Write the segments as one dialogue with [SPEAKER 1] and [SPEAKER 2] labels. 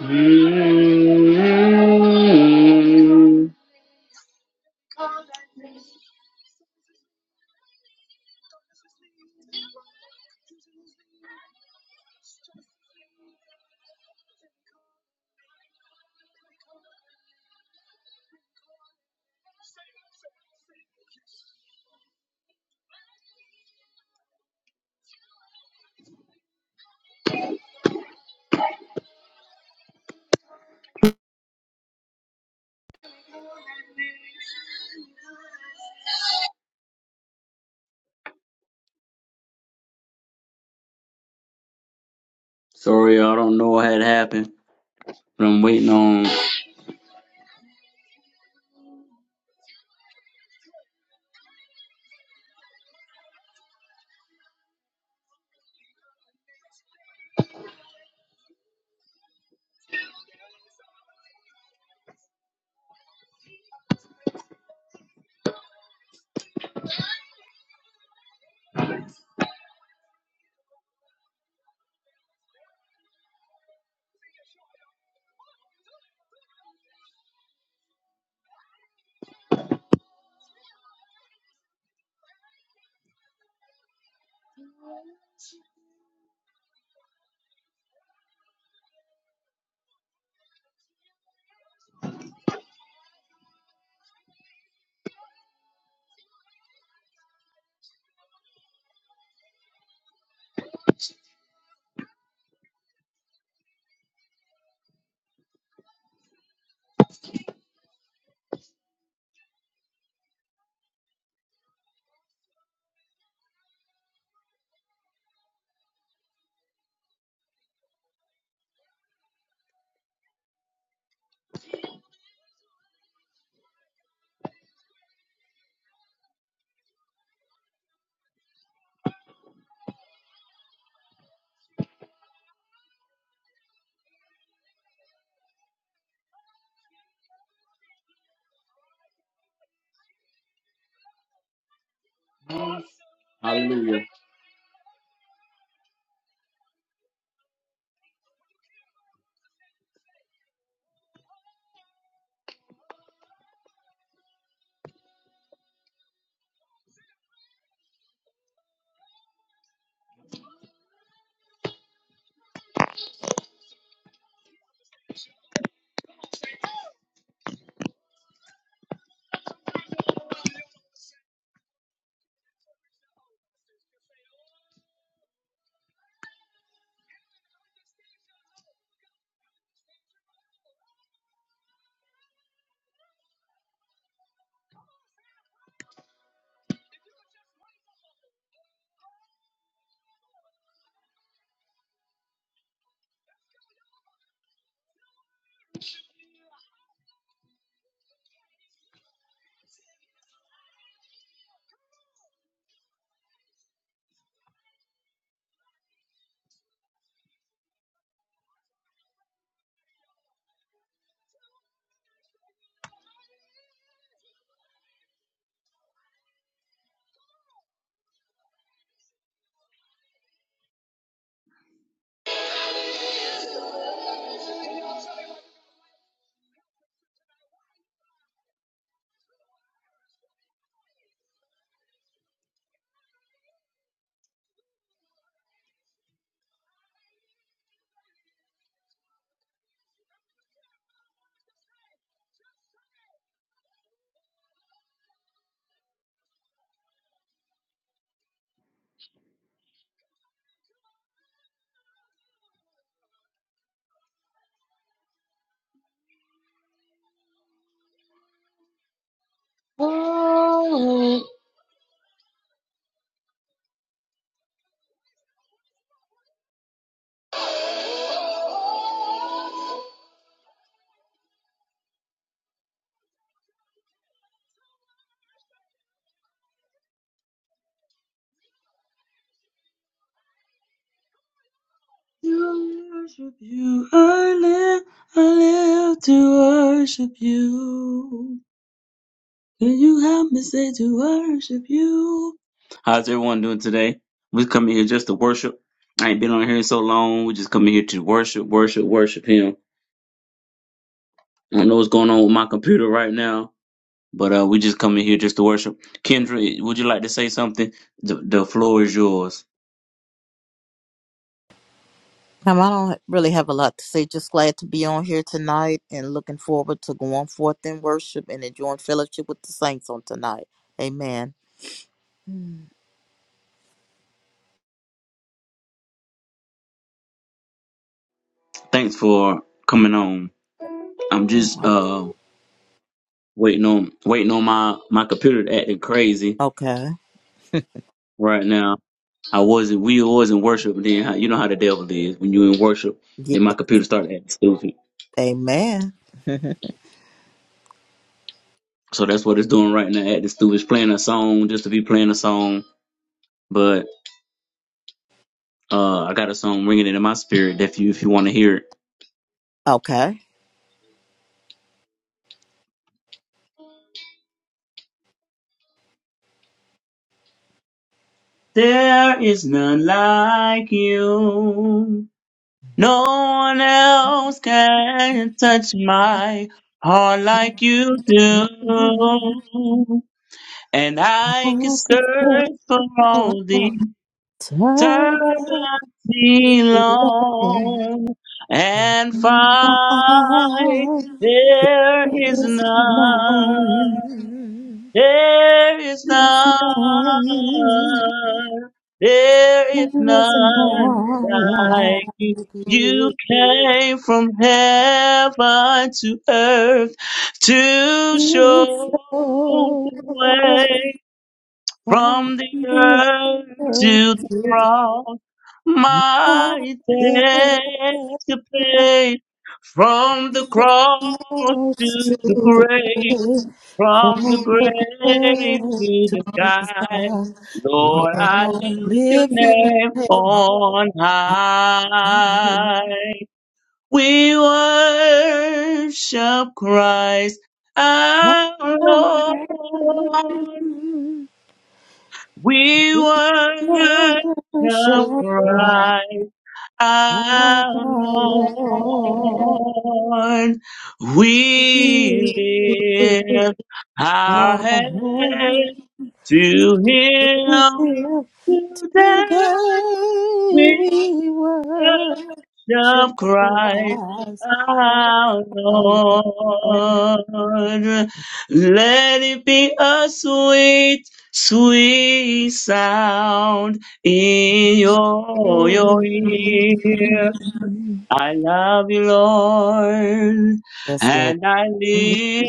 [SPEAKER 1] mm Sorry, I don't know what had happened, but I'm waiting on Hallelujah. To worship you, I live, I live to worship you. Can you help me say to worship you? How's everyone doing today? We come here just to worship. I ain't been on here in so long. We just come here to worship, worship, worship Him. I don't know what's going on with my computer right now, But uh, we just come in here just to worship. Kendra, would you like to say something? The, the floor is yours.
[SPEAKER 2] Um, I don't really have a lot to say. Just glad to be on here tonight and looking forward to going forth in worship and enjoying fellowship with the saints on tonight. Amen. Mm.
[SPEAKER 1] Thanks for coming on. I'm just
[SPEAKER 2] Well,
[SPEAKER 1] uh waiting on waiting on my my computer to acting crazy
[SPEAKER 2] Okay.
[SPEAKER 1] right now. I wasn't we was in worship then. How- You know how the devil is when you in worship,
[SPEAKER 2] Yeah.
[SPEAKER 1] then my computer started acting stupid.
[SPEAKER 2] Amen.
[SPEAKER 1] So that's what it's doing right now. Acting stupid, it's playing a song just to be playing a song. But uh, I got a song ringing it in my spirit. If you if you want to hear it.
[SPEAKER 2] Okay.
[SPEAKER 1] There is none like you. No one else can touch my heart like you do. And I could
[SPEAKER 2] I can feel
[SPEAKER 1] search
[SPEAKER 2] it
[SPEAKER 1] for all the
[SPEAKER 2] turning on
[SPEAKER 1] eternity long and find there is
[SPEAKER 2] this
[SPEAKER 1] none.
[SPEAKER 2] morning.
[SPEAKER 1] There is
[SPEAKER 2] This
[SPEAKER 1] none,
[SPEAKER 2] morning,
[SPEAKER 1] there is
[SPEAKER 2] this
[SPEAKER 1] none
[SPEAKER 2] morning,
[SPEAKER 1] like you. You came from heaven to earth to
[SPEAKER 2] it's
[SPEAKER 1] show the
[SPEAKER 2] so
[SPEAKER 1] way
[SPEAKER 2] Longer
[SPEAKER 1] from the earth to the cross. My
[SPEAKER 2] live
[SPEAKER 1] takes the pain from the cross to the grave.
[SPEAKER 2] for
[SPEAKER 1] From the
[SPEAKER 2] the
[SPEAKER 1] grave to the sky,
[SPEAKER 2] Lord,
[SPEAKER 1] Lord, I
[SPEAKER 2] I
[SPEAKER 1] lift your
[SPEAKER 2] live in the
[SPEAKER 1] name
[SPEAKER 2] name of
[SPEAKER 1] on
[SPEAKER 2] God.
[SPEAKER 1] high. We worship Christ, our Lord. We worship
[SPEAKER 2] I shall cry,
[SPEAKER 1] Christ
[SPEAKER 2] Lord,
[SPEAKER 1] our Lord.
[SPEAKER 2] you
[SPEAKER 1] We lift our
[SPEAKER 2] are here.
[SPEAKER 1] heads to Him today
[SPEAKER 2] today we worship
[SPEAKER 1] of Christ
[SPEAKER 2] Christ, our
[SPEAKER 1] our Lord. Let it be a sweet, sweet sound in your, your
[SPEAKER 2] Lord.
[SPEAKER 1] ear. I love you, Lord,
[SPEAKER 2] Yes, Lord.
[SPEAKER 1] and I lift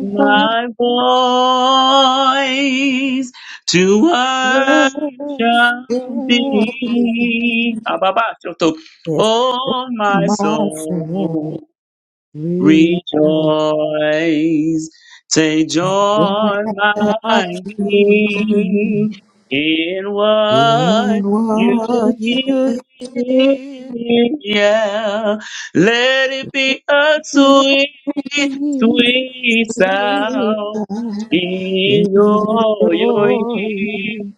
[SPEAKER 1] my voice to worship
[SPEAKER 2] Worship
[SPEAKER 1] thee. Ababa, Shoto.
[SPEAKER 2] Yes.
[SPEAKER 1] Oh, my
[SPEAKER 2] My Marching on,
[SPEAKER 1] soul. Rejoice,
[SPEAKER 2] marching
[SPEAKER 1] take joy, my King, in what
[SPEAKER 2] in what
[SPEAKER 1] you
[SPEAKER 2] you
[SPEAKER 1] give.
[SPEAKER 2] did
[SPEAKER 1] Yeah, let it be a sweet, sweet sound
[SPEAKER 2] in
[SPEAKER 1] in your, your ear.
[SPEAKER 2] glory.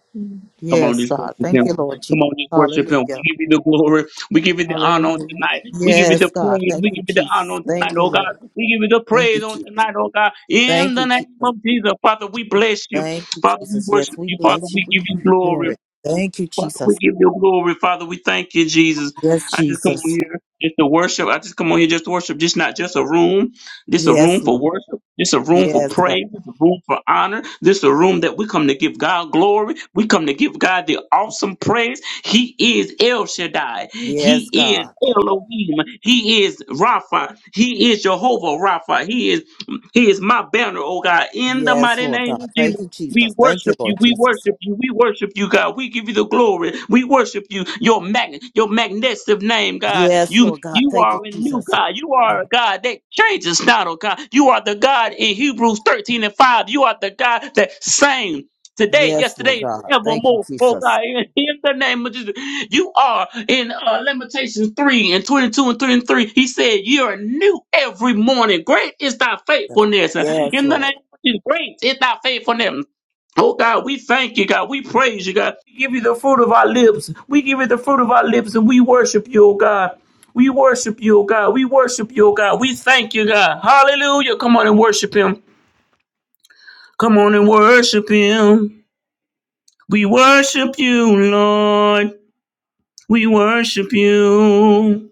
[SPEAKER 1] Come on,
[SPEAKER 2] Yes,
[SPEAKER 1] just
[SPEAKER 2] God.
[SPEAKER 1] worship
[SPEAKER 2] Thank
[SPEAKER 1] him.
[SPEAKER 2] you, Lord Jesus.
[SPEAKER 1] Come on, just worship him.
[SPEAKER 2] Hallelujah.
[SPEAKER 1] We give you the glory. We give you the honor on
[SPEAKER 2] Hallelujah.
[SPEAKER 1] tonight. We give you the
[SPEAKER 2] Yes, God.
[SPEAKER 1] praise.
[SPEAKER 2] Thank
[SPEAKER 1] We
[SPEAKER 2] you,
[SPEAKER 1] give you the honor
[SPEAKER 2] Jesus.
[SPEAKER 1] on tonight,
[SPEAKER 2] Thank you,
[SPEAKER 1] oh God.
[SPEAKER 2] Lord.
[SPEAKER 1] We give you the
[SPEAKER 2] Thank you,
[SPEAKER 1] praise on
[SPEAKER 2] Jesus.
[SPEAKER 1] tonight, oh God. In
[SPEAKER 2] Thank
[SPEAKER 1] the
[SPEAKER 2] you,
[SPEAKER 1] name
[SPEAKER 2] Jesus.
[SPEAKER 1] of Jesus, Father, we bless you.
[SPEAKER 2] Thank you,
[SPEAKER 1] Father, we
[SPEAKER 2] Jesus. Yes,
[SPEAKER 1] worship
[SPEAKER 2] we
[SPEAKER 1] you. Father,
[SPEAKER 2] bless you.
[SPEAKER 1] we
[SPEAKER 2] We
[SPEAKER 1] give
[SPEAKER 2] give
[SPEAKER 1] you
[SPEAKER 2] you
[SPEAKER 1] glory.
[SPEAKER 2] glory. Thank you,
[SPEAKER 1] Father, we
[SPEAKER 2] Jesus.
[SPEAKER 1] give you glory. Father, we thank you, Jesus.
[SPEAKER 2] Yes,
[SPEAKER 1] I just come on
[SPEAKER 2] Jesus.
[SPEAKER 1] here just to worship. I just come on here just to worship. This not just a room. This a
[SPEAKER 2] Yes,
[SPEAKER 1] room
[SPEAKER 2] Lord.
[SPEAKER 1] for worship. This a room for
[SPEAKER 2] Yes, God.
[SPEAKER 1] praise. This a room for honor. This a room that we come to give God glory. We come to give God the awesome praise. He is El Shaddai.
[SPEAKER 2] Yes,
[SPEAKER 1] He is
[SPEAKER 2] God.
[SPEAKER 1] Elohim. He is Rapha. He is Jehovah Rapha. He is He is my banner, oh God. In the
[SPEAKER 2] Yes,
[SPEAKER 1] mighty
[SPEAKER 2] Lord
[SPEAKER 1] name
[SPEAKER 2] God.
[SPEAKER 1] of
[SPEAKER 2] Thank
[SPEAKER 1] Jesus.
[SPEAKER 2] you,
[SPEAKER 1] We
[SPEAKER 2] Jesus. Thank you,
[SPEAKER 1] worship you.
[SPEAKER 2] Lord
[SPEAKER 1] We
[SPEAKER 2] Jesus.
[SPEAKER 1] worship you. We worship you, God. We give you the glory. We worship you. Your mag- your magnificent name, God.
[SPEAKER 2] Yes,
[SPEAKER 1] You
[SPEAKER 2] Lord God.
[SPEAKER 1] you
[SPEAKER 2] Thank
[SPEAKER 1] are
[SPEAKER 2] you,
[SPEAKER 1] a new
[SPEAKER 2] Jesus.
[SPEAKER 1] God. You are a God that changes not, oh God. You are the God in Hebrews 13 and 5. You are the God that same. Today,
[SPEAKER 2] Yes, Lord
[SPEAKER 1] yesterday, and
[SPEAKER 2] God. Thank you,
[SPEAKER 1] forevermore, oh
[SPEAKER 2] Jesus.
[SPEAKER 1] God, in, in the name of Jesus. You are in uh, Lamentations 3 and 22 and 33. He said, You're new every morning. Great is thy faithfulness.
[SPEAKER 2] Yes,
[SPEAKER 1] In the
[SPEAKER 2] Lord.
[SPEAKER 1] name of Jesus, great is thy faithfulness. Oh God, we thank you, God. We praise you, God. We give you the fruit of our lips. We give you the fruit of our lips and we worship you, oh God. We worship you, oh God. We worship you, oh God. We thank you, God. Hallelujah. Come on and worship him. Come on and worship him. We worship you, Lord. We worship you.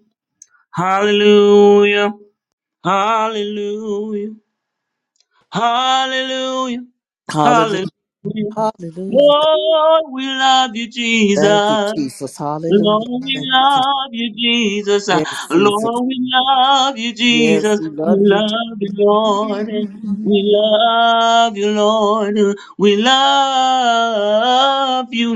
[SPEAKER 1] Hallelujah. Hallelujah. Hallelujah.
[SPEAKER 2] Hallelujah.
[SPEAKER 1] Hallelujah.
[SPEAKER 2] Hallelujah.
[SPEAKER 1] Lord, we love you,
[SPEAKER 2] Thank you,
[SPEAKER 1] Jesus.
[SPEAKER 2] Jesus. Hallelujah.
[SPEAKER 1] Lord, we
[SPEAKER 2] Thank you, Jesus.
[SPEAKER 1] love you, Jesus.
[SPEAKER 2] Yes, Jesus.
[SPEAKER 1] Lord, we love you,
[SPEAKER 2] Yes,
[SPEAKER 1] Jesus.
[SPEAKER 2] we
[SPEAKER 1] We
[SPEAKER 2] love you.
[SPEAKER 1] love you, Lord. We love you, Lord. We love you,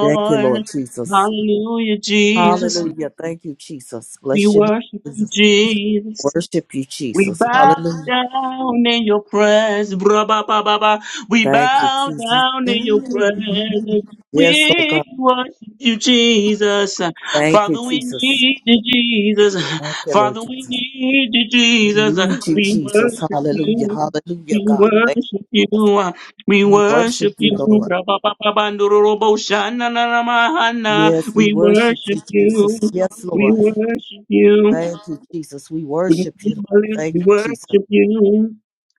[SPEAKER 2] Thank you, Lord Jesus.
[SPEAKER 1] Hallelujah, Jesus.
[SPEAKER 2] Hallelujah. Thank you, Jesus.
[SPEAKER 1] We
[SPEAKER 2] Bless your name,
[SPEAKER 1] worship you,
[SPEAKER 2] Jesus.
[SPEAKER 1] Jesus.
[SPEAKER 2] Worship you,
[SPEAKER 1] We
[SPEAKER 2] Jesus.
[SPEAKER 1] bow
[SPEAKER 2] Hallelujah.
[SPEAKER 1] down in your presence, braba baba ba. We
[SPEAKER 2] Thank you,
[SPEAKER 1] bow
[SPEAKER 2] Jesus.
[SPEAKER 1] down in your presence.
[SPEAKER 2] Yes, Lord
[SPEAKER 1] We
[SPEAKER 2] God.
[SPEAKER 1] worship you, Jesus.
[SPEAKER 2] Thank you,
[SPEAKER 1] Father, we
[SPEAKER 2] Jesus.
[SPEAKER 1] need you, Jesus.
[SPEAKER 2] Thank you, Lord
[SPEAKER 1] Father, we
[SPEAKER 2] Jesus.
[SPEAKER 1] need you,
[SPEAKER 2] We
[SPEAKER 1] Jesus.
[SPEAKER 2] need you,
[SPEAKER 1] We
[SPEAKER 2] Jesus.
[SPEAKER 1] worship
[SPEAKER 2] Hallelujah.
[SPEAKER 1] you.
[SPEAKER 2] Hallelujah,
[SPEAKER 1] We
[SPEAKER 2] God. Thank
[SPEAKER 1] worship
[SPEAKER 2] us.
[SPEAKER 1] you. We
[SPEAKER 2] We worship
[SPEAKER 1] worship
[SPEAKER 2] you,
[SPEAKER 1] you.
[SPEAKER 2] Lord.
[SPEAKER 1] braba baba ba, ndororobo shana na na mahana.
[SPEAKER 2] Yes, we
[SPEAKER 1] We
[SPEAKER 2] worship you,
[SPEAKER 1] worship you.
[SPEAKER 2] Jesus. Yes,
[SPEAKER 1] We
[SPEAKER 2] Lord.
[SPEAKER 1] worship you.
[SPEAKER 2] Thank you, Jesus. We
[SPEAKER 1] From the
[SPEAKER 2] worship
[SPEAKER 1] fruit
[SPEAKER 2] you,
[SPEAKER 1] of
[SPEAKER 2] Lord.
[SPEAKER 1] our lips,
[SPEAKER 2] Thank
[SPEAKER 1] we
[SPEAKER 2] you, Jesus.
[SPEAKER 1] worship you.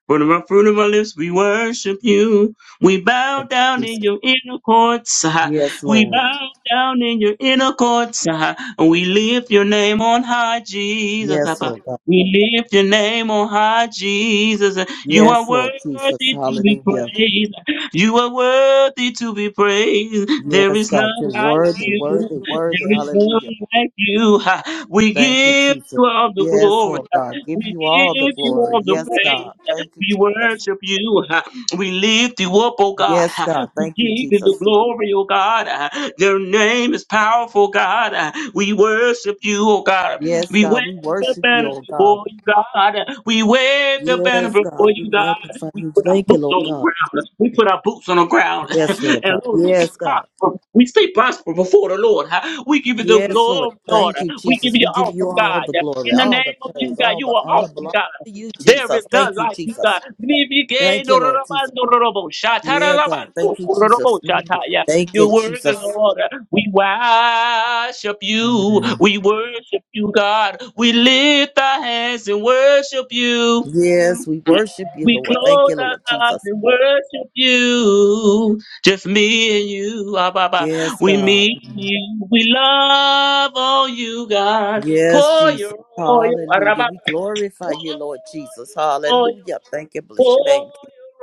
[SPEAKER 1] From the fruit of our lips, we worship you. We bow
[SPEAKER 2] Thank you,
[SPEAKER 1] down in
[SPEAKER 2] Jesus.
[SPEAKER 1] your inner courts. ah.
[SPEAKER 2] Yes,
[SPEAKER 1] We
[SPEAKER 2] Lord.
[SPEAKER 1] bow down in your inner courts. ah. And we lift your name on high, Jesus.
[SPEAKER 2] Yes,
[SPEAKER 1] ah.
[SPEAKER 2] Lord God.
[SPEAKER 1] We lift your name on high, Jesus. You are
[SPEAKER 2] Yes, Lord Jesus.
[SPEAKER 1] worthy to be
[SPEAKER 2] Hallelujah.
[SPEAKER 1] praised. You are worthy to be praised. There
[SPEAKER 2] Yes,
[SPEAKER 1] is
[SPEAKER 2] God.
[SPEAKER 1] none
[SPEAKER 2] You're
[SPEAKER 1] like
[SPEAKER 2] worthy,
[SPEAKER 1] you.
[SPEAKER 2] worthy, worthy.
[SPEAKER 1] There is
[SPEAKER 2] Hallelujah.
[SPEAKER 1] none like you. We
[SPEAKER 2] Thank you,
[SPEAKER 1] give
[SPEAKER 2] Jesus.
[SPEAKER 1] you all the
[SPEAKER 2] Yes,
[SPEAKER 1] glory.
[SPEAKER 2] Lord God. Give
[SPEAKER 1] We
[SPEAKER 2] you all the
[SPEAKER 1] give you
[SPEAKER 2] glory.
[SPEAKER 1] all the
[SPEAKER 2] Yes,
[SPEAKER 1] praise.
[SPEAKER 2] God. Thank you,
[SPEAKER 1] We
[SPEAKER 2] Jesus.
[SPEAKER 1] worship you. We lift you up, oh God.
[SPEAKER 2] Yes, God.
[SPEAKER 1] We
[SPEAKER 2] Thank you,
[SPEAKER 1] give you
[SPEAKER 2] Jesus.
[SPEAKER 1] the glory, oh God. Your name is powerful, God. We worship you, oh God.
[SPEAKER 2] Yes,
[SPEAKER 1] We
[SPEAKER 2] God,
[SPEAKER 1] wave
[SPEAKER 2] we
[SPEAKER 1] the
[SPEAKER 2] worship you,
[SPEAKER 1] banner
[SPEAKER 2] oh God.
[SPEAKER 1] before you, God. We wave the banner
[SPEAKER 2] Yes,
[SPEAKER 1] before
[SPEAKER 2] God, we
[SPEAKER 1] you, God.
[SPEAKER 2] magnify
[SPEAKER 1] We
[SPEAKER 2] you.
[SPEAKER 1] put our
[SPEAKER 2] Thank you,
[SPEAKER 1] boots
[SPEAKER 2] Lord
[SPEAKER 1] on the
[SPEAKER 2] God.
[SPEAKER 1] ground. We put our boots on the ground.
[SPEAKER 2] Yes, Lord
[SPEAKER 1] and
[SPEAKER 2] God.
[SPEAKER 1] Lord,
[SPEAKER 2] Yes, God.
[SPEAKER 1] prosper. We stay prosper before the Lord. huh? We give you the
[SPEAKER 2] Yes, Lord.
[SPEAKER 1] glory, Lord.
[SPEAKER 2] Thank you,
[SPEAKER 1] We give
[SPEAKER 2] Jesus.
[SPEAKER 1] you
[SPEAKER 2] We give you
[SPEAKER 1] awesome
[SPEAKER 2] all the
[SPEAKER 1] God.
[SPEAKER 2] glory,
[SPEAKER 1] In the
[SPEAKER 2] all the
[SPEAKER 1] name of Jesus,
[SPEAKER 2] praise,
[SPEAKER 1] God,
[SPEAKER 2] all
[SPEAKER 1] you
[SPEAKER 2] the
[SPEAKER 1] are
[SPEAKER 2] honor
[SPEAKER 1] awesome
[SPEAKER 2] belongs
[SPEAKER 1] God.
[SPEAKER 2] to you,
[SPEAKER 1] There is
[SPEAKER 2] Jesus.
[SPEAKER 1] none
[SPEAKER 2] Thank you,
[SPEAKER 1] like you,
[SPEAKER 2] Jesus.
[SPEAKER 1] God.
[SPEAKER 2] Thank you, Lord Jesus. Yeah, God. Thank you, Jesus. Mm. Thank
[SPEAKER 1] You're
[SPEAKER 2] you,
[SPEAKER 1] worthy,
[SPEAKER 2] Jesus.
[SPEAKER 1] Lord. We worship you.
[SPEAKER 2] Mm.
[SPEAKER 1] We worship you, God. We lift our hands and worship you.
[SPEAKER 2] Yes, we worship you,
[SPEAKER 1] We
[SPEAKER 2] Lord. Thank
[SPEAKER 1] close
[SPEAKER 2] you,
[SPEAKER 1] our
[SPEAKER 2] Lord
[SPEAKER 1] eyes
[SPEAKER 2] Jesus.
[SPEAKER 1] and worship you. Just me and you. Ah, bah, bah.
[SPEAKER 2] Yes,
[SPEAKER 1] We meet
[SPEAKER 2] God.
[SPEAKER 1] you. We love all you, God.
[SPEAKER 2] Yes,
[SPEAKER 1] Pour
[SPEAKER 2] Jesus.
[SPEAKER 1] your oil. Ah, rah,
[SPEAKER 2] Hallelujah.
[SPEAKER 1] bah,
[SPEAKER 2] We
[SPEAKER 1] bah.
[SPEAKER 2] glorify
[SPEAKER 1] Pour
[SPEAKER 2] you, Lord Jesus.
[SPEAKER 1] your oil.
[SPEAKER 2] Hallelujah. Thank you. Bless your
[SPEAKER 1] Pour
[SPEAKER 2] name.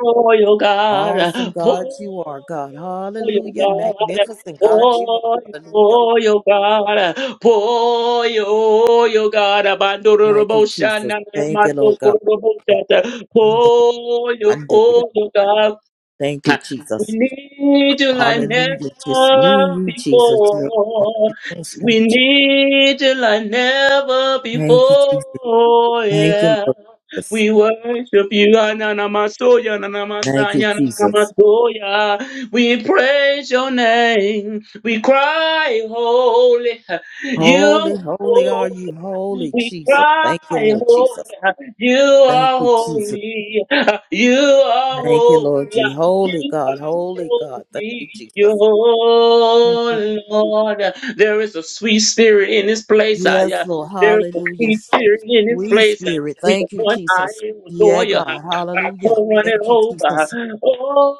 [SPEAKER 1] your oil, God.
[SPEAKER 2] Awesome God you are, God.
[SPEAKER 1] Pour your oil,
[SPEAKER 2] Hallelujah.
[SPEAKER 1] God.
[SPEAKER 2] Magnificent God you are. Hallelujah.
[SPEAKER 1] Pour your oil, God. Pour your oil, God.
[SPEAKER 2] Thank you,
[SPEAKER 1] Abandorobosha,
[SPEAKER 2] Jesus. Thank you, Lord God.
[SPEAKER 1] nanamasokoroboshata.
[SPEAKER 2] Undated,
[SPEAKER 1] Pour your
[SPEAKER 2] undated.
[SPEAKER 1] oil,
[SPEAKER 2] Father.
[SPEAKER 1] God.
[SPEAKER 2] Thank you,
[SPEAKER 1] We
[SPEAKER 2] Jesus.
[SPEAKER 1] need you like
[SPEAKER 2] Hallelujah. Just me and
[SPEAKER 1] never
[SPEAKER 2] you, Jesus. Lord.
[SPEAKER 1] before.
[SPEAKER 2] Hallelujah. Thank
[SPEAKER 1] We
[SPEAKER 2] you, Jesus.
[SPEAKER 1] need you like never
[SPEAKER 2] Thank you, Jesus.
[SPEAKER 1] before.
[SPEAKER 2] Thank you,
[SPEAKER 1] Yeah.
[SPEAKER 2] Lord Jesus.
[SPEAKER 1] We worship you, Ananamasoya,
[SPEAKER 2] Thank you,
[SPEAKER 1] Ananamasaya,
[SPEAKER 2] Jesus.
[SPEAKER 1] Ananamasoya. We praise your name. We cry, holy. You are
[SPEAKER 2] Holy, holy are you,
[SPEAKER 1] holy.
[SPEAKER 2] holy
[SPEAKER 1] We
[SPEAKER 2] Jesus.
[SPEAKER 1] cry,
[SPEAKER 2] Thank you, Lord Jesus.
[SPEAKER 1] holy. You
[SPEAKER 2] Thank
[SPEAKER 1] are
[SPEAKER 2] you, Jesus.
[SPEAKER 1] holy. You are
[SPEAKER 2] Thank you, Lord
[SPEAKER 1] holy.
[SPEAKER 2] Jesus. Holy
[SPEAKER 1] You
[SPEAKER 2] God, holy God. Thank you,
[SPEAKER 1] are
[SPEAKER 2] Jesus. Thank you.
[SPEAKER 1] holy, oh Lord. There is a sweet spirit in this place. ah,
[SPEAKER 2] Yes,
[SPEAKER 1] yeah.
[SPEAKER 2] Lord.
[SPEAKER 1] There is a
[SPEAKER 2] Hallelujah.
[SPEAKER 1] sweet spirit in this
[SPEAKER 2] Sweet
[SPEAKER 1] place. ah.
[SPEAKER 2] Spirit.
[SPEAKER 1] We are
[SPEAKER 2] Thank you,
[SPEAKER 1] one
[SPEAKER 2] Jesus.
[SPEAKER 1] eye adore
[SPEAKER 2] Yeah,
[SPEAKER 1] you.
[SPEAKER 2] God.
[SPEAKER 1] ah. I
[SPEAKER 2] Hallelujah.
[SPEAKER 1] come running
[SPEAKER 2] Thank you,
[SPEAKER 1] over.
[SPEAKER 2] Jesus.
[SPEAKER 1] ah.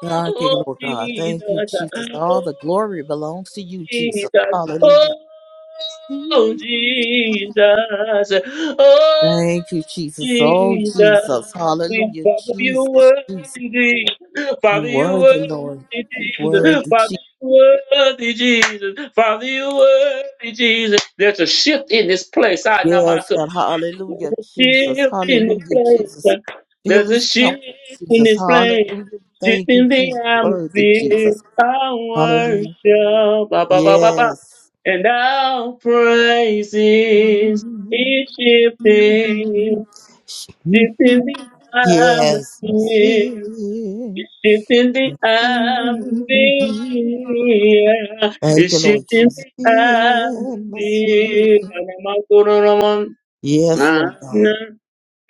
[SPEAKER 2] Thank you, Lord God. Thank you,
[SPEAKER 1] Jesus. ah.
[SPEAKER 2] Jesus.
[SPEAKER 1] Oh
[SPEAKER 2] All the glory belongs to you, Jesus.
[SPEAKER 1] Jesus.
[SPEAKER 2] Hallelujah.
[SPEAKER 1] Oh Jesus. Oh
[SPEAKER 2] Thank you, Jesus. Oh,
[SPEAKER 1] Jesus.
[SPEAKER 2] Jesus.
[SPEAKER 1] We
[SPEAKER 2] Hallelujah.
[SPEAKER 1] follow your
[SPEAKER 2] Jesus,
[SPEAKER 1] word
[SPEAKER 2] Jesus.
[SPEAKER 1] indeed.
[SPEAKER 2] You
[SPEAKER 1] Father, you
[SPEAKER 2] worthy, Lord.
[SPEAKER 1] worthy
[SPEAKER 2] You
[SPEAKER 1] Jesus. Father,
[SPEAKER 2] worthy,
[SPEAKER 1] you worthy Jesus. Father, you worthy Jesus. There's a shift in this place. I know
[SPEAKER 2] Yes,
[SPEAKER 1] myself.
[SPEAKER 2] God.
[SPEAKER 1] There's
[SPEAKER 2] Hallelujah,
[SPEAKER 1] a
[SPEAKER 2] Jesus.
[SPEAKER 1] shift in this
[SPEAKER 2] Hallelujah, Jesus.
[SPEAKER 1] place.
[SPEAKER 2] Fill
[SPEAKER 1] There's a
[SPEAKER 2] this
[SPEAKER 1] shift
[SPEAKER 2] temple,
[SPEAKER 1] in
[SPEAKER 2] Jesus.
[SPEAKER 1] this place.
[SPEAKER 2] Hallelujah.
[SPEAKER 1] Shift
[SPEAKER 2] Thank you,
[SPEAKER 1] in
[SPEAKER 2] Jesus.
[SPEAKER 1] the
[SPEAKER 2] Worthy,
[SPEAKER 1] atmosphere.
[SPEAKER 2] Jesus.
[SPEAKER 1] I
[SPEAKER 2] Hallelujah.
[SPEAKER 1] worship. Ba, ba, ba, ba, ba.
[SPEAKER 2] Yes.
[SPEAKER 1] And our praises is shifting. Shifting the
[SPEAKER 2] Yes.
[SPEAKER 1] atmosphere.
[SPEAKER 2] Atmosphere.
[SPEAKER 1] It's shifting the atmosphere.
[SPEAKER 2] Thank
[SPEAKER 1] It's
[SPEAKER 2] you, Lord
[SPEAKER 1] shifting
[SPEAKER 2] Jesus.
[SPEAKER 1] the
[SPEAKER 2] The atmosphere.
[SPEAKER 1] atmosphere. Namakoromon.
[SPEAKER 2] Yes,
[SPEAKER 1] Ah,
[SPEAKER 2] Lord God.
[SPEAKER 1] nah.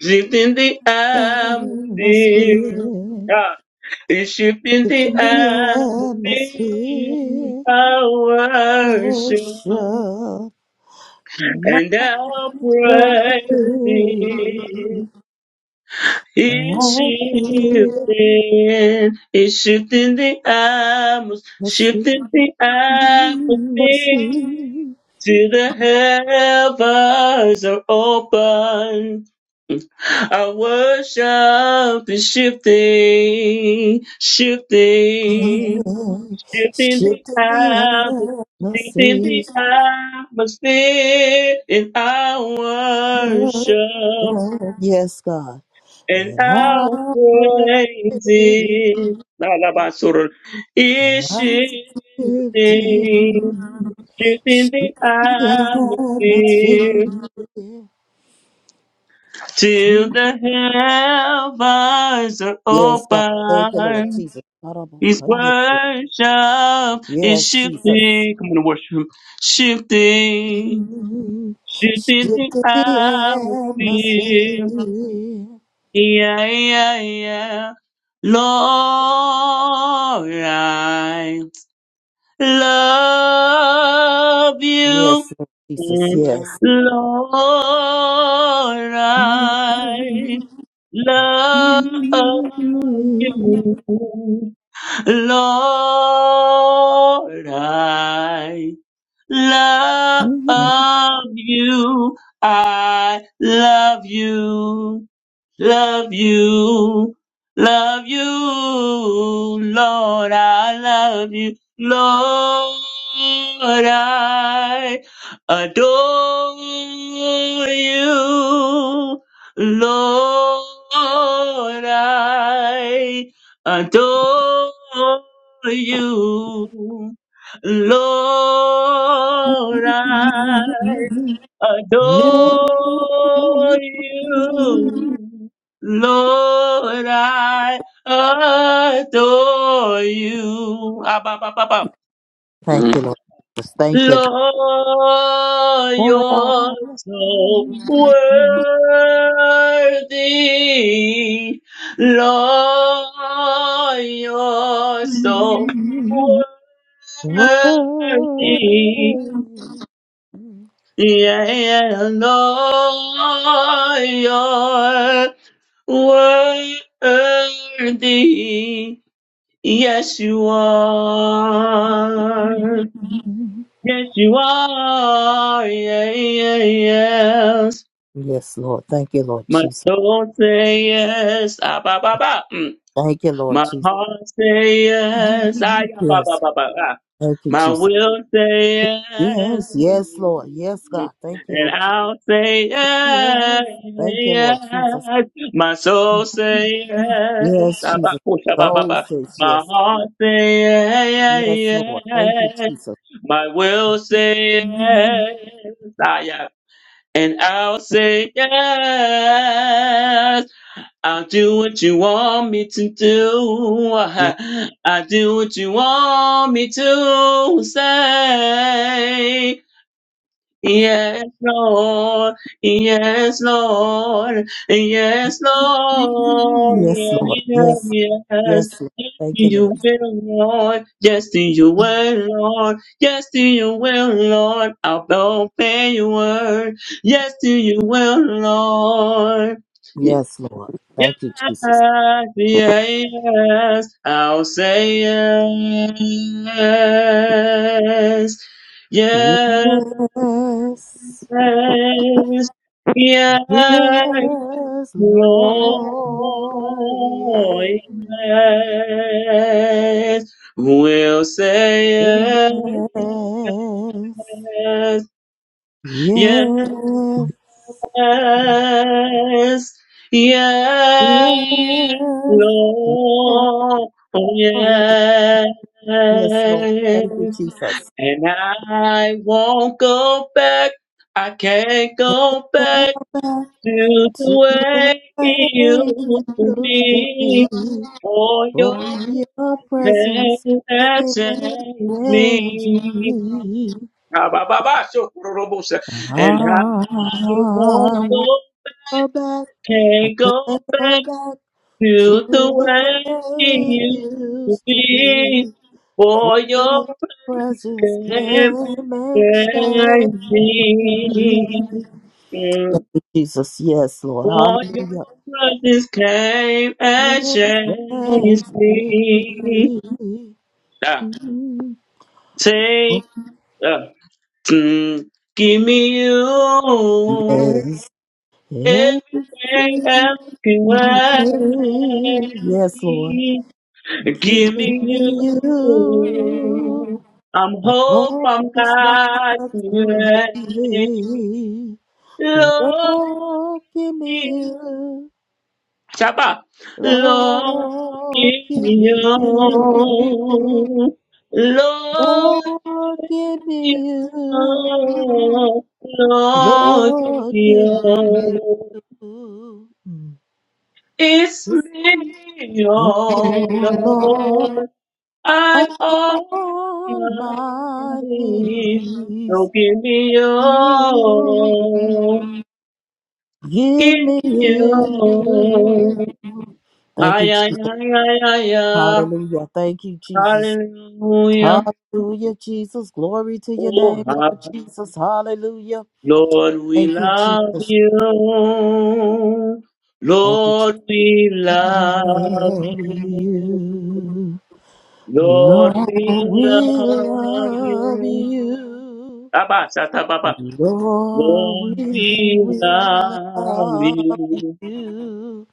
[SPEAKER 1] Shifting the
[SPEAKER 2] The
[SPEAKER 1] atmosphere.
[SPEAKER 2] atmosphere.
[SPEAKER 1] Ah, It's shifting
[SPEAKER 2] Get
[SPEAKER 1] the
[SPEAKER 2] the
[SPEAKER 1] atmosphere.
[SPEAKER 2] atmosphere.
[SPEAKER 1] I worship
[SPEAKER 2] Worship.
[SPEAKER 1] and I
[SPEAKER 2] I
[SPEAKER 1] praise
[SPEAKER 2] feel
[SPEAKER 1] thee. It's shifting, it's shifting the atmosphere,
[SPEAKER 2] the sweet
[SPEAKER 1] shifting the atmosphere. Till the heavens are open, our worship is shifting, shifting, shifting the
[SPEAKER 2] shifting the
[SPEAKER 1] atmosphere, shifting
[SPEAKER 2] atmosphere.
[SPEAKER 1] the atmosphere in our worship
[SPEAKER 2] Yes, God.
[SPEAKER 1] and
[SPEAKER 2] And
[SPEAKER 1] I'll
[SPEAKER 2] I pray
[SPEAKER 1] praise it. La la ba sur. Shifting,
[SPEAKER 2] shifting
[SPEAKER 1] shifting the
[SPEAKER 2] the
[SPEAKER 1] atmosphere
[SPEAKER 2] atmosphere.
[SPEAKER 1] till the heavens are
[SPEAKER 2] Yes, God. Thank you, Lord
[SPEAKER 1] open.
[SPEAKER 2] Jesus.
[SPEAKER 1] His worship is
[SPEAKER 2] Yes, Jesus.
[SPEAKER 1] shifting. Come on, worship. Shifting, shifting the
[SPEAKER 2] Shifting the
[SPEAKER 1] atmosphere
[SPEAKER 2] atmosphere.
[SPEAKER 1] Yeah, yeah, yeah. Lord, I love you.
[SPEAKER 2] Yes, Lord Jesus.
[SPEAKER 1] Mm.
[SPEAKER 2] Yes.
[SPEAKER 1] Lord, I love you. Lord, I love you. I love you. Love you, love you, Lord, I love you, Lord, I adore you, Lord, I adore you, Lord, I adore you. Lord, I adore you. Ah, bah, bah, bah, bah.
[SPEAKER 2] Thank you, Lord Jesus. Thank you.
[SPEAKER 1] Lord, you're so worthy. Lord, you're so worthy. Yeah, Lord, all your worthy. Yes, you are. Yes, you are. Yeah, yeah, yes.
[SPEAKER 2] Yes, Lord. Thank you, Lord
[SPEAKER 1] My
[SPEAKER 2] Jesus.
[SPEAKER 1] soul say yes. Ah, ba, ba, ba. Mm.
[SPEAKER 2] Thank you, Lord
[SPEAKER 1] My
[SPEAKER 2] Jesus.
[SPEAKER 1] heart say yes. Ah, yeah, ba,
[SPEAKER 2] Yes.
[SPEAKER 1] ba, ba, ba, ah.
[SPEAKER 2] Thank you,
[SPEAKER 1] My
[SPEAKER 2] Jesus.
[SPEAKER 1] will say yes.
[SPEAKER 2] Yes, yes,
[SPEAKER 1] Mm,
[SPEAKER 2] Lord. Yes,
[SPEAKER 1] mm.
[SPEAKER 2] God. Thank you,
[SPEAKER 1] And
[SPEAKER 2] Lord Jesus.
[SPEAKER 1] I'll say yes.
[SPEAKER 2] Yes. Thank you, Lord Jesus.
[SPEAKER 1] My soul say yes.
[SPEAKER 2] Yes,
[SPEAKER 1] Ah,
[SPEAKER 2] Jesus.
[SPEAKER 1] ba, oh, sha, ba, ba,
[SPEAKER 2] Soul
[SPEAKER 1] ba.
[SPEAKER 2] says
[SPEAKER 1] My
[SPEAKER 2] yes.
[SPEAKER 1] heart say
[SPEAKER 2] Yes,
[SPEAKER 1] yes.
[SPEAKER 2] Lord. Thank you,
[SPEAKER 1] yes.
[SPEAKER 2] Jesus.
[SPEAKER 1] My will say yes. Ah, yeah. And I'll say yes. I'll do what you want me to do.
[SPEAKER 2] Yes,
[SPEAKER 1] I'll do what you want me to say. Yes, Lord. Yes, Lord. Yes, Lord.
[SPEAKER 2] yes Lord.
[SPEAKER 1] Yes,
[SPEAKER 2] Yes,
[SPEAKER 1] yes.
[SPEAKER 2] yes, Lord.
[SPEAKER 1] Yes,
[SPEAKER 2] Thank you, Lord.
[SPEAKER 1] You will, Lord. Yes, you will, Lord. Yes, you will, Lord. I'll obey your word. Yes, you will, Lord.
[SPEAKER 2] Yes, Lord. Thank you, Jesus.
[SPEAKER 1] Yes, yes, I'll say yes.
[SPEAKER 2] Yes,
[SPEAKER 1] Yes, yes,
[SPEAKER 2] yes, Lord.
[SPEAKER 1] Lord,
[SPEAKER 2] Yes,
[SPEAKER 1] yes. We'll say
[SPEAKER 2] yes,
[SPEAKER 1] yes,
[SPEAKER 2] yes, Lord.
[SPEAKER 1] yes, yes. Yes, yes, Lord, oh yes.
[SPEAKER 2] Yes, Lord. Thank you, Jesus.
[SPEAKER 1] And I won't go back. I can't go back to the
[SPEAKER 2] To the
[SPEAKER 1] way
[SPEAKER 2] way
[SPEAKER 1] it
[SPEAKER 2] praise
[SPEAKER 1] used to
[SPEAKER 2] used to be
[SPEAKER 1] be. For
[SPEAKER 2] for
[SPEAKER 1] your
[SPEAKER 2] your presence
[SPEAKER 1] protection
[SPEAKER 2] can
[SPEAKER 1] that saved
[SPEAKER 2] engage
[SPEAKER 1] me.
[SPEAKER 2] me.
[SPEAKER 1] And I
[SPEAKER 2] I
[SPEAKER 1] won't
[SPEAKER 2] want to
[SPEAKER 1] go,
[SPEAKER 2] go back, I
[SPEAKER 1] can't
[SPEAKER 2] can't
[SPEAKER 1] go back.
[SPEAKER 2] go back to
[SPEAKER 1] to the
[SPEAKER 2] the
[SPEAKER 1] way you
[SPEAKER 2] way it
[SPEAKER 1] used to
[SPEAKER 2] used to
[SPEAKER 1] be
[SPEAKER 2] be. For
[SPEAKER 1] for your
[SPEAKER 2] your presence
[SPEAKER 1] forgiveness
[SPEAKER 2] came and
[SPEAKER 1] came
[SPEAKER 2] changed me. Thank you, Jesus, yes, Lord,
[SPEAKER 1] for your
[SPEAKER 2] hallelujah.
[SPEAKER 1] presence came and changed
[SPEAKER 2] Change
[SPEAKER 1] me.
[SPEAKER 2] me.
[SPEAKER 1] Ah,
[SPEAKER 2] Yes.
[SPEAKER 1] take, ah, mm, give me you.
[SPEAKER 2] Everything
[SPEAKER 1] Everything else can
[SPEAKER 2] you do. Yes, Lord.
[SPEAKER 1] wait. Give
[SPEAKER 2] Giving
[SPEAKER 1] me
[SPEAKER 2] you.
[SPEAKER 1] you. I'm
[SPEAKER 2] I
[SPEAKER 1] hope
[SPEAKER 2] hope
[SPEAKER 1] I'm
[SPEAKER 2] it's not
[SPEAKER 1] not
[SPEAKER 2] too
[SPEAKER 1] late.
[SPEAKER 2] late.
[SPEAKER 1] Lord,
[SPEAKER 2] Lord, give me
[SPEAKER 1] give-
[SPEAKER 2] you.
[SPEAKER 1] Shabba. Lord,
[SPEAKER 2] Lord,
[SPEAKER 1] give me
[SPEAKER 2] give me you.
[SPEAKER 1] you. Lord,
[SPEAKER 2] Lord, give
[SPEAKER 1] give me you.
[SPEAKER 2] me you.
[SPEAKER 1] Lord, give
[SPEAKER 2] Lord,
[SPEAKER 1] me
[SPEAKER 2] give me you.
[SPEAKER 1] you.
[SPEAKER 2] Mm.
[SPEAKER 1] It's me,
[SPEAKER 2] Oh,
[SPEAKER 1] oh
[SPEAKER 2] Lord.
[SPEAKER 1] Lord.
[SPEAKER 2] I'm
[SPEAKER 1] I'm all I
[SPEAKER 2] on my
[SPEAKER 1] need. So
[SPEAKER 2] knees.
[SPEAKER 1] give me your
[SPEAKER 2] You
[SPEAKER 1] all. Give
[SPEAKER 2] give me
[SPEAKER 1] me your
[SPEAKER 2] you.
[SPEAKER 1] all.
[SPEAKER 2] Thank you,
[SPEAKER 1] Ay,
[SPEAKER 2] Jesus.
[SPEAKER 1] ay, ay, ay, ay, ay.
[SPEAKER 2] Hallelujah. Thank you, Jesus.
[SPEAKER 1] Hallelujah.
[SPEAKER 2] Hallelujah, Jesus. Glory to your name,
[SPEAKER 1] Oh,
[SPEAKER 2] Lord
[SPEAKER 1] ha-
[SPEAKER 2] Jesus. Hallelujah.
[SPEAKER 1] Lord, we
[SPEAKER 2] Thank you,
[SPEAKER 1] love
[SPEAKER 2] Jesus.
[SPEAKER 1] you.
[SPEAKER 2] Thank you,
[SPEAKER 1] Lord,
[SPEAKER 2] Jesus.
[SPEAKER 1] we love
[SPEAKER 2] Love
[SPEAKER 1] you.
[SPEAKER 2] you.
[SPEAKER 1] Lord,
[SPEAKER 2] Lord,
[SPEAKER 1] we
[SPEAKER 2] we
[SPEAKER 1] love
[SPEAKER 2] love
[SPEAKER 1] you.
[SPEAKER 2] you.
[SPEAKER 1] Abba,
[SPEAKER 2] Lord, we
[SPEAKER 1] Lord, we
[SPEAKER 2] will
[SPEAKER 1] love
[SPEAKER 2] love
[SPEAKER 1] you.
[SPEAKER 2] you.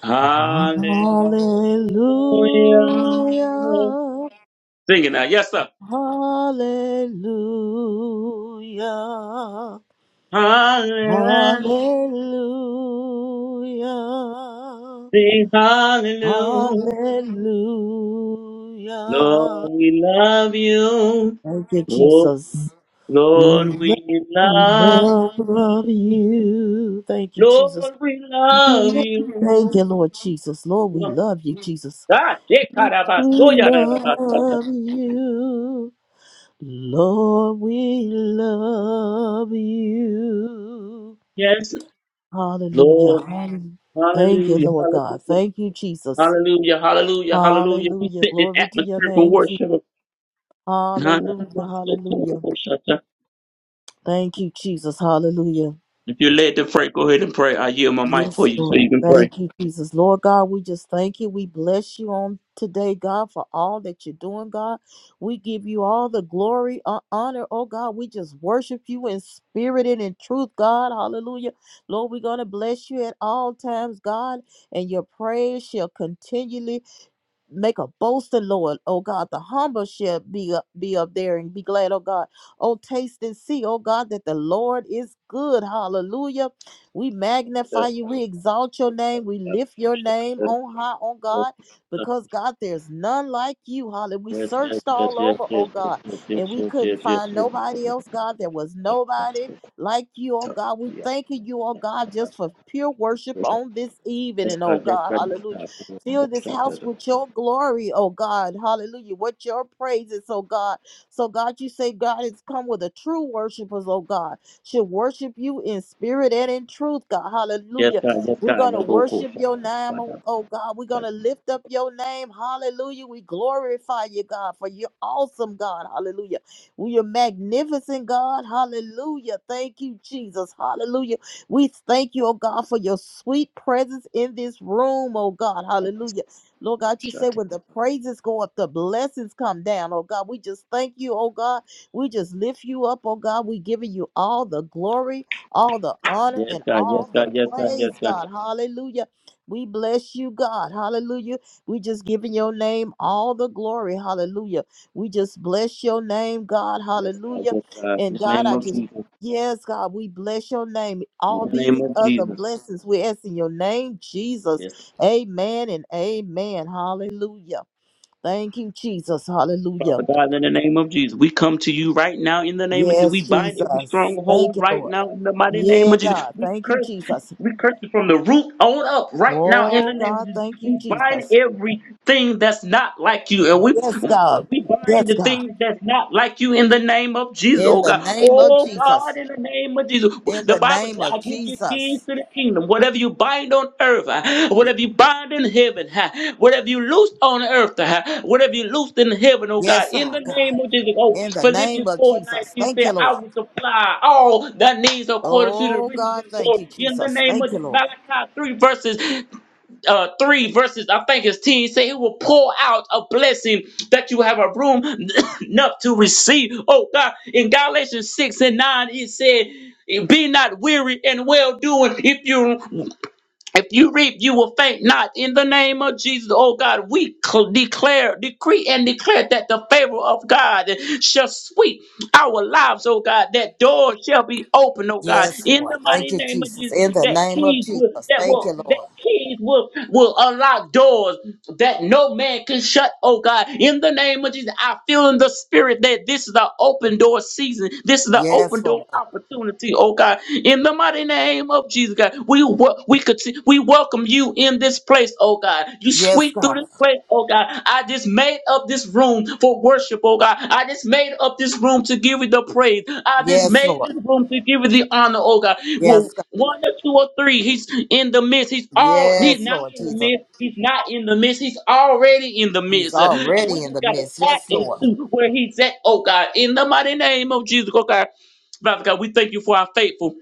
[SPEAKER 1] Hallelujah.
[SPEAKER 2] Hallelujah,
[SPEAKER 1] Sing it now. Yes, sir.
[SPEAKER 2] hallelujah,
[SPEAKER 1] Hallelujah.
[SPEAKER 2] hallelujah,
[SPEAKER 1] Sing hallelujah.
[SPEAKER 2] hallelujah.
[SPEAKER 1] Lord, we love you.
[SPEAKER 2] Thank you,
[SPEAKER 1] Lord,
[SPEAKER 2] Jesus.
[SPEAKER 1] Lord,
[SPEAKER 2] We
[SPEAKER 1] we
[SPEAKER 2] love we
[SPEAKER 1] love
[SPEAKER 2] love
[SPEAKER 1] you.
[SPEAKER 2] you. Thank you, Jesus.
[SPEAKER 1] Lord, we love
[SPEAKER 2] Thank
[SPEAKER 1] you.
[SPEAKER 2] you, Lord Jesus. Lord, we
[SPEAKER 1] Lord,
[SPEAKER 2] love you, Jesus.
[SPEAKER 1] Ah,
[SPEAKER 2] We
[SPEAKER 1] shekarabasoyarabasata.
[SPEAKER 2] love you. Lord, we love you.
[SPEAKER 1] Yes,
[SPEAKER 2] Hallelujah.
[SPEAKER 1] Lord,
[SPEAKER 2] Hallelujah. Thank you,
[SPEAKER 1] hallelujah,
[SPEAKER 2] Lord God.
[SPEAKER 1] hallelujah.
[SPEAKER 2] Thank you, Jesus.
[SPEAKER 1] Hallelujah, hallelujah, hallelujah. We
[SPEAKER 2] Hallelujah.
[SPEAKER 1] set this
[SPEAKER 2] Glory to your
[SPEAKER 1] atmosphere for
[SPEAKER 2] name. Jesus.
[SPEAKER 1] worship.
[SPEAKER 2] Hallelujah. Hallelujah. Thank you, Jesus. Hallelujah.
[SPEAKER 1] If you're led to pray, go ahead and pray. I yield my mic for
[SPEAKER 2] Yes,
[SPEAKER 1] you so
[SPEAKER 2] Lord.
[SPEAKER 1] you can pray.
[SPEAKER 2] Thank you, Jesus. Lord God, we just thank you. We bless you on today, God, for all that you're doing, God. We give you all the glory, uh, honor, oh God. We just worship you in spirit and in truth, God. Hallelujah. Lord, we're going to bless you at all times, God, and your praise shall continually make a boast in Lord. Oh God, the humble shall be up, be up there and be glad, oh God. Oh, taste and see, oh God, that the Lord is good. Hallelujah. We magnify you, we exalt your name, we lift your name on high, oh God, because God, there's none like you. Hallelujah. We
[SPEAKER 1] Yes, yes,
[SPEAKER 2] searched
[SPEAKER 1] yes,
[SPEAKER 2] all
[SPEAKER 1] yes,
[SPEAKER 2] over, oh
[SPEAKER 1] yes, yes,
[SPEAKER 2] God,
[SPEAKER 1] yes,
[SPEAKER 2] and
[SPEAKER 1] yes,
[SPEAKER 2] we couldn't
[SPEAKER 1] yes, yes, yes,
[SPEAKER 2] find nobody else, God. There was
[SPEAKER 1] yes.
[SPEAKER 2] nobody like you, oh God. We
[SPEAKER 1] Yeah.
[SPEAKER 2] thanking you, oh God, just for pure worship on this
[SPEAKER 1] Yes,
[SPEAKER 2] evening, oh
[SPEAKER 1] God, yes,
[SPEAKER 2] God.
[SPEAKER 1] God, yes,
[SPEAKER 2] Hallelujah.
[SPEAKER 1] God.
[SPEAKER 2] Fill this house with your glory, oh God. Hallelujah. What your praises, oh God. So, God, you say God has come with a true worshipers, oh God. Should worship you in spirit and in truth, God.
[SPEAKER 1] Yes,
[SPEAKER 2] Hallelujah.
[SPEAKER 1] God, yes,
[SPEAKER 2] We're
[SPEAKER 1] God.
[SPEAKER 2] going to
[SPEAKER 1] No vocal
[SPEAKER 2] worship
[SPEAKER 1] shut.
[SPEAKER 2] your name, oh, oh God. We're going to lift up your name. Hallelujah. We glorify you, God, for you're awesome, God. Hallelujah. We are magnificent, God. Hallelujah. Thank you, Jesus. Hallelujah. We thank you, oh God, for your sweet presence in this room, oh God. Hallelujah. Lord God, you say when the praises go up, the blessings come down, oh God. We just thank you, oh God. We just lift you up, oh God. We giving you all the glory, all the honor,
[SPEAKER 1] Yes,
[SPEAKER 2] and
[SPEAKER 1] God, yes,
[SPEAKER 2] all the
[SPEAKER 1] God, yes, God, yes,
[SPEAKER 2] praise,
[SPEAKER 1] God.
[SPEAKER 2] God. Hallelujah. We bless you, God. Hallelujah. We just giving your name all the glory. Hallelujah. We just bless your name, God.
[SPEAKER 1] Yes, God.
[SPEAKER 2] Hallelujah.
[SPEAKER 1] Yes, God.
[SPEAKER 2] And
[SPEAKER 1] In the
[SPEAKER 2] God,
[SPEAKER 1] name
[SPEAKER 2] I
[SPEAKER 1] of
[SPEAKER 2] just
[SPEAKER 1] Jesus.
[SPEAKER 2] Yes, God, we bless your name.
[SPEAKER 1] In
[SPEAKER 2] All
[SPEAKER 1] the
[SPEAKER 2] these
[SPEAKER 1] name
[SPEAKER 2] and
[SPEAKER 1] of
[SPEAKER 2] other
[SPEAKER 1] Jesus.
[SPEAKER 2] blessings we ask in your name, Jesus.
[SPEAKER 1] Yes.
[SPEAKER 2] Amen and amen. Hallelujah. Thank you, Jesus. Hallelujah.
[SPEAKER 1] Father God, in the name of Jesus, we come to you right now in the name of Jesus. We
[SPEAKER 2] Yes,
[SPEAKER 1] bind every
[SPEAKER 2] Jesus. Thank
[SPEAKER 1] stronghold
[SPEAKER 2] you,
[SPEAKER 1] right
[SPEAKER 2] Lord.
[SPEAKER 1] now in the mighty name
[SPEAKER 2] Yeah,
[SPEAKER 1] of Jesus.
[SPEAKER 2] God.
[SPEAKER 1] We
[SPEAKER 2] Thank you,
[SPEAKER 1] curse,
[SPEAKER 2] Jesus.
[SPEAKER 1] we curse it from the root on up right now in
[SPEAKER 2] Oh,
[SPEAKER 1] the name of
[SPEAKER 2] God.
[SPEAKER 1] Jesus.
[SPEAKER 2] Thank you,
[SPEAKER 1] We bind
[SPEAKER 2] Jesus.
[SPEAKER 1] everything that's not like you. And
[SPEAKER 2] Yes,
[SPEAKER 1] we
[SPEAKER 2] God.
[SPEAKER 1] We bind
[SPEAKER 2] Yes,
[SPEAKER 1] the
[SPEAKER 2] God.
[SPEAKER 1] things that's not like you in the name of Jesus,
[SPEAKER 2] In
[SPEAKER 1] oh
[SPEAKER 2] the
[SPEAKER 1] God.
[SPEAKER 2] name of
[SPEAKER 1] Oh
[SPEAKER 2] Jesus.
[SPEAKER 1] God, in the name of Jesus.
[SPEAKER 2] In
[SPEAKER 1] The
[SPEAKER 2] the
[SPEAKER 1] Bible
[SPEAKER 2] name
[SPEAKER 1] says,
[SPEAKER 2] of
[SPEAKER 1] I give you keys
[SPEAKER 2] Jesus.
[SPEAKER 1] to the kingdom. Whatever you bind on earth, uh, whatever you bind in heaven, uh, whatever you loose on earth, uh, whatever you loose in heaven, oh God,
[SPEAKER 2] Yes,
[SPEAKER 1] in the
[SPEAKER 2] sir, God.
[SPEAKER 1] name of Jesus. Oh,
[SPEAKER 2] In the name
[SPEAKER 1] Philippians
[SPEAKER 2] of
[SPEAKER 1] 4
[SPEAKER 2] Jesus.
[SPEAKER 1] 19
[SPEAKER 2] Thank
[SPEAKER 1] said,
[SPEAKER 2] you,
[SPEAKER 1] I
[SPEAKER 2] Lord.
[SPEAKER 1] will supply all that needs according to the
[SPEAKER 2] Oh,
[SPEAKER 1] riches
[SPEAKER 2] God.
[SPEAKER 1] and
[SPEAKER 2] Thank
[SPEAKER 1] glory.
[SPEAKER 2] you,
[SPEAKER 1] In the
[SPEAKER 2] Jesus.
[SPEAKER 1] name
[SPEAKER 2] Thank
[SPEAKER 1] of
[SPEAKER 2] you,
[SPEAKER 1] Jesus.
[SPEAKER 2] Lord.
[SPEAKER 1] Malachi 3 verses uh, 3 verses, I think it's 10, say it will pour out a blessing that you have a room enough to receive. Oh God, in Galatians 6 and 9, it said, be not weary and well doing. If you if you reap, you will faint not. In the name of Jesus, oh God, we cl- declare, decree, and declare that the favor of God shall sweep our lives, oh God. That door shall be open, oh God.
[SPEAKER 2] Yes,
[SPEAKER 1] In
[SPEAKER 2] Lord.
[SPEAKER 1] the
[SPEAKER 2] Thank
[SPEAKER 1] mighty
[SPEAKER 2] you,
[SPEAKER 1] name of
[SPEAKER 2] Jesus.
[SPEAKER 1] Jesus,
[SPEAKER 2] In the
[SPEAKER 1] that
[SPEAKER 2] name of
[SPEAKER 1] keys will
[SPEAKER 2] Jesus.
[SPEAKER 1] that
[SPEAKER 2] Thank
[SPEAKER 1] will
[SPEAKER 2] you,
[SPEAKER 1] that
[SPEAKER 2] Lord.
[SPEAKER 1] that keys will, will unlock doors that no man can shut, oh God. In the name of Jesus, I feel in the spirit that this is the open door season. This is the open
[SPEAKER 2] Yes, Lord
[SPEAKER 1] door
[SPEAKER 2] God.
[SPEAKER 1] opportunity, oh God. In the mighty name of Jesus, God, we wel- we could we welcome you in this place, oh God. You
[SPEAKER 2] Yes,
[SPEAKER 1] sweep through
[SPEAKER 2] God.
[SPEAKER 1] this place, oh God. I just made up this room for worship, oh God. I just made up this room to give you the praise. I just
[SPEAKER 2] Yes,
[SPEAKER 1] made
[SPEAKER 2] Lord.
[SPEAKER 1] this room to give you the honor, oh God. Well,
[SPEAKER 2] Yes, God.
[SPEAKER 1] one or two or three, he's in the midst. He's all he's
[SPEAKER 2] Yes,
[SPEAKER 1] not
[SPEAKER 2] Lord
[SPEAKER 1] in the
[SPEAKER 2] Jesus.
[SPEAKER 1] midst. He's not in the midst. He's already in the
[SPEAKER 2] He's
[SPEAKER 1] midst. Uh, And we
[SPEAKER 2] already in
[SPEAKER 1] just
[SPEAKER 2] the
[SPEAKER 1] gotta
[SPEAKER 2] midst.
[SPEAKER 1] tap
[SPEAKER 2] Yes, Lord.
[SPEAKER 1] into where he's at, oh God. In the mighty name of Jesus, oh God. Father God, we thank you for our faithful.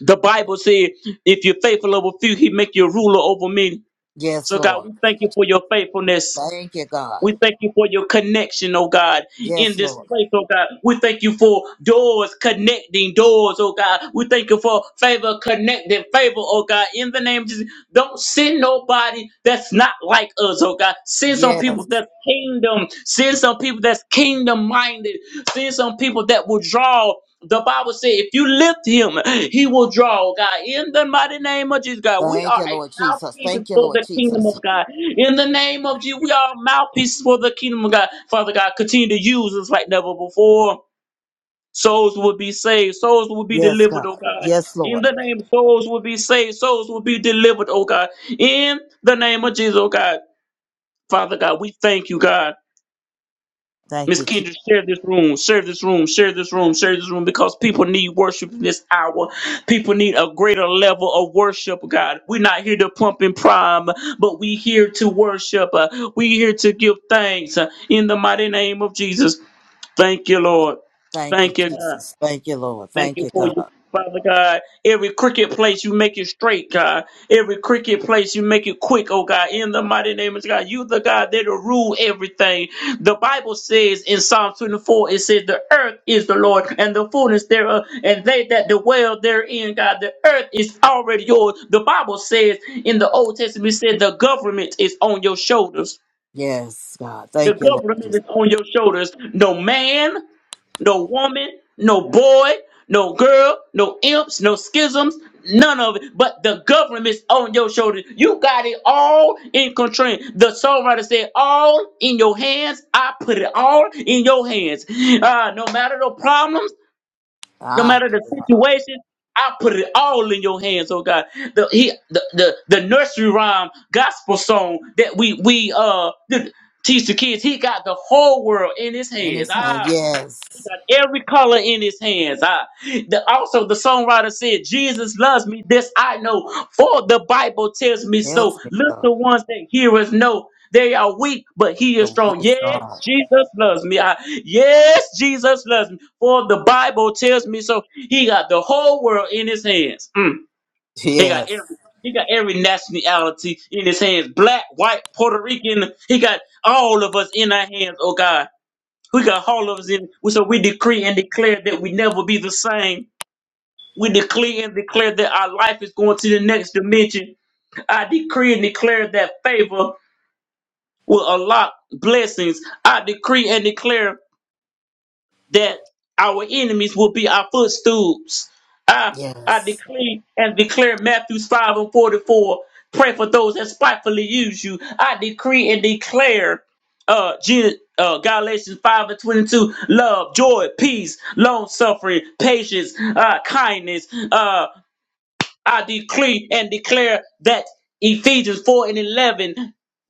[SPEAKER 1] The Bible said, if you're faithful over few, he make you a ruler over many.
[SPEAKER 2] Yes,
[SPEAKER 1] So God,
[SPEAKER 2] Lord.
[SPEAKER 1] we
[SPEAKER 2] Thank
[SPEAKER 1] thank
[SPEAKER 2] you,
[SPEAKER 1] you for your faithfulness.
[SPEAKER 2] Jesus. Thank you, God.
[SPEAKER 1] We thank you for your connection, oh God, in
[SPEAKER 2] Yes,
[SPEAKER 1] this
[SPEAKER 2] Lord.
[SPEAKER 1] place, oh God. We thank you for doors connecting doors, oh God. We thank you for favor connecting favor, oh God. In the name of Jesus, don't send nobody that's not like us, oh God. Send some people
[SPEAKER 2] Yes.
[SPEAKER 1] that's kingdom. Send some people that's kingdom minded. Send some people that will draw. The Bible said, if you lift him, he will draw, oh God. In the mighty name of Jesus, God, we
[SPEAKER 2] Thank
[SPEAKER 1] are
[SPEAKER 2] you,
[SPEAKER 1] a
[SPEAKER 2] Lord Jesus.
[SPEAKER 1] mouthpiece
[SPEAKER 2] Thank you,
[SPEAKER 1] for
[SPEAKER 2] Lord
[SPEAKER 1] the kingdom
[SPEAKER 2] Jesus.
[SPEAKER 1] of God. In the name of Jesus, we are mouthpieces for the kingdom of God. Father God, continue to use us like never before. Souls will be saved. Souls will be
[SPEAKER 2] Yes, God.
[SPEAKER 1] delivered, oh God.
[SPEAKER 2] Yes,
[SPEAKER 1] In
[SPEAKER 2] Lord.
[SPEAKER 1] the name, of souls will be saved. Souls will be delivered, oh God. In the name of Jesus, oh God. Father God, we thank you, God.
[SPEAKER 2] Thank
[SPEAKER 1] Miss
[SPEAKER 2] you, Jesus.
[SPEAKER 1] Kendra, share this room, share this room, share this room, share this room, because people need worship in this hour. People need a greater level of worship, God. We're not here to pump and prime, but we here to worship. Uh, we here to give thanks uh, in the mighty name of Jesus. Thank you, Lord.
[SPEAKER 2] Thank you,
[SPEAKER 1] Thank you, God.
[SPEAKER 2] Jesus. Thank you, Lord.
[SPEAKER 1] Thank
[SPEAKER 2] Thank
[SPEAKER 1] you
[SPEAKER 2] you,
[SPEAKER 1] for you,
[SPEAKER 2] God.
[SPEAKER 1] Father God. Every crooked place you make it straight, God. Every crooked place you make it quick, oh God. In the mighty name of God, you the God that will rule everything. The Bible says in Psalm 24, it says, The earth is the Lord and the fullness thereof, and they that dwell therein, God. The earth is already yours. The Bible says in the Old Testament, it said, The government is on your shoulders.
[SPEAKER 2] Yes, God.
[SPEAKER 1] The
[SPEAKER 2] Thank you, Lord
[SPEAKER 1] government
[SPEAKER 2] Jesus.
[SPEAKER 1] is on your shoulders. No man, no woman, no boy, no girl, no imps, no schisms, none of it. But the government's on your shoulders. You got it all in control. The songwriter said, All in your hands. I put it all in your hands. Uh, no matter the problems, no
[SPEAKER 2] Ah,
[SPEAKER 1] matter the
[SPEAKER 2] God.
[SPEAKER 1] situation. I put it all in your hands, oh God. The he, the, the the nursery rhyme gospel song that we we uh teach the kids. He got the whole world in his
[SPEAKER 2] In
[SPEAKER 1] hands.
[SPEAKER 2] his hand.
[SPEAKER 1] Ah,
[SPEAKER 2] Yes.
[SPEAKER 1] every color in his hands. I, the, also, the songwriter said, Jesus loves me, this I know, for the Bible tells me so.
[SPEAKER 2] tells me
[SPEAKER 1] Look,
[SPEAKER 2] so.
[SPEAKER 1] the ones that hear us know they are weak, but he
[SPEAKER 2] But
[SPEAKER 1] is
[SPEAKER 2] we
[SPEAKER 1] strong.
[SPEAKER 2] are
[SPEAKER 1] Yes,
[SPEAKER 2] strong.
[SPEAKER 1] Jesus loves me. I, yes, Jesus loves me, for the Bible tells me so. He got the whole world in his hands. Mm, he got
[SPEAKER 2] Yes.
[SPEAKER 1] every. He got every nationality in his hands, black, white, Puerto Rican. He got all of us in our hands, oh God. We got all of us in. So we decree and declare that we never be the same. We decree and declare that our life is going to the next dimension. I decree and declare that favor will unlock blessings. I decree and declare that our enemies will be our footstools. I, I
[SPEAKER 2] Yes.
[SPEAKER 1] decree and declare Matthew 5 and 44. Pray for those that spitefully use you. I decree and declare uh, Gen- uh Galatians 5 and 22, love, joy, peace, long suffering, patience, uh, kindness. uh, I decree and declare that Ephesians 4 and 11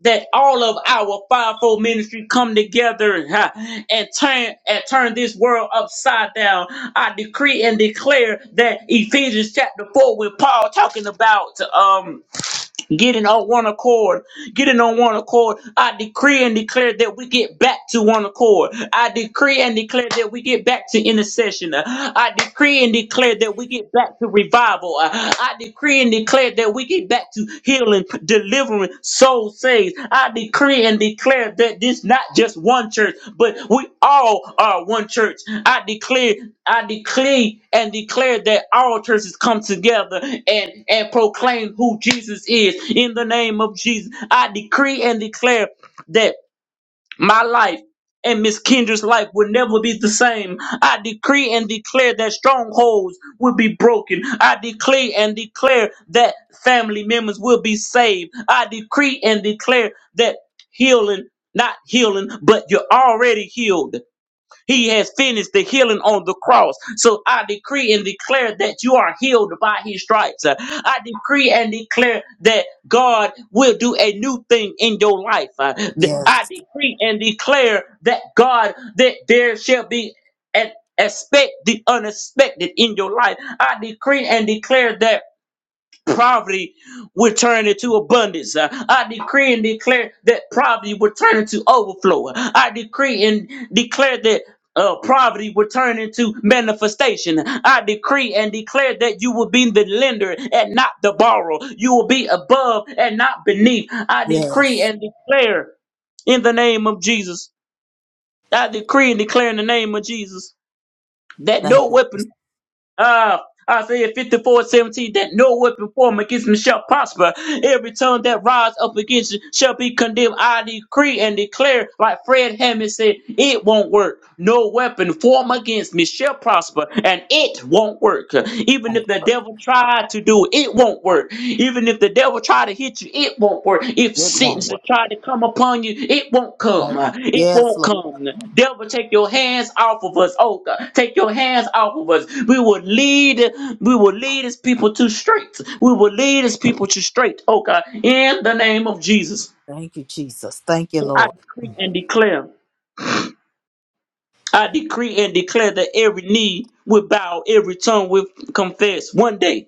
[SPEAKER 1] that all of our fivefold ministry come together huh, and turn and turn this world upside down. I decree and declare that Ephesians chapter 4 when Paul talking about um Getting on one accord, getting on one accord. I decree and declare that we get back to one accord. I decree and declare that we get back to intercession. Uh, I decree and declare that we get back to revival. Uh, I decree and declare that we get back to healing, delivering, soul soul saves. I decree and declare that this not just one church, but we all are one church. I declare, I declare and declare that all churches come together and, and proclaim who Jesus is in the name of Jesus. I decree and declare that my life and Miss Kendra's life will never be the same. I decree and declare that strongholds will be broken. I decree and declare that family members will be saved. I decree and declare that healing, not healing, but you're already healed. He has finished the healing on the cross. So I decree and declare that you are healed by his stripes. Uh, I decree and declare that God will do a new thing in your life. Uh, th-
[SPEAKER 2] Yes.
[SPEAKER 1] I decree and declare that God, that there shall be an expect the unexpected in your life. I decree and declare that poverty will turn into abundance. Uh, I decree and declare that poverty will turn into overflow. I decree and declare that. Uh, poverty will turn into manifestation. I decree and declare that you will be the lender and not the borrower. You will be above and not beneath. I decree
[SPEAKER 2] Yes.
[SPEAKER 1] and declare in the name of Jesus. I decree and declare in the name of Jesus that no
[SPEAKER 2] Thank you,
[SPEAKER 1] weapon
[SPEAKER 2] Jesus.
[SPEAKER 1] uh, Isaiah 54 17, that no weapon formed against me shall prosper. Every tongue that rise up against you shall be condemned. I decree and declare, like Fred Hammond said, it won't work. No weapon formed against me shall prosper, and it won't work. Even if the devil tried to do it, it won't work. Even if the devil try to hit you, it won't work. If
[SPEAKER 2] It won't
[SPEAKER 1] Satan's
[SPEAKER 2] work.
[SPEAKER 1] try to come upon you, it won't come.
[SPEAKER 2] Won't work.
[SPEAKER 1] It
[SPEAKER 2] Yes,
[SPEAKER 1] won't
[SPEAKER 2] Lord.
[SPEAKER 1] come. Devil, take your hands off of us. Oh God, take your hands off of us. We will lead. We will lead his people to straight. We will lead his people to straight. Oh God, in the name of Jesus,
[SPEAKER 2] Thank you, Jesus. Thank you,
[SPEAKER 1] I
[SPEAKER 2] Lord.
[SPEAKER 1] decree and declare. I decree and declare that every knee will bow, every tongue will confess. One day,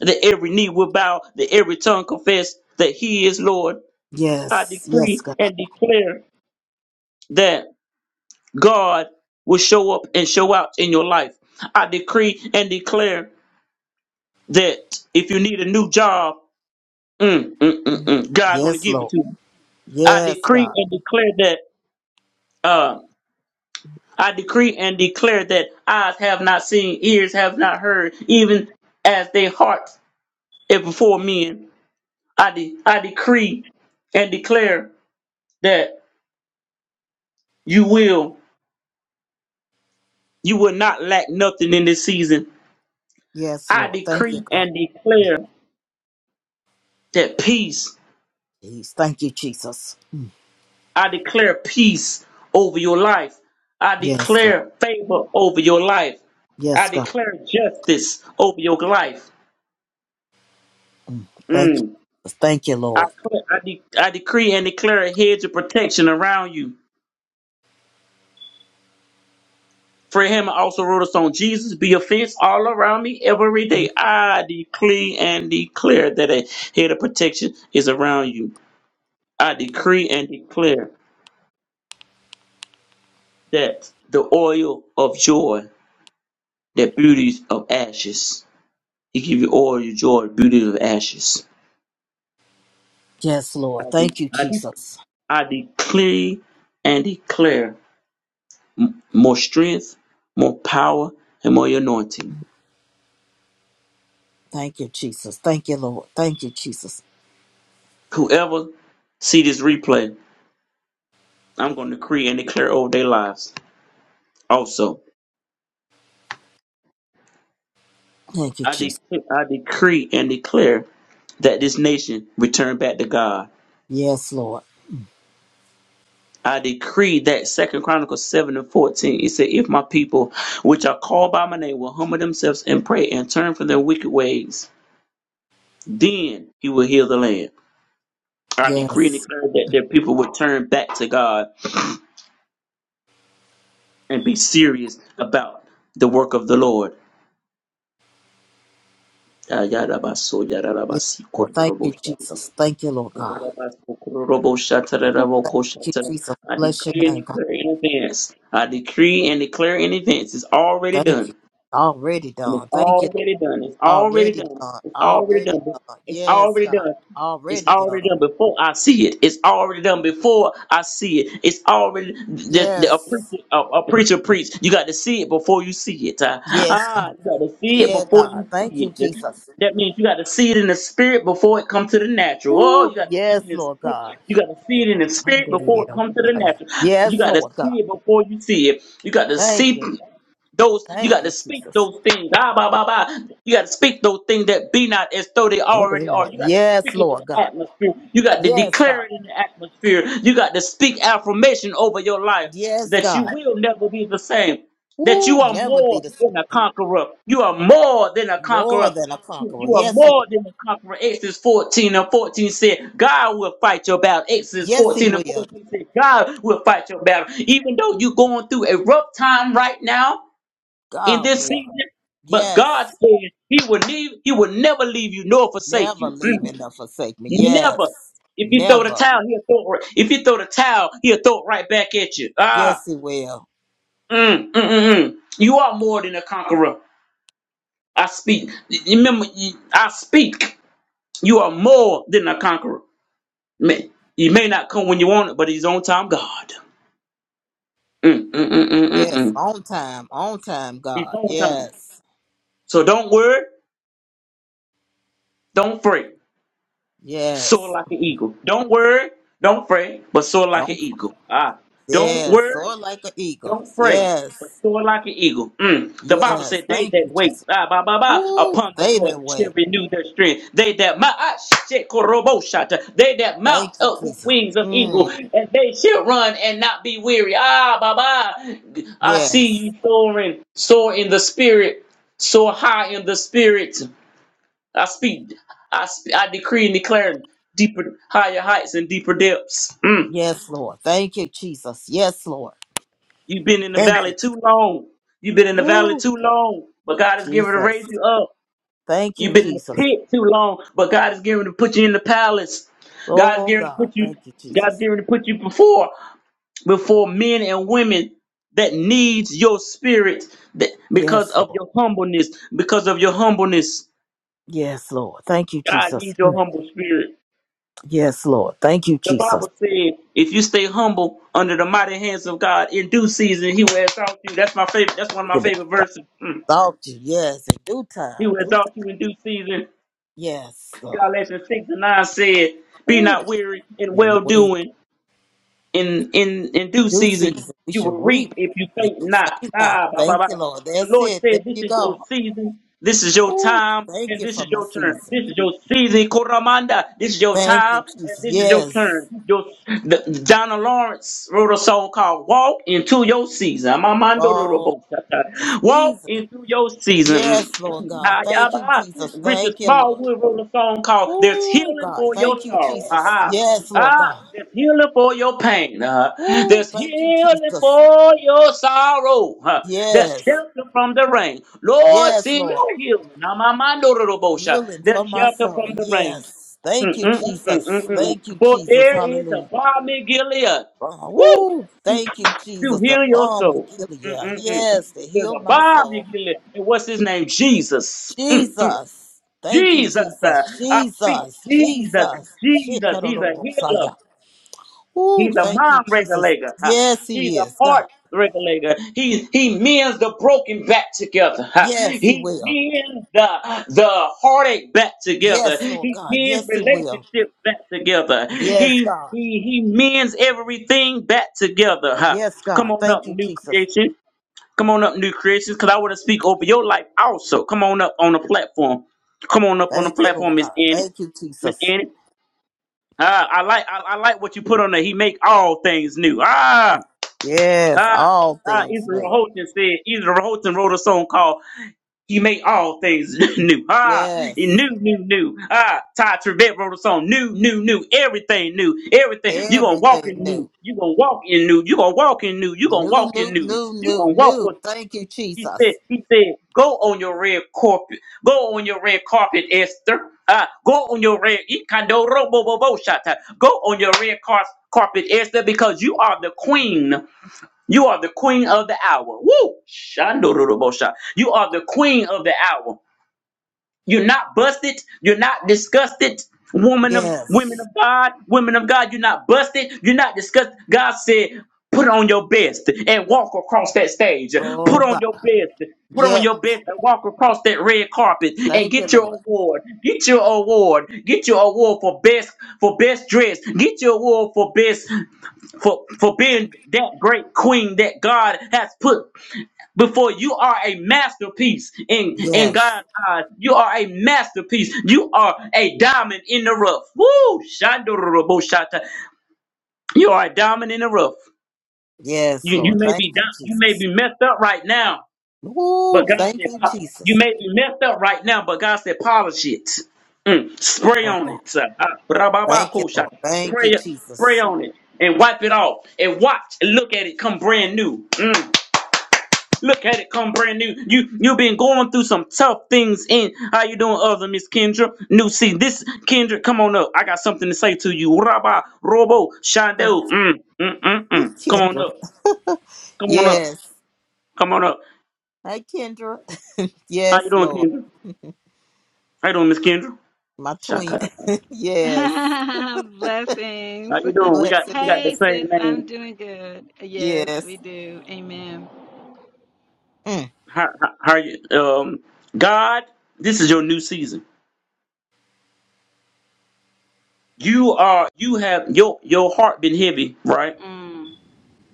[SPEAKER 1] that every knee will bow, that every tongue confess that He is Lord. I
[SPEAKER 2] Yes. Yes,
[SPEAKER 1] decree
[SPEAKER 2] God.
[SPEAKER 1] and declare that God will show up and show out in your life. I decree and declare that if you need a new job, mm, mm, mm, mm, God going to
[SPEAKER 2] Yes,
[SPEAKER 1] give it
[SPEAKER 2] Lord.
[SPEAKER 1] to you. I
[SPEAKER 2] Yes,
[SPEAKER 1] decree
[SPEAKER 2] God.
[SPEAKER 1] and declare that. Uh, I decree and declare that eyes have not seen, ears have not heard, even as their hearts are before men. I de- I decree and declare that you will you will not lack nothing in this season
[SPEAKER 2] Yes,
[SPEAKER 1] I
[SPEAKER 2] Lord. Thank you,
[SPEAKER 1] decree
[SPEAKER 2] God.
[SPEAKER 1] and declare that peace.
[SPEAKER 2] Jeez. Thank you, Jesus.
[SPEAKER 1] I declare peace over your life. I
[SPEAKER 2] Yes, Lord.
[SPEAKER 1] declare favor over your life. I
[SPEAKER 2] Yes, God.
[SPEAKER 1] declare justice over your life.
[SPEAKER 2] Thank
[SPEAKER 1] Mm.
[SPEAKER 2] you. Thank you,
[SPEAKER 1] I,
[SPEAKER 2] Lord.
[SPEAKER 1] cl- I, de- I decree and declare a hedge of protection around you. Fred Hammond also wrote a song, Jesus be a fence all around me every day. I decree and declare that a hedge of protection is around you. I decree and declare that the oil of joy that beauties of ashes. He give you all your joy, beauties of ashes.
[SPEAKER 2] Yes,
[SPEAKER 1] I,
[SPEAKER 2] Lord.
[SPEAKER 1] de-
[SPEAKER 2] Thank you,
[SPEAKER 1] I, de-
[SPEAKER 2] Jesus.
[SPEAKER 1] I decree and declare m- more strength, more power, and more anointing.
[SPEAKER 2] Thank you, Jesus. Thank you, Lord. Thank you, Jesus.
[SPEAKER 1] Whoever see this replay, I'm going to decree and declare over their lives. Also,
[SPEAKER 2] Thank you,
[SPEAKER 1] I,
[SPEAKER 2] Jesus.
[SPEAKER 1] de- I decree and declare that this nation return back to God.
[SPEAKER 2] Yes, Lord.
[SPEAKER 1] I decree that Second Chronicles seven and fourteen. It said, "If my people, which are called by my name, will humble themselves and pray and turn from their wicked ways, then He will heal the land." I decree and
[SPEAKER 2] Yes.
[SPEAKER 1] declare that their people will turn back to God and be serious about the work of the Lord. Ah, yada ba so, yada da ba
[SPEAKER 2] Yes,
[SPEAKER 1] si,
[SPEAKER 2] Lord. Thank
[SPEAKER 1] kororobo
[SPEAKER 2] you,
[SPEAKER 1] sha.
[SPEAKER 2] Jesus. Thank you, Lord God. Thank
[SPEAKER 1] Kororobo sha, tararabo ko sha,
[SPEAKER 2] you, Jesus.
[SPEAKER 1] I
[SPEAKER 2] Bless your
[SPEAKER 1] decree and
[SPEAKER 2] name, God.
[SPEAKER 1] declare in advance. I decree and declare in advance. It's already done.
[SPEAKER 2] Thank you. Already
[SPEAKER 1] And it's
[SPEAKER 2] done. Thank you, Lord.
[SPEAKER 1] already done. It's already
[SPEAKER 2] Already
[SPEAKER 1] done.
[SPEAKER 2] done.
[SPEAKER 1] It's already
[SPEAKER 2] Already
[SPEAKER 1] done.
[SPEAKER 2] done.
[SPEAKER 1] It's
[SPEAKER 2] Yes,
[SPEAKER 1] already
[SPEAKER 2] God.
[SPEAKER 1] done. It's
[SPEAKER 2] Already done.
[SPEAKER 1] already done before I see it. It's already done before I see it. It's already the, the, a
[SPEAKER 2] Yes.
[SPEAKER 1] preacher a, a preacher preach. You got to see it before you see it. Uh,
[SPEAKER 2] Yes.
[SPEAKER 1] ah, you got to see it
[SPEAKER 2] Yeah,
[SPEAKER 1] before you
[SPEAKER 2] God. Thank you,
[SPEAKER 1] see it.
[SPEAKER 2] Jesus.
[SPEAKER 1] That means you got to see it in the spirit before it comes to the natural. Oh,
[SPEAKER 2] Ooh,
[SPEAKER 1] you got to see it
[SPEAKER 2] yes,
[SPEAKER 1] in the
[SPEAKER 2] Lord
[SPEAKER 1] spirit.
[SPEAKER 2] God.
[SPEAKER 1] You got to see it in the spirit before it comes to the natural. You
[SPEAKER 2] Yes,
[SPEAKER 1] got to
[SPEAKER 2] Lord God.
[SPEAKER 1] see it before you see it. You got to
[SPEAKER 2] Thank
[SPEAKER 1] see.
[SPEAKER 2] you.
[SPEAKER 1] Those you
[SPEAKER 2] Thank
[SPEAKER 1] got to
[SPEAKER 2] you,
[SPEAKER 1] speak
[SPEAKER 2] Jesus.
[SPEAKER 1] those things. Ah, bah, bah, bah. You got to speak those things that be not as though they
[SPEAKER 2] Oh, they
[SPEAKER 1] already are.
[SPEAKER 2] were.
[SPEAKER 1] You got to
[SPEAKER 2] Yes,
[SPEAKER 1] speak it in
[SPEAKER 2] Lord
[SPEAKER 1] the
[SPEAKER 2] God.
[SPEAKER 1] atmosphere. You got to
[SPEAKER 2] Yes,
[SPEAKER 1] declare
[SPEAKER 2] God.
[SPEAKER 1] it in the atmosphere. You got to speak affirmation over your life
[SPEAKER 2] Yes,
[SPEAKER 1] that you
[SPEAKER 2] God.
[SPEAKER 1] will never be the same. That you
[SPEAKER 2] Ooh,
[SPEAKER 1] are
[SPEAKER 2] never be
[SPEAKER 1] more
[SPEAKER 2] the
[SPEAKER 1] than a
[SPEAKER 2] same.
[SPEAKER 1] conqueror. You are more than a
[SPEAKER 2] More
[SPEAKER 1] conqueror.
[SPEAKER 2] than a conqueror.
[SPEAKER 1] You are
[SPEAKER 2] Yes, Lord.
[SPEAKER 1] more than a conqueror. Exodus 14 and 14 said, God will fight your battle. Exodus
[SPEAKER 2] Yes, he
[SPEAKER 1] 14 and
[SPEAKER 2] will.
[SPEAKER 1] 14 said, God will fight your battle. Even though you're going through a rough time right now, in
[SPEAKER 2] God
[SPEAKER 1] this
[SPEAKER 2] will.
[SPEAKER 1] season. But
[SPEAKER 2] Yes.
[SPEAKER 1] God said He would leave, He would never leave you nor forsake
[SPEAKER 2] Never
[SPEAKER 1] you.
[SPEAKER 2] leave
[SPEAKER 1] Mm.
[SPEAKER 2] me nor forsake me. Yes.
[SPEAKER 1] Never. If you throw the
[SPEAKER 2] Never.
[SPEAKER 1] towel, he'll throw it. Right. If you throw the towel, he'll throw it right back at you. Ah,
[SPEAKER 2] Yes, he will.
[SPEAKER 1] mm, mm, mm, mm. you are more than a conqueror. I speak. Y- Remember, you- I speak. You are more than a conqueror. May- He may not come when you want it, but he's on time, God. Mm, mm, mm, mm, mm,
[SPEAKER 2] Yes.
[SPEAKER 1] mm.
[SPEAKER 2] On time. On time,
[SPEAKER 1] He's
[SPEAKER 2] God.
[SPEAKER 1] on time.
[SPEAKER 2] Yes.
[SPEAKER 1] So don't worry. Don't fret. Soar
[SPEAKER 2] Yes.
[SPEAKER 1] like an eagle. Don't worry, don't pray, but soar like an
[SPEAKER 2] Don't.
[SPEAKER 1] eagle. Ah, don't
[SPEAKER 2] Yes.
[SPEAKER 1] worry,
[SPEAKER 2] Soar like an eagle.
[SPEAKER 1] don't pray, but
[SPEAKER 2] Yes.
[SPEAKER 1] soar like an eagle. Mm. The Bible
[SPEAKER 2] Yes.
[SPEAKER 1] said, "They
[SPEAKER 2] Thank you,
[SPEAKER 1] that wait,
[SPEAKER 2] Jesus.
[SPEAKER 1] ah, ba ba ba,
[SPEAKER 2] Woo.
[SPEAKER 1] upon the
[SPEAKER 2] Stay
[SPEAKER 1] Lord
[SPEAKER 2] that
[SPEAKER 1] shall
[SPEAKER 2] way.
[SPEAKER 1] renew their strength. They that mount, ah, shit, korobo shata. they that
[SPEAKER 2] Thank
[SPEAKER 1] mount
[SPEAKER 2] you,
[SPEAKER 1] up with
[SPEAKER 2] Jesus.
[SPEAKER 1] wings of
[SPEAKER 2] Mm.
[SPEAKER 1] eagle, and they shall run and not be weary. Ah, ba ba, I see
[SPEAKER 2] Yes.
[SPEAKER 1] you soaring, soar in the spirit, soar high in the spirit. I speak. I sp- I decree and declare deeper, higher heights and deeper depths. Mm.
[SPEAKER 2] Yes, Lord. Thank you, Jesus. Yes, Lord.
[SPEAKER 1] You've been in the
[SPEAKER 2] Thank you.
[SPEAKER 1] valley too long. You've been in the valley
[SPEAKER 2] Woo.
[SPEAKER 1] too long, but God is giving to
[SPEAKER 2] Jesus.
[SPEAKER 1] raise you up.
[SPEAKER 2] Thank you,
[SPEAKER 1] You've been in the
[SPEAKER 2] Jesus.
[SPEAKER 1] pit too long, but God is giving to put you in the palace. God's
[SPEAKER 2] Oh,
[SPEAKER 1] giving to
[SPEAKER 2] God.
[SPEAKER 1] put you.
[SPEAKER 2] Thank you,
[SPEAKER 1] God's
[SPEAKER 2] Jesus.
[SPEAKER 1] giving to put you before before men and women that needs your spirit that because
[SPEAKER 2] Yes,
[SPEAKER 1] of
[SPEAKER 2] Lord.
[SPEAKER 1] your humbleness. Because of your humbleness,
[SPEAKER 2] Yes, Lord. Thank you,
[SPEAKER 1] God
[SPEAKER 2] Jesus.
[SPEAKER 1] needs your
[SPEAKER 2] Mm.
[SPEAKER 1] humble spirit.
[SPEAKER 2] Yes, Lord. Thank you,
[SPEAKER 1] The
[SPEAKER 2] Jesus.
[SPEAKER 1] Bible said, if you stay humble under the mighty hands of God in due season, he will exalt you. That's my favorite. That's one of my favorite
[SPEAKER 2] Exalt
[SPEAKER 1] verses. Mm.
[SPEAKER 2] you. Yes, in due
[SPEAKER 1] He
[SPEAKER 2] time.
[SPEAKER 1] will
[SPEAKER 2] Due,
[SPEAKER 1] exalt you in due season.
[SPEAKER 2] yes, Lord.
[SPEAKER 1] Galatians 6 and 9 said, be
[SPEAKER 2] Ooh,
[SPEAKER 1] not weary in
[SPEAKER 2] man,
[SPEAKER 1] well doing. in in in due
[SPEAKER 2] due
[SPEAKER 1] season
[SPEAKER 2] season, we
[SPEAKER 1] you
[SPEAKER 2] should
[SPEAKER 1] will
[SPEAKER 2] reap.
[SPEAKER 1] reap if you
[SPEAKER 2] Yes,
[SPEAKER 1] think not.
[SPEAKER 2] Thank God.
[SPEAKER 1] Ah, bah, bah,
[SPEAKER 2] Thank you,
[SPEAKER 1] bah.
[SPEAKER 2] Lord.
[SPEAKER 1] The
[SPEAKER 2] That's
[SPEAKER 1] Lord
[SPEAKER 2] it. There
[SPEAKER 1] said, "This
[SPEAKER 2] you
[SPEAKER 1] is your
[SPEAKER 2] go.
[SPEAKER 1] season. This is your
[SPEAKER 2] Ooh,
[SPEAKER 1] time,
[SPEAKER 2] thank
[SPEAKER 1] and
[SPEAKER 2] you
[SPEAKER 1] this
[SPEAKER 2] for
[SPEAKER 1] is
[SPEAKER 2] my
[SPEAKER 1] your turn.
[SPEAKER 2] season.
[SPEAKER 1] This is your season, Koramanda. This is your
[SPEAKER 2] Thank you,
[SPEAKER 1] time, and
[SPEAKER 2] Jesus.
[SPEAKER 1] this is your turn."
[SPEAKER 2] Yes.
[SPEAKER 1] Your the, Donna Lawrence wrote a song called "Walk into Your Season." Amamando
[SPEAKER 2] Oh,
[SPEAKER 1] Rorobo Shaka.
[SPEAKER 2] the
[SPEAKER 1] Walk
[SPEAKER 2] season.
[SPEAKER 1] into your season. Mm,
[SPEAKER 2] Yes, Lord
[SPEAKER 1] mm,
[SPEAKER 2] God.
[SPEAKER 1] ah, yeah,
[SPEAKER 2] Thank you,
[SPEAKER 1] bah.
[SPEAKER 2] Jesus.
[SPEAKER 1] Richard
[SPEAKER 2] Thank you, Lord.
[SPEAKER 1] Smallwood wrote a song called "There's
[SPEAKER 2] Ooh,
[SPEAKER 1] Healing
[SPEAKER 2] God.
[SPEAKER 1] for Your
[SPEAKER 2] Thank you,
[SPEAKER 1] Sorrow." Ha
[SPEAKER 2] Jesus.
[SPEAKER 1] ha.
[SPEAKER 2] Yes, Lord
[SPEAKER 1] Ah,
[SPEAKER 2] God.
[SPEAKER 1] there's healing for your pain. Uh,
[SPEAKER 2] Ooh,
[SPEAKER 1] there's
[SPEAKER 2] thank you,
[SPEAKER 1] healing
[SPEAKER 2] Jesus.
[SPEAKER 1] for your sorrow. Uh, there's
[SPEAKER 2] Yes.
[SPEAKER 1] shelter from the rain. Lord,
[SPEAKER 2] Yes,
[SPEAKER 1] send
[SPEAKER 2] Lord.
[SPEAKER 1] your healing. Now, my mind, no, no, no, Bosha.
[SPEAKER 2] Healing for
[SPEAKER 1] There's
[SPEAKER 2] my
[SPEAKER 1] shelter from
[SPEAKER 2] soul.
[SPEAKER 1] the rain.
[SPEAKER 2] Yes. Thank
[SPEAKER 1] Mm,
[SPEAKER 2] you,
[SPEAKER 1] mm, mm, mm, mm, mm.
[SPEAKER 2] Jesus.
[SPEAKER 1] mm.
[SPEAKER 2] Thank you,
[SPEAKER 1] For
[SPEAKER 2] Jesus.
[SPEAKER 1] there is a
[SPEAKER 2] Hallelujah.
[SPEAKER 1] balm in Gilead. Woo!
[SPEAKER 2] Oh, Ooh,
[SPEAKER 1] To,
[SPEAKER 2] thank you,
[SPEAKER 1] to
[SPEAKER 2] Jesus. The
[SPEAKER 1] heal your
[SPEAKER 2] balm of
[SPEAKER 1] soul.
[SPEAKER 2] Gilead.
[SPEAKER 1] Mm, mm, mm.
[SPEAKER 2] Yes, to
[SPEAKER 1] There's
[SPEAKER 2] heal
[SPEAKER 1] a
[SPEAKER 2] my
[SPEAKER 1] balm
[SPEAKER 2] soul.
[SPEAKER 1] in Gilead. And what's his name? Jesus. Mm, mm.
[SPEAKER 2] Jesus. Thank you,
[SPEAKER 1] Jesus. Uh,
[SPEAKER 2] Jesus.
[SPEAKER 1] I speak
[SPEAKER 2] Jesus.
[SPEAKER 1] Jesus.
[SPEAKER 2] Jesus. Shit,
[SPEAKER 1] Jesus. He's a healer.
[SPEAKER 2] Ooh,
[SPEAKER 1] He's a
[SPEAKER 2] thank you,
[SPEAKER 1] mind
[SPEAKER 2] Jesus.
[SPEAKER 1] regulator. huh?
[SPEAKER 2] Yes,
[SPEAKER 1] He's
[SPEAKER 2] he
[SPEAKER 1] a
[SPEAKER 2] is, God.
[SPEAKER 1] heart regulator. He he mends the broken back together. huh?
[SPEAKER 2] Yes, he
[SPEAKER 1] He
[SPEAKER 2] will.
[SPEAKER 1] mends the the heartache back together.
[SPEAKER 2] Yes, Lord
[SPEAKER 1] He
[SPEAKER 2] God. Yes,
[SPEAKER 1] mends
[SPEAKER 2] He will.
[SPEAKER 1] relationships back together.
[SPEAKER 2] Yes,
[SPEAKER 1] He
[SPEAKER 2] God.
[SPEAKER 1] he he mends everything back together. huh?
[SPEAKER 2] Yes,
[SPEAKER 1] Come
[SPEAKER 2] God.
[SPEAKER 1] on up,
[SPEAKER 2] Thank you,
[SPEAKER 1] new
[SPEAKER 2] Jesus.
[SPEAKER 1] creation. Come on up, new creations, because I want to speak over your life also. Come on up on the platform. Come on up on the
[SPEAKER 2] Thank you,
[SPEAKER 1] platform,
[SPEAKER 2] Lord
[SPEAKER 1] Miss
[SPEAKER 2] God.
[SPEAKER 1] Annie.
[SPEAKER 2] Thank you,
[SPEAKER 1] Miss
[SPEAKER 2] Jesus.
[SPEAKER 1] Annie. Ah, I like I, I like what you put on there. He make all things new. Ah,
[SPEAKER 2] Yes,
[SPEAKER 1] ah,
[SPEAKER 2] all
[SPEAKER 1] ah.
[SPEAKER 2] things
[SPEAKER 1] Ezra
[SPEAKER 2] new.
[SPEAKER 1] Houghton said. Ezra Houghton wrote a song called "He Make All Things New." Ah, he
[SPEAKER 2] Yes,
[SPEAKER 1] new, new, new. Ah, Ty Trivet wrote a song "New, New, New." Everything new. Everything you gonna walk
[SPEAKER 2] everything
[SPEAKER 1] in new.
[SPEAKER 2] new.
[SPEAKER 1] You gonna walk in new. You gonna walk in new. You gonna
[SPEAKER 2] New,
[SPEAKER 1] walk in
[SPEAKER 2] new,
[SPEAKER 1] new.
[SPEAKER 2] new,
[SPEAKER 1] You
[SPEAKER 2] new,
[SPEAKER 1] gonna
[SPEAKER 2] new.
[SPEAKER 1] walk.
[SPEAKER 2] Thank you,
[SPEAKER 1] He said,
[SPEAKER 2] Jesus.
[SPEAKER 1] he said, go on your red carpet. Go on your red carpet, Esther. Uh, go on your red Ikandoroboboboshata. go on your red car- carpet, Esther, because you are the queen. You are the queen of the hour. Woo! Shandorobosha. You are the queen of the hour. You're not busted. You're not disgusted. Woman of women
[SPEAKER 2] Yes.
[SPEAKER 1] of God, women of God, you're not busted. You're not disgusted. God said, put on your best and walk across that stage.
[SPEAKER 2] Oh,
[SPEAKER 1] Put on
[SPEAKER 2] God.
[SPEAKER 1] your best. Put on
[SPEAKER 2] Yeah.
[SPEAKER 1] your best and walk across that red carpet and
[SPEAKER 2] Thank you,
[SPEAKER 1] get your
[SPEAKER 2] Lord.
[SPEAKER 1] award. Get your award. Get your award for best for best dress. Get your award for best for for being that great queen that God has put before you are a masterpiece in in
[SPEAKER 2] Yes.
[SPEAKER 1] God's eyes. You are a masterpiece. You are a diamond in the rough. Woo! Shandoroboshata. You are a diamond in the rough.
[SPEAKER 2] Yes,
[SPEAKER 1] You you
[SPEAKER 2] Lord.
[SPEAKER 1] may
[SPEAKER 2] Thank
[SPEAKER 1] be
[SPEAKER 2] you,
[SPEAKER 1] down, you may
[SPEAKER 2] Jesus.
[SPEAKER 1] be messed up right now, but
[SPEAKER 2] Ooh,
[SPEAKER 1] God
[SPEAKER 2] thank
[SPEAKER 1] said
[SPEAKER 2] you,
[SPEAKER 1] po- you
[SPEAKER 2] Jesus.
[SPEAKER 1] may be messed up right now, but God said polish it. Mm, spray
[SPEAKER 2] Oh,
[SPEAKER 1] on it. sir. Ah,
[SPEAKER 2] thank you, Lord.
[SPEAKER 1] brababakoshata.
[SPEAKER 2] Thank you,
[SPEAKER 1] Pray, spray
[SPEAKER 2] Jesus.
[SPEAKER 1] on it and wipe it off and watch and look at it come brand new. Mm. Look at it, come brand new. You you been going through some tough things. In how you doing, other Miss Kendra? New see this Kendra, come on up. I got something to say to you. Rabba, Robo,
[SPEAKER 2] Oh,
[SPEAKER 1] Shondell. Mm, mm, mm, mm. Come on
[SPEAKER 2] Kendra.
[SPEAKER 1] up. Come on up.
[SPEAKER 2] Yes,
[SPEAKER 1] Come on up.
[SPEAKER 2] Hey Kendra.
[SPEAKER 1] How you
[SPEAKER 2] Yes,
[SPEAKER 1] doing,
[SPEAKER 2] Lord.
[SPEAKER 1] Kendra? How you doing, Miss Kendra?
[SPEAKER 2] My
[SPEAKER 1] Shut
[SPEAKER 2] twin. yes.
[SPEAKER 1] How
[SPEAKER 3] Blessings.
[SPEAKER 1] you doing? We got we got
[SPEAKER 2] Blessings.
[SPEAKER 1] the
[SPEAKER 3] Hey,
[SPEAKER 1] same
[SPEAKER 3] sis, I'm
[SPEAKER 1] name.
[SPEAKER 3] doing good. Yes,
[SPEAKER 2] Yes.
[SPEAKER 3] we do. Amen.
[SPEAKER 2] Mm.
[SPEAKER 1] How, how, how you? Um, God, this is your new season. You are you have your your heart been heavy, right?
[SPEAKER 3] Mm.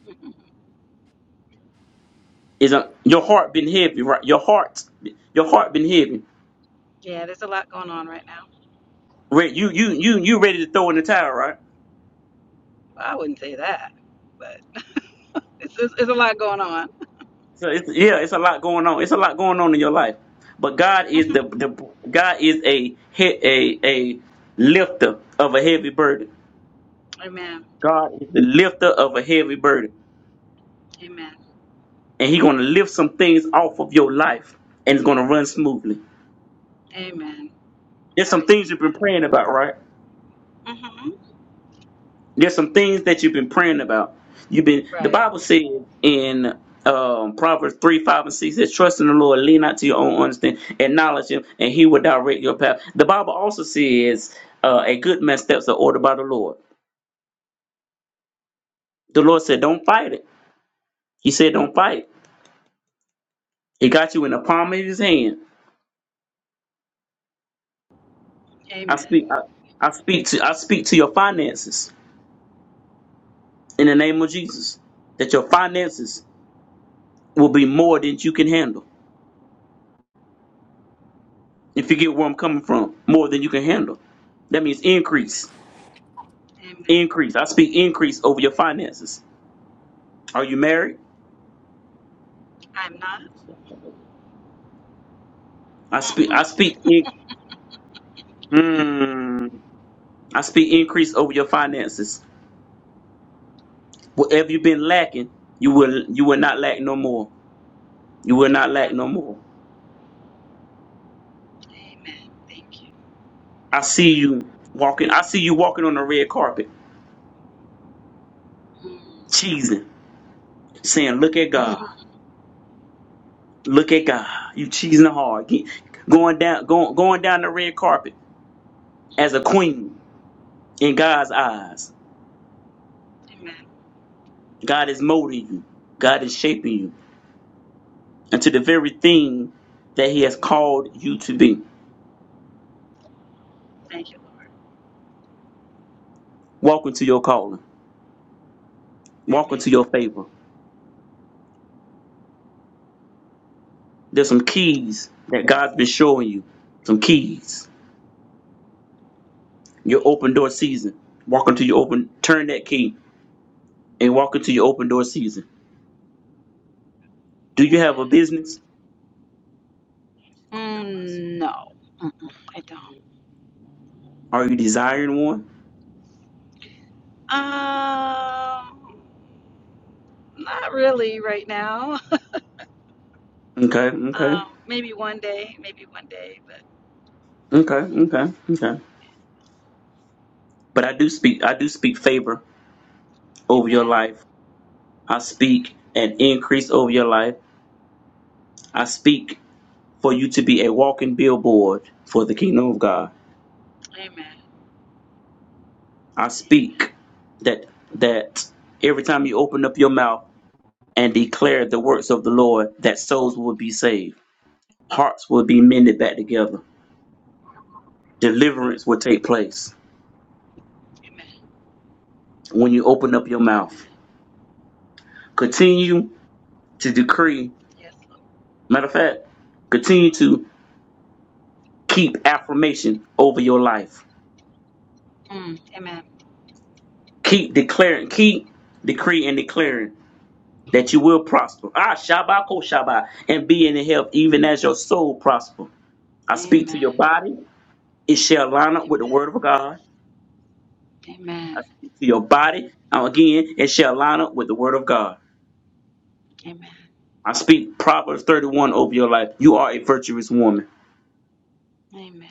[SPEAKER 1] is a your heart been heavy, right? Your heart, your heart been heavy.
[SPEAKER 3] Yeah, there's a lot going on right now.
[SPEAKER 1] Re- You you you you ready to throw in the towel, right?
[SPEAKER 3] Well, I wouldn't say that, but it's, it's, it's a lot going on.
[SPEAKER 1] So it's, yeah, it's a lot going on. It's a lot going on in your life. But God is
[SPEAKER 3] hmm
[SPEAKER 1] the, the God is a he- a a lifter of a heavy burden.
[SPEAKER 3] Amen.
[SPEAKER 1] God is the lifter of a heavy burden,
[SPEAKER 3] Amen.
[SPEAKER 1] and He's gonna lift some things off of your life, and it's gonna run smoothly.
[SPEAKER 3] Amen.
[SPEAKER 1] There's
[SPEAKER 3] I
[SPEAKER 1] some things
[SPEAKER 3] receive
[SPEAKER 1] you've been
[SPEAKER 3] that.
[SPEAKER 1] praying about, right?
[SPEAKER 3] hmm
[SPEAKER 1] There's some things that you've been praying about. You've been the
[SPEAKER 3] Right.
[SPEAKER 1] Bible said in um, Proverbs three, five, and six, it says, "Trust in the Lord, lean not to your own understanding, acknowledge Him, and He will direct your path." The Bible also says, uh, "A good man's steps are ordered by the Lord." The Lord said, "Don't fight it." He said, "Don't fight." it. He got you in the palm of His hand. I
[SPEAKER 3] Amen.
[SPEAKER 1] speak. I, I speak to. I speak to your finances in the name of Jesus. That your finances will be more than you can handle If you get where I'm coming from, more than you can handle. That means
[SPEAKER 3] Amen.
[SPEAKER 1] increase.
[SPEAKER 3] Amen.
[SPEAKER 1] Increase. I speak increase over your finances. Are you married?
[SPEAKER 3] I'm not.
[SPEAKER 1] I speak I speak in,
[SPEAKER 3] Mm-mm.
[SPEAKER 1] mm, I speak increase over your finances. Whatever you've been lacking, you will you will not lack no more. You will not lack
[SPEAKER 3] Amen.
[SPEAKER 1] no more.
[SPEAKER 3] Amen. Thank you.
[SPEAKER 1] I
[SPEAKER 3] Yes,
[SPEAKER 1] see
[SPEAKER 3] Lord.
[SPEAKER 1] you walking I see you walking on the red carpet,
[SPEAKER 3] Mm.
[SPEAKER 1] cheesing, saying, Look at God. Look at God. You cheesing hard. Get- going down going going down the red carpet as a queen in God's eyes.
[SPEAKER 3] Amen.
[SPEAKER 1] God is molding you. God is shaping you into the very thing that He has
[SPEAKER 3] Amen.
[SPEAKER 1] called you to be.
[SPEAKER 3] Thank you, Lord.
[SPEAKER 1] Walk into your calling. Walk
[SPEAKER 3] Amen.
[SPEAKER 1] into your favor. There's some keys that God's been showing you. Some keys. Your open door season. Walk into your open. Turn that key and walk into your open door season. Do you have a business?
[SPEAKER 3] Mm, no, Mm-mm, I don't.
[SPEAKER 1] Are you desiring one?
[SPEAKER 3] Um, not really right now.
[SPEAKER 1] Okay, okay,
[SPEAKER 3] Um, maybe one day, maybe one day, but
[SPEAKER 1] okay, okay, okay. But I do speak. I do speak favor over your
[SPEAKER 3] amen.
[SPEAKER 1] life. I speak an increase over your life. I speak for you to be a walking billboard for the kingdom of God.
[SPEAKER 3] Amen.
[SPEAKER 1] I speak that that every time you open up your mouth and declare the works of the Lord, that souls will be saved, hearts will be mended back together, deliverance will take place
[SPEAKER 3] Amen.
[SPEAKER 1] when you open up your
[SPEAKER 3] Amen.
[SPEAKER 1] mouth. Continue to decree.
[SPEAKER 3] Yes, Lord.
[SPEAKER 1] Matter of fact, continue to keep affirmation over your life.
[SPEAKER 3] Mm, amen.
[SPEAKER 1] Keep declaring, keep decree and declaring that you will prosper. Ah, Shabbat, Ko Shabbat, and be in health, even as your soul prosper. I speak to your
[SPEAKER 3] Amen.
[SPEAKER 1] body, it shall line up with the
[SPEAKER 3] Amen.
[SPEAKER 1] word of God. I
[SPEAKER 3] Amen.
[SPEAKER 1] speak to your body, now again, it shall line up with the word of God.
[SPEAKER 3] Amen.
[SPEAKER 1] I speak Proverbs 31 over your life. You are a virtuous woman.
[SPEAKER 3] Amen.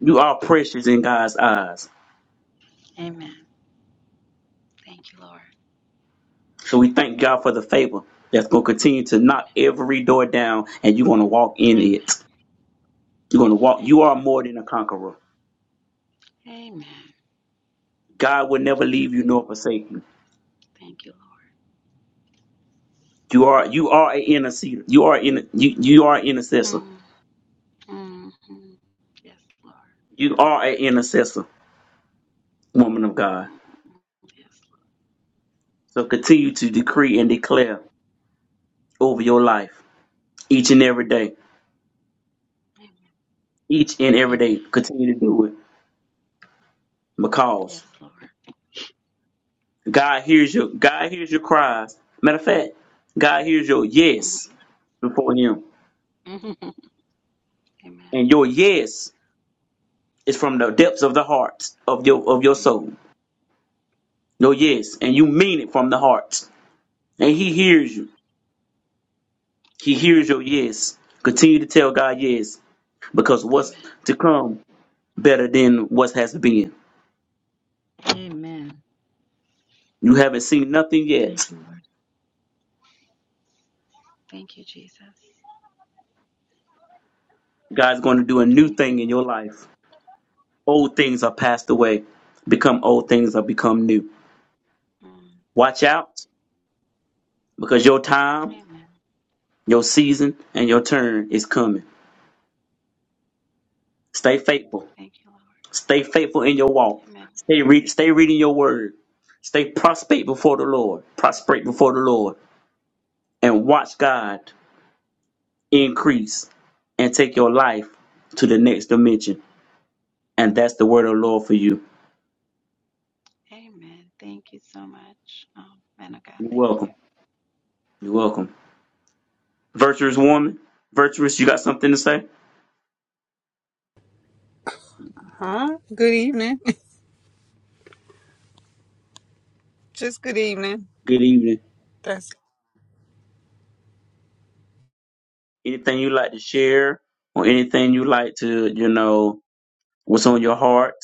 [SPEAKER 1] You are precious in God's eyes.
[SPEAKER 3] Amen. Thank you, Lord.
[SPEAKER 1] So we thank God for the favor that's going to continue to
[SPEAKER 3] Amen.
[SPEAKER 1] knock every door down, and you're going to walk in
[SPEAKER 3] Amen.
[SPEAKER 1] it. You're going to walk.
[SPEAKER 3] Amen.
[SPEAKER 1] You are more than a conqueror.
[SPEAKER 3] Amen.
[SPEAKER 1] God will never
[SPEAKER 3] Amen.
[SPEAKER 1] leave you nor forsake you.
[SPEAKER 3] Thank you, Lord.
[SPEAKER 1] You are you are an intercessor. You are in you you are an intercessor.
[SPEAKER 3] Mm, mm, mm. Yes, Lord.
[SPEAKER 1] You are an intercessor, woman of God.
[SPEAKER 3] Mm, yes, Lord.
[SPEAKER 1] So continue to decree
[SPEAKER 3] Amen.
[SPEAKER 1] and declare over your life each and every day.
[SPEAKER 3] Amen.
[SPEAKER 1] Each and every
[SPEAKER 3] Amen.
[SPEAKER 1] day. Continue to do it.
[SPEAKER 3] Yes,
[SPEAKER 1] Because
[SPEAKER 3] Lord.
[SPEAKER 1] God hears your God hears your cries. Matter of fact, God hears your yes before him.
[SPEAKER 3] Amen.
[SPEAKER 1] And
[SPEAKER 3] Amen.
[SPEAKER 1] your yes is from the depths of the heart of your of your soul. Your yes. And you mean it from the heart. And he hears you. He hears your yes. Continue to tell God yes, because what's
[SPEAKER 3] Amen.
[SPEAKER 1] to come better than what has been.
[SPEAKER 3] Amen.
[SPEAKER 1] You haven't seen nothing yet.
[SPEAKER 3] Thank you, Lord. Thank you, Jesus.
[SPEAKER 1] God's going to do a new
[SPEAKER 3] Mm.
[SPEAKER 1] thing in your life. Old things are passed away, become old things are become new. Watch out, because your time,
[SPEAKER 3] Amen.
[SPEAKER 1] your season, and your turn is coming. Stay faithful.
[SPEAKER 3] Thank you, Lord.
[SPEAKER 1] Stay faithful in your walk.
[SPEAKER 3] Amen.
[SPEAKER 1] Stay re- stay reading your word. Stay prostrate before the Lord. Prostrate before the Lord, and watch God. increase, and take your life to the next dimension. And that's the word of the Lord for you.
[SPEAKER 3] Amen. Thank you so much. Um, man of God,
[SPEAKER 1] You're
[SPEAKER 3] thank you.
[SPEAKER 1] welcome. You're welcome. Virtuous woman, virtuous, you got something to say?
[SPEAKER 4] Huh? Good evening. just good evening.
[SPEAKER 1] Good evening.
[SPEAKER 4] That's
[SPEAKER 1] Anything you like to share or anything you like to, you know, what's on your heart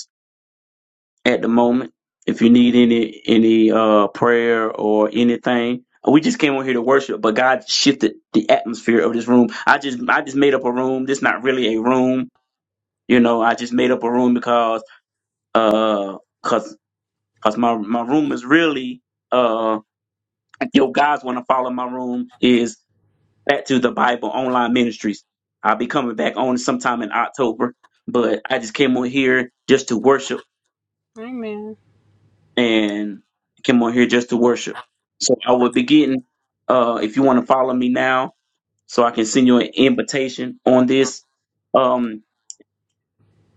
[SPEAKER 1] at the moment? If you need any any uh prayer or anything, we just came on here to worship, but God shifted the atmosphere of this room. I just I just made up a room. This not really a room. You know, I just made up a room because Uh, cause, cause my, my room is really, uh, yo guys want to follow my room is back to the Bible online ministries. I'll be coming back on sometime in October, but I just came on here just to worship
[SPEAKER 4] amen.
[SPEAKER 1] and came on here just to worship. So I will be getting, uh, if you want to follow me now, so I can send you an invitation on this. Um,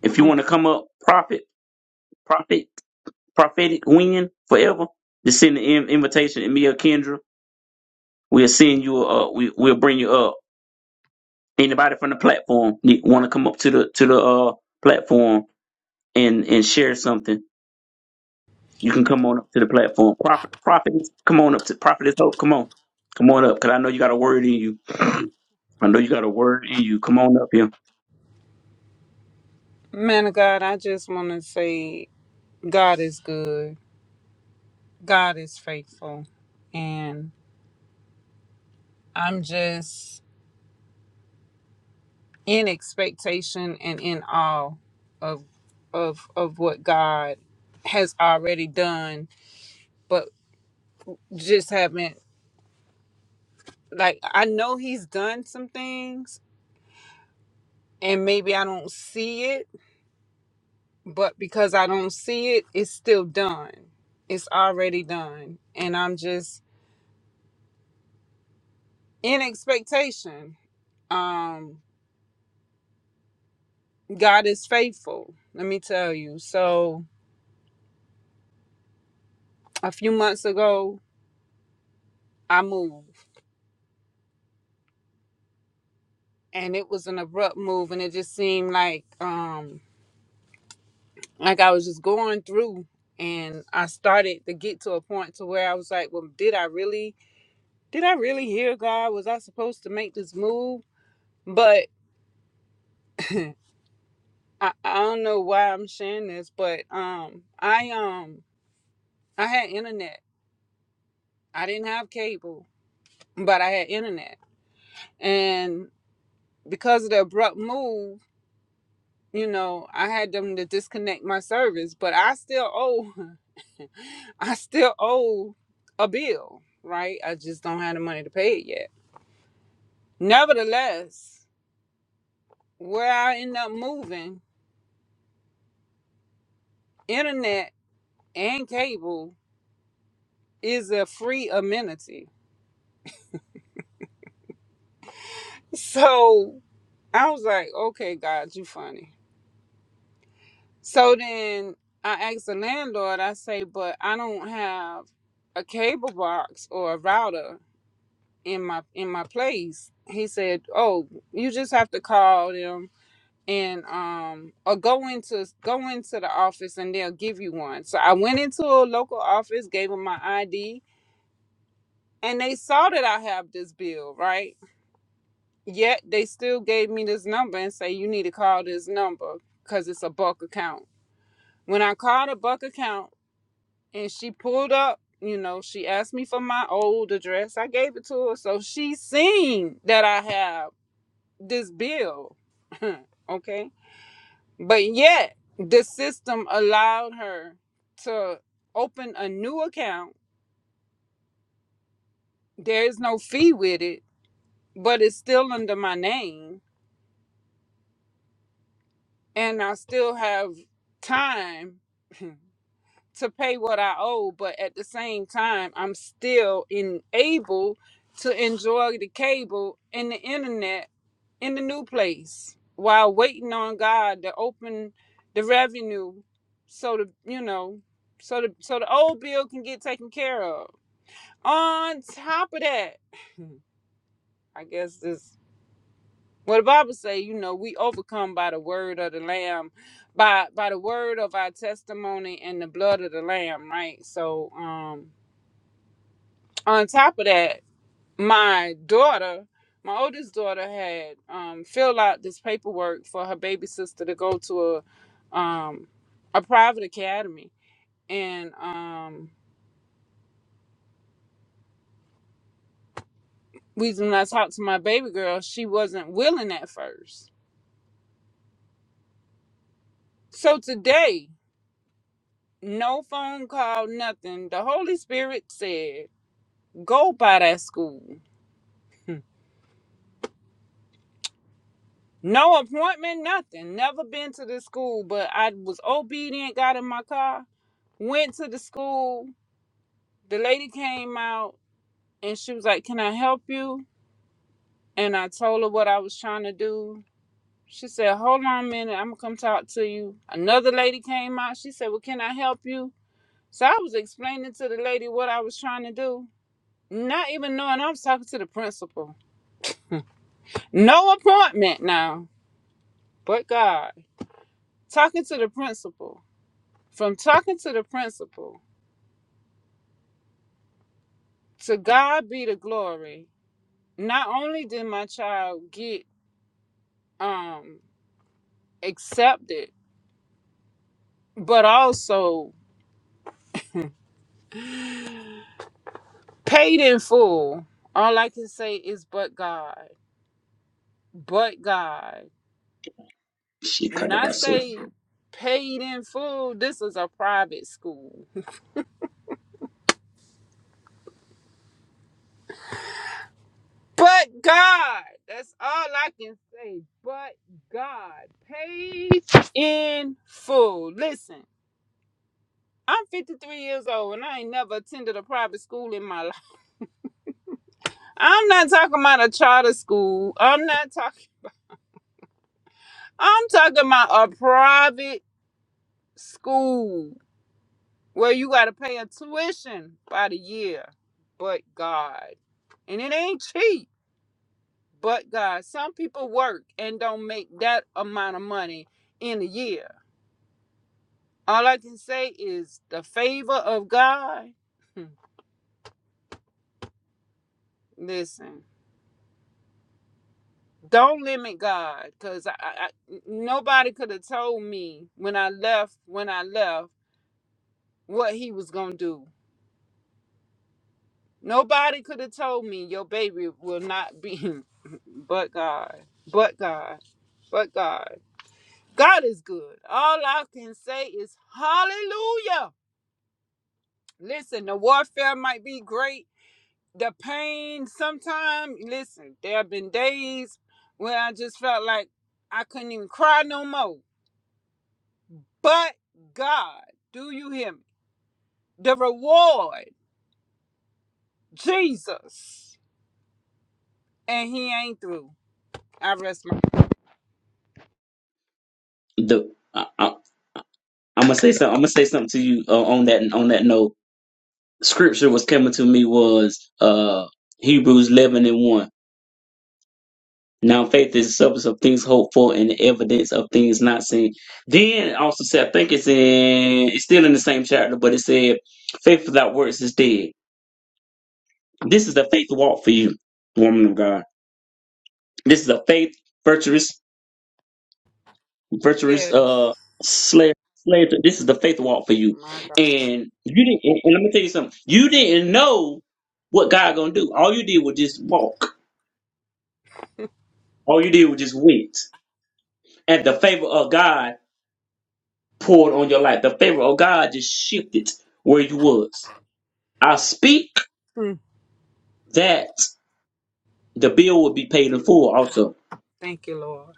[SPEAKER 1] if you
[SPEAKER 4] Okay.
[SPEAKER 1] want to come up, prophet, prophet, prophetic win forever, just send an in- invitation to me or Kendra We'll send you. Uh, we we'll bring you up. Anybody from the platform want to come up to the to the uh platform and and share something? You can come on up to the platform. Prophet, prophet, come on up to prophetess hope. Come on, come on up, cause I know you got a word in you. I know you got a word in you. Come on up here.
[SPEAKER 4] Man of God, I just want to say God is good. God is faithful. And I'm just in expectation and in awe of of of what God has already done, but just haven't like I know he's done some things and maybe I don't see it but because I don't see it, it's still done. It's already done. And I'm just in expectation. Um, God is faithful, let me tell you. So a few months ago, I moved and it was an abrupt move and it just seemed like um like I was just going through and I started to get to a point to where I was like, Well, did I really did I really hear God? Was I supposed to make this move? But I, I don't know why I'm sharing this, but um I um I had internet. I didn't have cable, but I had internet. And because of the abrupt move, you know, I had them to disconnect my service, but I still owe I still owe a bill, right? I just don't have the money to pay it yet. Nevertheless, where I end up moving, internet and cable is a free amenity. So I was like, okay, God, you funny. So then I asked the landlord, I say, but I don't have a cable box or a router in my in my place. He said, Oh, you just have to call them and um or go into go into the office and they'll give you one. So I went into a local office, gave them my ID, and they saw that I have this bill, right? Yet they still gave me this number and say you need to call this number because it's a bulk account. When I called a Buck account and she pulled up, you know, she asked me for my old address. I gave it to her. So she seen that I have this bill. okay. But yet the system allowed her to open a new account. There is no fee with it, but it's still under my name. And I still have time to pay what I owe, but at the same time, I'm still in able to enjoy the cable and the internet in the new place while waiting on God to open the revenue so the you know so the so the old bill can get taken care of. On top of that, I guess this what the Bible say, you know, we overcome by the word of the Lamb, by by the word of our testimony and the blood of the Lamb, right? So um on top of that, my daughter, my oldest daughter, had um, filled out this paperwork for her baby sister to go to a um, a private academy, and um, we when I talked to my baby girl, she wasn't willing at first. So today, no phone call, nothing. The Holy Spirit said, "Go by that school." Hmm. No appointment, nothing. Never been to this school, but I was obedient, got in my car, Went to the school. The lady came out and she was like, Can I help you? And I told her what I was trying to do. She said, Hold on a minute. I'm going to come talk to you. Another lady came out. She said, Well, can I help you? So I was explaining to the lady what I was trying to do, not even knowing I was talking to the principal. No appointment now, but God. Talking to the principal. From talking to the principal, to God be the glory. Not only did my child get um accept it, but also paid in full. All I can say is, but God, but God.
[SPEAKER 1] Shit,
[SPEAKER 4] When
[SPEAKER 1] cut
[SPEAKER 4] I
[SPEAKER 1] about so
[SPEAKER 4] say paid in full, this is a private school. But God, that's all I can say. But God, paid in full. Listen. I'm 53 years old and I ain't never attended a private school in my life. I'm not talking about a charter school. I'm not talking I'm talking about a private school where you got to pay a tuition by the year, but God. And it ain't cheap, but God. Some people work and don't make that amount of money in a year. All I can say is the favor of God. Listen, don't limit God because I, I, I- nobody could have told me when I left, when I left, what he was going to do Nobody could have told me your baby will not be but God. But God. But God. God is good. All I can say is hallelujah. Listen, the warfare might be great. The pain sometimes, listen, there have been days where I just felt like I couldn't even cry no more. But God, do you hear me? The reward, Jesus. And he ain't through. I rest my
[SPEAKER 1] the I, I, I'm gonna say something. I'm gonna say something to you uh, on that on that note. Scripture was coming to me was uh Hebrews 11 and 1 Now faith is the substance of things hoped for and the evidence of things not seen. Then also said, I think it's in, it's still in the same chapter, but it said, faith without works is dead. This is the faith walk for you, woman of God. This is a faith virtuous, virtuous,
[SPEAKER 4] yes.
[SPEAKER 1] uh, slave. Slave, to- this is the faith walk for you,
[SPEAKER 4] My God.
[SPEAKER 1] and you didn't. And and let me tell you something. You didn't know what God gonna do. All you did was just walk. All you did was just wait at the favor of God poured on your life. The favor of God just shifted where you was. I speak
[SPEAKER 4] Mm,
[SPEAKER 1] that the bill will be paid in full also.
[SPEAKER 4] Thank you, Lord.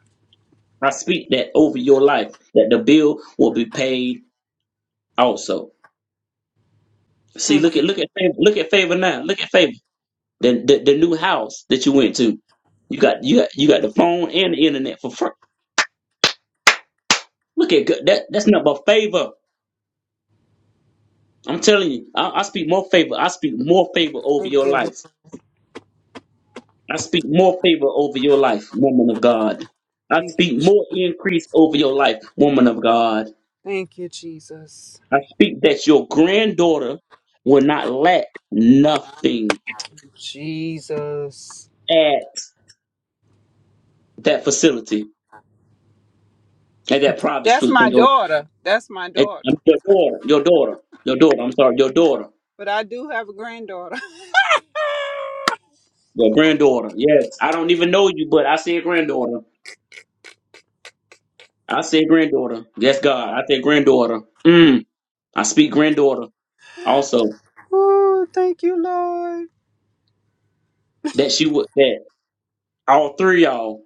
[SPEAKER 1] I speak that over your life, that the bill will be paid also. See,
[SPEAKER 4] Thank
[SPEAKER 1] look
[SPEAKER 4] you.
[SPEAKER 1] at look at favor, look at favor now. Look at favor. The, the the new house that you went to. You got you got you got the phone and the internet for free. Look at God. that that's not but favor. I'm telling you, I, I speak more favor. I speak more favor over
[SPEAKER 4] Thank
[SPEAKER 1] your
[SPEAKER 4] you, Lord.
[SPEAKER 1] life. I speak more favor over your life, woman of God. I
[SPEAKER 4] Thank you.
[SPEAKER 1] speak
[SPEAKER 4] Je-
[SPEAKER 1] more increase over your life, woman of God.
[SPEAKER 4] Thank you, Jesus.
[SPEAKER 1] I speak that your granddaughter will not lack nothing
[SPEAKER 4] Jesus.
[SPEAKER 1] at that facility, at that private
[SPEAKER 4] That's
[SPEAKER 1] school. for
[SPEAKER 4] my
[SPEAKER 1] Your,
[SPEAKER 4] daughter. That's my
[SPEAKER 1] at-
[SPEAKER 4] daughter.
[SPEAKER 1] um, your daughter, your daughter, your daughter, I'm sorry, your daughter,
[SPEAKER 4] But I do have a granddaughter.
[SPEAKER 1] your granddaughter. Yes, I don't even know you, but I say granddaughter. I say granddaughter. Yes, God, I say granddaughter. Mm, I speak granddaughter also.
[SPEAKER 4] Oh, thank you, Lord.
[SPEAKER 1] That she would, that all three of y'all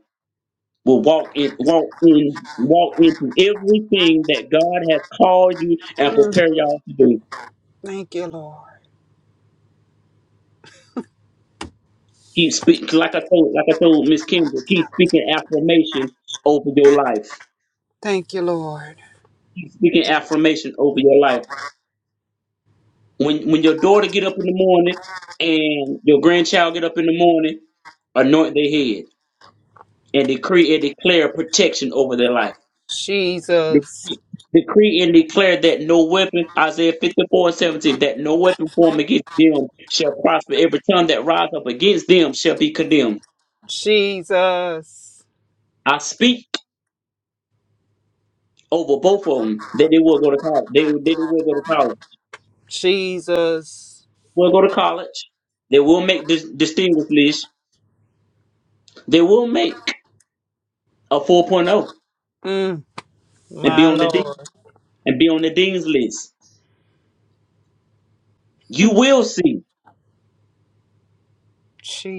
[SPEAKER 1] will walk in walk in walk into everything that God has called you and
[SPEAKER 4] Mm,
[SPEAKER 1] prepare y'all to do.
[SPEAKER 4] Thank you, Lord.
[SPEAKER 1] Keep speak like I told like I told Miss Kendra, keep speaking affirmation over your life.
[SPEAKER 4] Thank you, Lord.
[SPEAKER 1] Speaking affirmation over your life. When when your daughter get up in the morning and your grandchild get up in the morning, anoint their head and decree and declare protection over their life
[SPEAKER 4] Jesus.
[SPEAKER 1] Decree decree and declare that no weapon, Isaiah 54 and 17, that no weapon formed against them shall prosper. Every tongue that rise up against them shall be condemned.
[SPEAKER 4] Jesus.
[SPEAKER 1] I speak over both of them that they will go to college. They, they will go to college.
[SPEAKER 4] Jesus.
[SPEAKER 1] Will go to college. They will make dis- distinguished list. They will make a 4.0
[SPEAKER 4] Mm,
[SPEAKER 1] and be
[SPEAKER 4] my
[SPEAKER 1] on the dean
[SPEAKER 4] Lord.
[SPEAKER 1] and be on the dean's list. You will see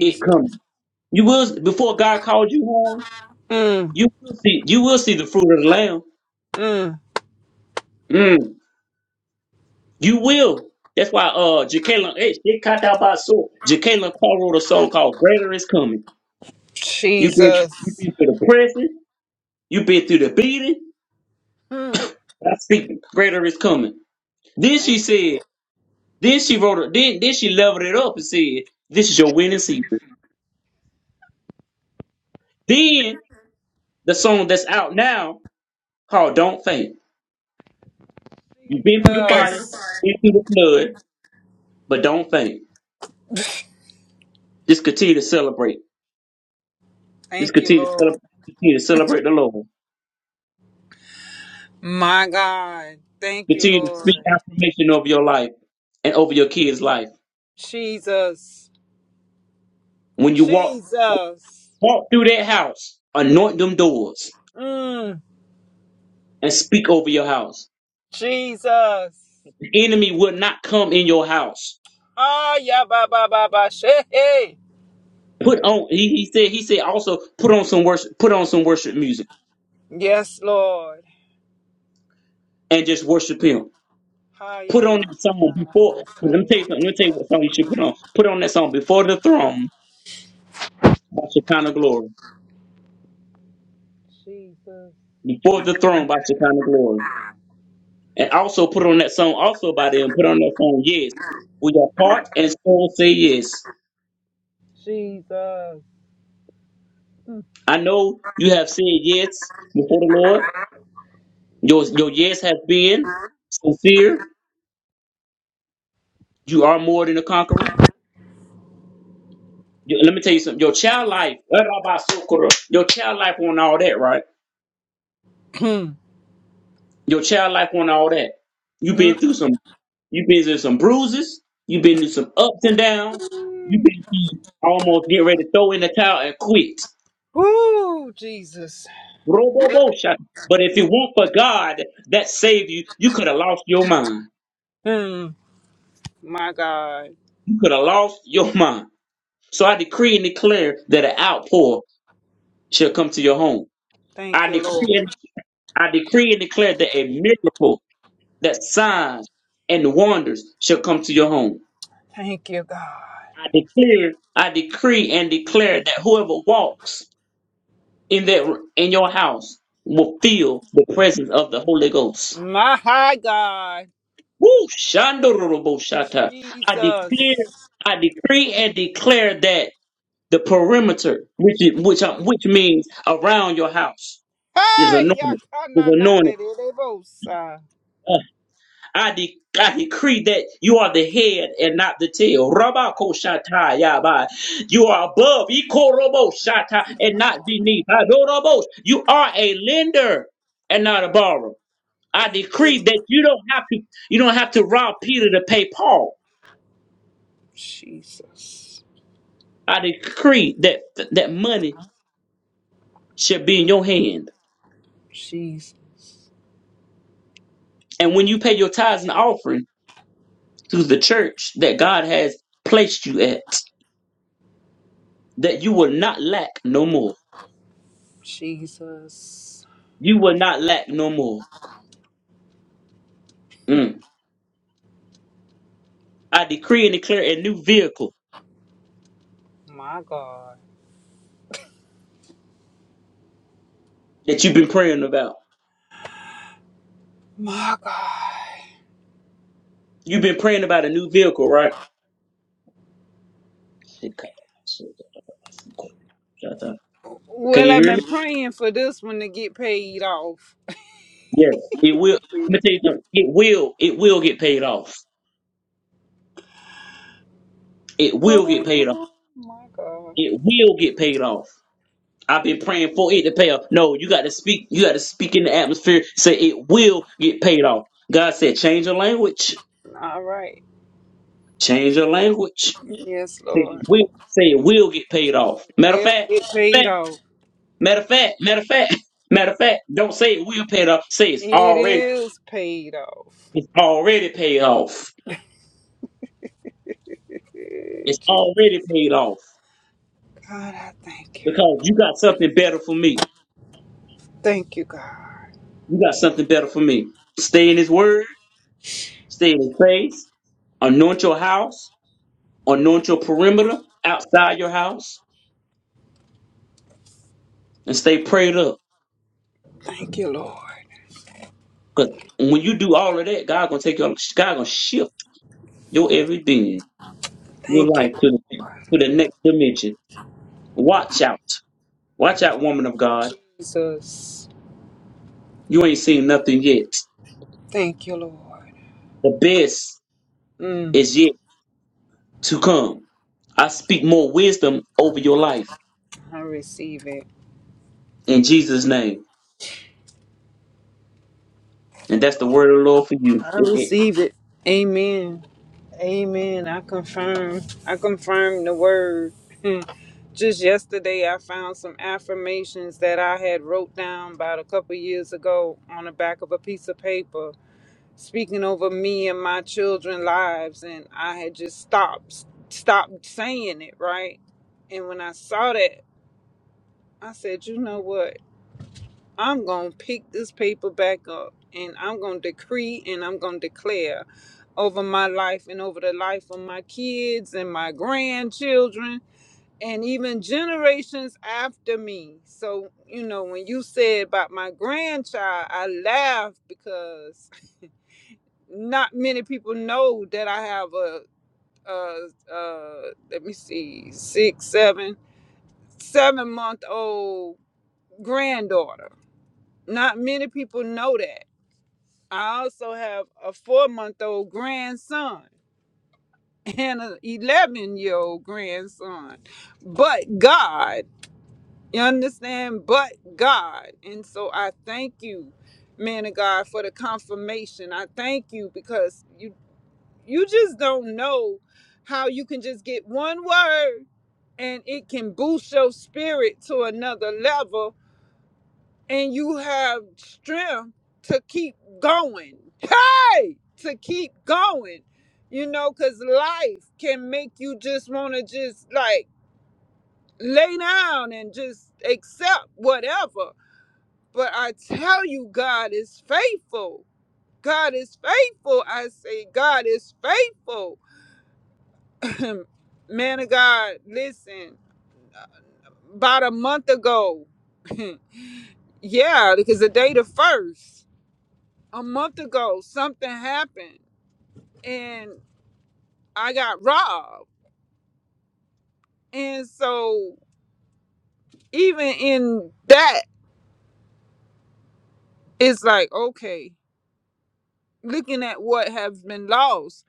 [SPEAKER 1] it coming. You will before God called you home.
[SPEAKER 4] Mm,
[SPEAKER 1] You will see. You will see the fruit of the lamb.
[SPEAKER 4] mm,
[SPEAKER 1] Mm. You will. That's why uh Jacqueline H she caught out by so Jacqueline Carr wrote a song called Greater Is Coming. You've been you've
[SPEAKER 4] Jesus.
[SPEAKER 1] been through the pressing, you've been through the beating,
[SPEAKER 4] Mm,
[SPEAKER 1] I speak greater is coming. Then
[SPEAKER 4] thank
[SPEAKER 1] she said, then she wrote it, then then she leveled it up and said, This is your winning season. Then the song that's out now called Don't Faint.
[SPEAKER 4] you,
[SPEAKER 1] You've been through the fire,
[SPEAKER 4] Jesus.
[SPEAKER 1] been through the flood, but don't faint. Just continue to celebrate. Just
[SPEAKER 4] Thank you,
[SPEAKER 1] continue to
[SPEAKER 4] Lord.
[SPEAKER 1] celebrate continue to celebrate the Lord.
[SPEAKER 4] My God. Thank you,
[SPEAKER 1] Continue to speak
[SPEAKER 4] Lord.
[SPEAKER 1] affirmation over your life and over your kids' life.
[SPEAKER 4] Jesus.
[SPEAKER 1] When you walk
[SPEAKER 4] Jesus.
[SPEAKER 1] walk through that house, anoint them doors
[SPEAKER 4] Mm,
[SPEAKER 1] and speak over your house.
[SPEAKER 4] Jesus.
[SPEAKER 1] The enemy will not come in your house.
[SPEAKER 4] Ah, yeah, ba, ba, ba, ba, she, hey.
[SPEAKER 1] Put on he, he said he said also put on some worship put on some worship music
[SPEAKER 4] Yes, Lord.
[SPEAKER 1] and just worship him.
[SPEAKER 4] Ah,
[SPEAKER 1] Put
[SPEAKER 4] yeah,
[SPEAKER 1] on
[SPEAKER 4] ma,
[SPEAKER 1] that song
[SPEAKER 4] ma, ma, ma, ma,
[SPEAKER 1] before let me
[SPEAKER 4] say.
[SPEAKER 1] tell you something, let me tell you what song you should put on. Put on that song before the throne by Shekinah Glory.
[SPEAKER 4] Jesus.
[SPEAKER 1] Before the throne by Shekinah Glory. And also put on that song also by them. Put on that song, yes. With your heart and soul say yes.
[SPEAKER 4] Jesus.
[SPEAKER 1] I know you have said yes before the Lord. Your your yes has been sincere. You are more than a conqueror. You- let me tell you something. Your child life, your child life on all that, right?
[SPEAKER 4] Mm.
[SPEAKER 1] Your child life on all that. You've
[SPEAKER 4] Mm.
[SPEAKER 1] been through some you've been through some bruises, you've been through some ups and downs, you've
[SPEAKER 4] mm.
[SPEAKER 1] been through almost get ready to throw in the towel and quit.
[SPEAKER 4] Woo, Jesus.
[SPEAKER 1] Robobosha. But if it weren't for God that saved you, you could have lost your mind.
[SPEAKER 4] Mm, my God.
[SPEAKER 1] You could have lost your mind. So I decree and declare that an outpour shall come to your home.
[SPEAKER 4] Thank
[SPEAKER 1] I
[SPEAKER 4] you,
[SPEAKER 1] decree
[SPEAKER 4] Lord.
[SPEAKER 1] and I decree and declare that a miracle, that signs and wonders shall come to your home.
[SPEAKER 4] Thank you, God.
[SPEAKER 1] I declare, I decree and declare that whoever walks in that in your house will feel the presence of the Holy Ghost.
[SPEAKER 4] My God.
[SPEAKER 1] Woo! Shandoroboshata. I declare,
[SPEAKER 4] Jesus.
[SPEAKER 1] I decree and declare that the perimeter, which is, which uh, which means around your house, is
[SPEAKER 4] Hey,
[SPEAKER 1] anointed. Is anointed.
[SPEAKER 4] Yakananderebosa.
[SPEAKER 1] Uh, I, de- I decree that you are the head and not the tail. Rabakoshatai yabai. You are above,
[SPEAKER 4] Thank
[SPEAKER 1] Ikoroboshata,
[SPEAKER 4] you,
[SPEAKER 1] and not
[SPEAKER 4] Lord.
[SPEAKER 1] beneath. Adorobos. You are a lender and not a borrower. I
[SPEAKER 4] Thank you, Lord.
[SPEAKER 1] decree that you don't have to you don't have to rob Peter to pay Paul.
[SPEAKER 4] Jesus.
[SPEAKER 1] I decree that that money should be in your hand.
[SPEAKER 4] Jesus.
[SPEAKER 1] And when you pay your tithes and offering to the church that God has placed you at, that you will not lack no more.
[SPEAKER 4] Jesus.
[SPEAKER 1] You will not lack no more. Mm. I decree and declare a new vehicle
[SPEAKER 4] My God.
[SPEAKER 1] that you've been praying about.
[SPEAKER 4] My God.
[SPEAKER 1] You've been praying about a new vehicle, right? Can
[SPEAKER 4] Well,
[SPEAKER 1] you
[SPEAKER 4] I've
[SPEAKER 1] hear me?
[SPEAKER 4] been praying for this one to get paid off.
[SPEAKER 1] Yes. It will. Let me tell you something. It will. It will get paid off. It will get paid off.
[SPEAKER 4] Oh, my God.
[SPEAKER 1] It will get paid off. I've been praying for it to pay off. No, you got to speak. You got to speak in the atmosphere. Say it will get paid off. God said, change your language.
[SPEAKER 4] All right.
[SPEAKER 1] Change your language.
[SPEAKER 4] Yes,
[SPEAKER 1] Say it
[SPEAKER 4] Lord.
[SPEAKER 1] will. Say it will get paid off. Matter of
[SPEAKER 4] Well,
[SPEAKER 1] fact,
[SPEAKER 4] it
[SPEAKER 1] fact-
[SPEAKER 4] paid off.
[SPEAKER 1] matter of fact, matter of fact, matter of fact. Don't say it will pay it off. Say it's
[SPEAKER 4] It
[SPEAKER 1] already.
[SPEAKER 4] is paid off.
[SPEAKER 1] It's already paid off.
[SPEAKER 4] Good.
[SPEAKER 1] It's
[SPEAKER 4] Jesus.
[SPEAKER 1] already paid off
[SPEAKER 4] God, I thank you.
[SPEAKER 1] because you got something better for me.
[SPEAKER 4] Thank you, God.
[SPEAKER 1] You got something better for me. Stay in His Word. Stay in His face. Anoint your house anoint your perimeter outside your house and stay prayed up.
[SPEAKER 4] Thank you, Lord.
[SPEAKER 1] Because when you do all of that, God gonna take your God gonna shift your every being, your
[SPEAKER 4] Thank you,
[SPEAKER 1] life to the
[SPEAKER 4] Lord.
[SPEAKER 1] to the next dimension. Watch out. Watch out, woman of God.
[SPEAKER 4] Jesus.
[SPEAKER 1] You ain't seen nothing yet.
[SPEAKER 4] Thank you, Lord.
[SPEAKER 1] The best
[SPEAKER 4] Mm,
[SPEAKER 1] is yet to come. I speak more wisdom over your life
[SPEAKER 4] I receive it.
[SPEAKER 1] in Jesus' name. And that's the word of the Lord for you.
[SPEAKER 4] I
[SPEAKER 1] It- it-
[SPEAKER 4] receive it. Amen. Amen. I confirm. I confirm the word. Mm. Just yesterday, I found some affirmations that I had wrote down about a couple years ago on the back of a piece of paper, speaking over me and my children's lives, and I had just stopped, stopped saying it, right? And when I saw that, I said, you know what? I'm going to pick this paper back up and I'm going to decree and I'm going to declare over my life and over the life of my kids and my grandchildren and even generations after me. So, you know, when you said about my grandchild, I laughed because not many people know that I have a, uh, uh, let me see, six, seven, seven month old granddaughter Not many people know that. I also have a four month old grandson and an 11 year old grandson. But God, you understand? But God. And so I thank you, man of God, for the confirmation. I thank you because you you just don't know how you can just get one word and it can boost your spirit to another level and you have strength to keep going. Hey, to keep going. You know, because life can make you just want to just like lay down and just accept whatever. But I tell you, God is faithful. God is faithful. I say, God is faithful. Man of God, listen, about a month ago, yeah, because the day the first. a month ago something happened and I got robbed. And so even in that, it's like, okay, looking at what has been lost.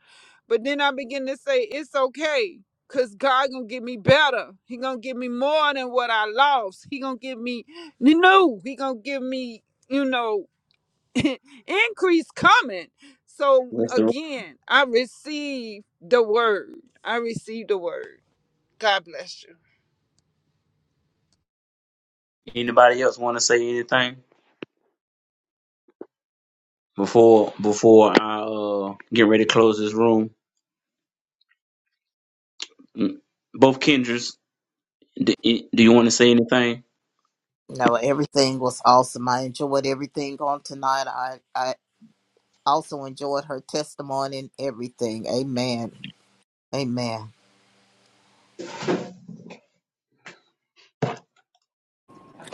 [SPEAKER 4] But then I begin to say, it's okay. Cause God gonna give me better. He gonna give me more than what I lost. He gonna give me new. He gonna give me, you know, increase coming. So
[SPEAKER 1] that's the-
[SPEAKER 4] again, I receive the word. I receive the word. God bless you.
[SPEAKER 1] Anybody else want to say anything before before I uh, get ready to close this room? Mm, Both Kendricks. Do, do you want to say anything?
[SPEAKER 2] No, everything was awesome. I enjoyed everything on tonight. I, I also enjoyed her testimony and everything. Amen. Amen.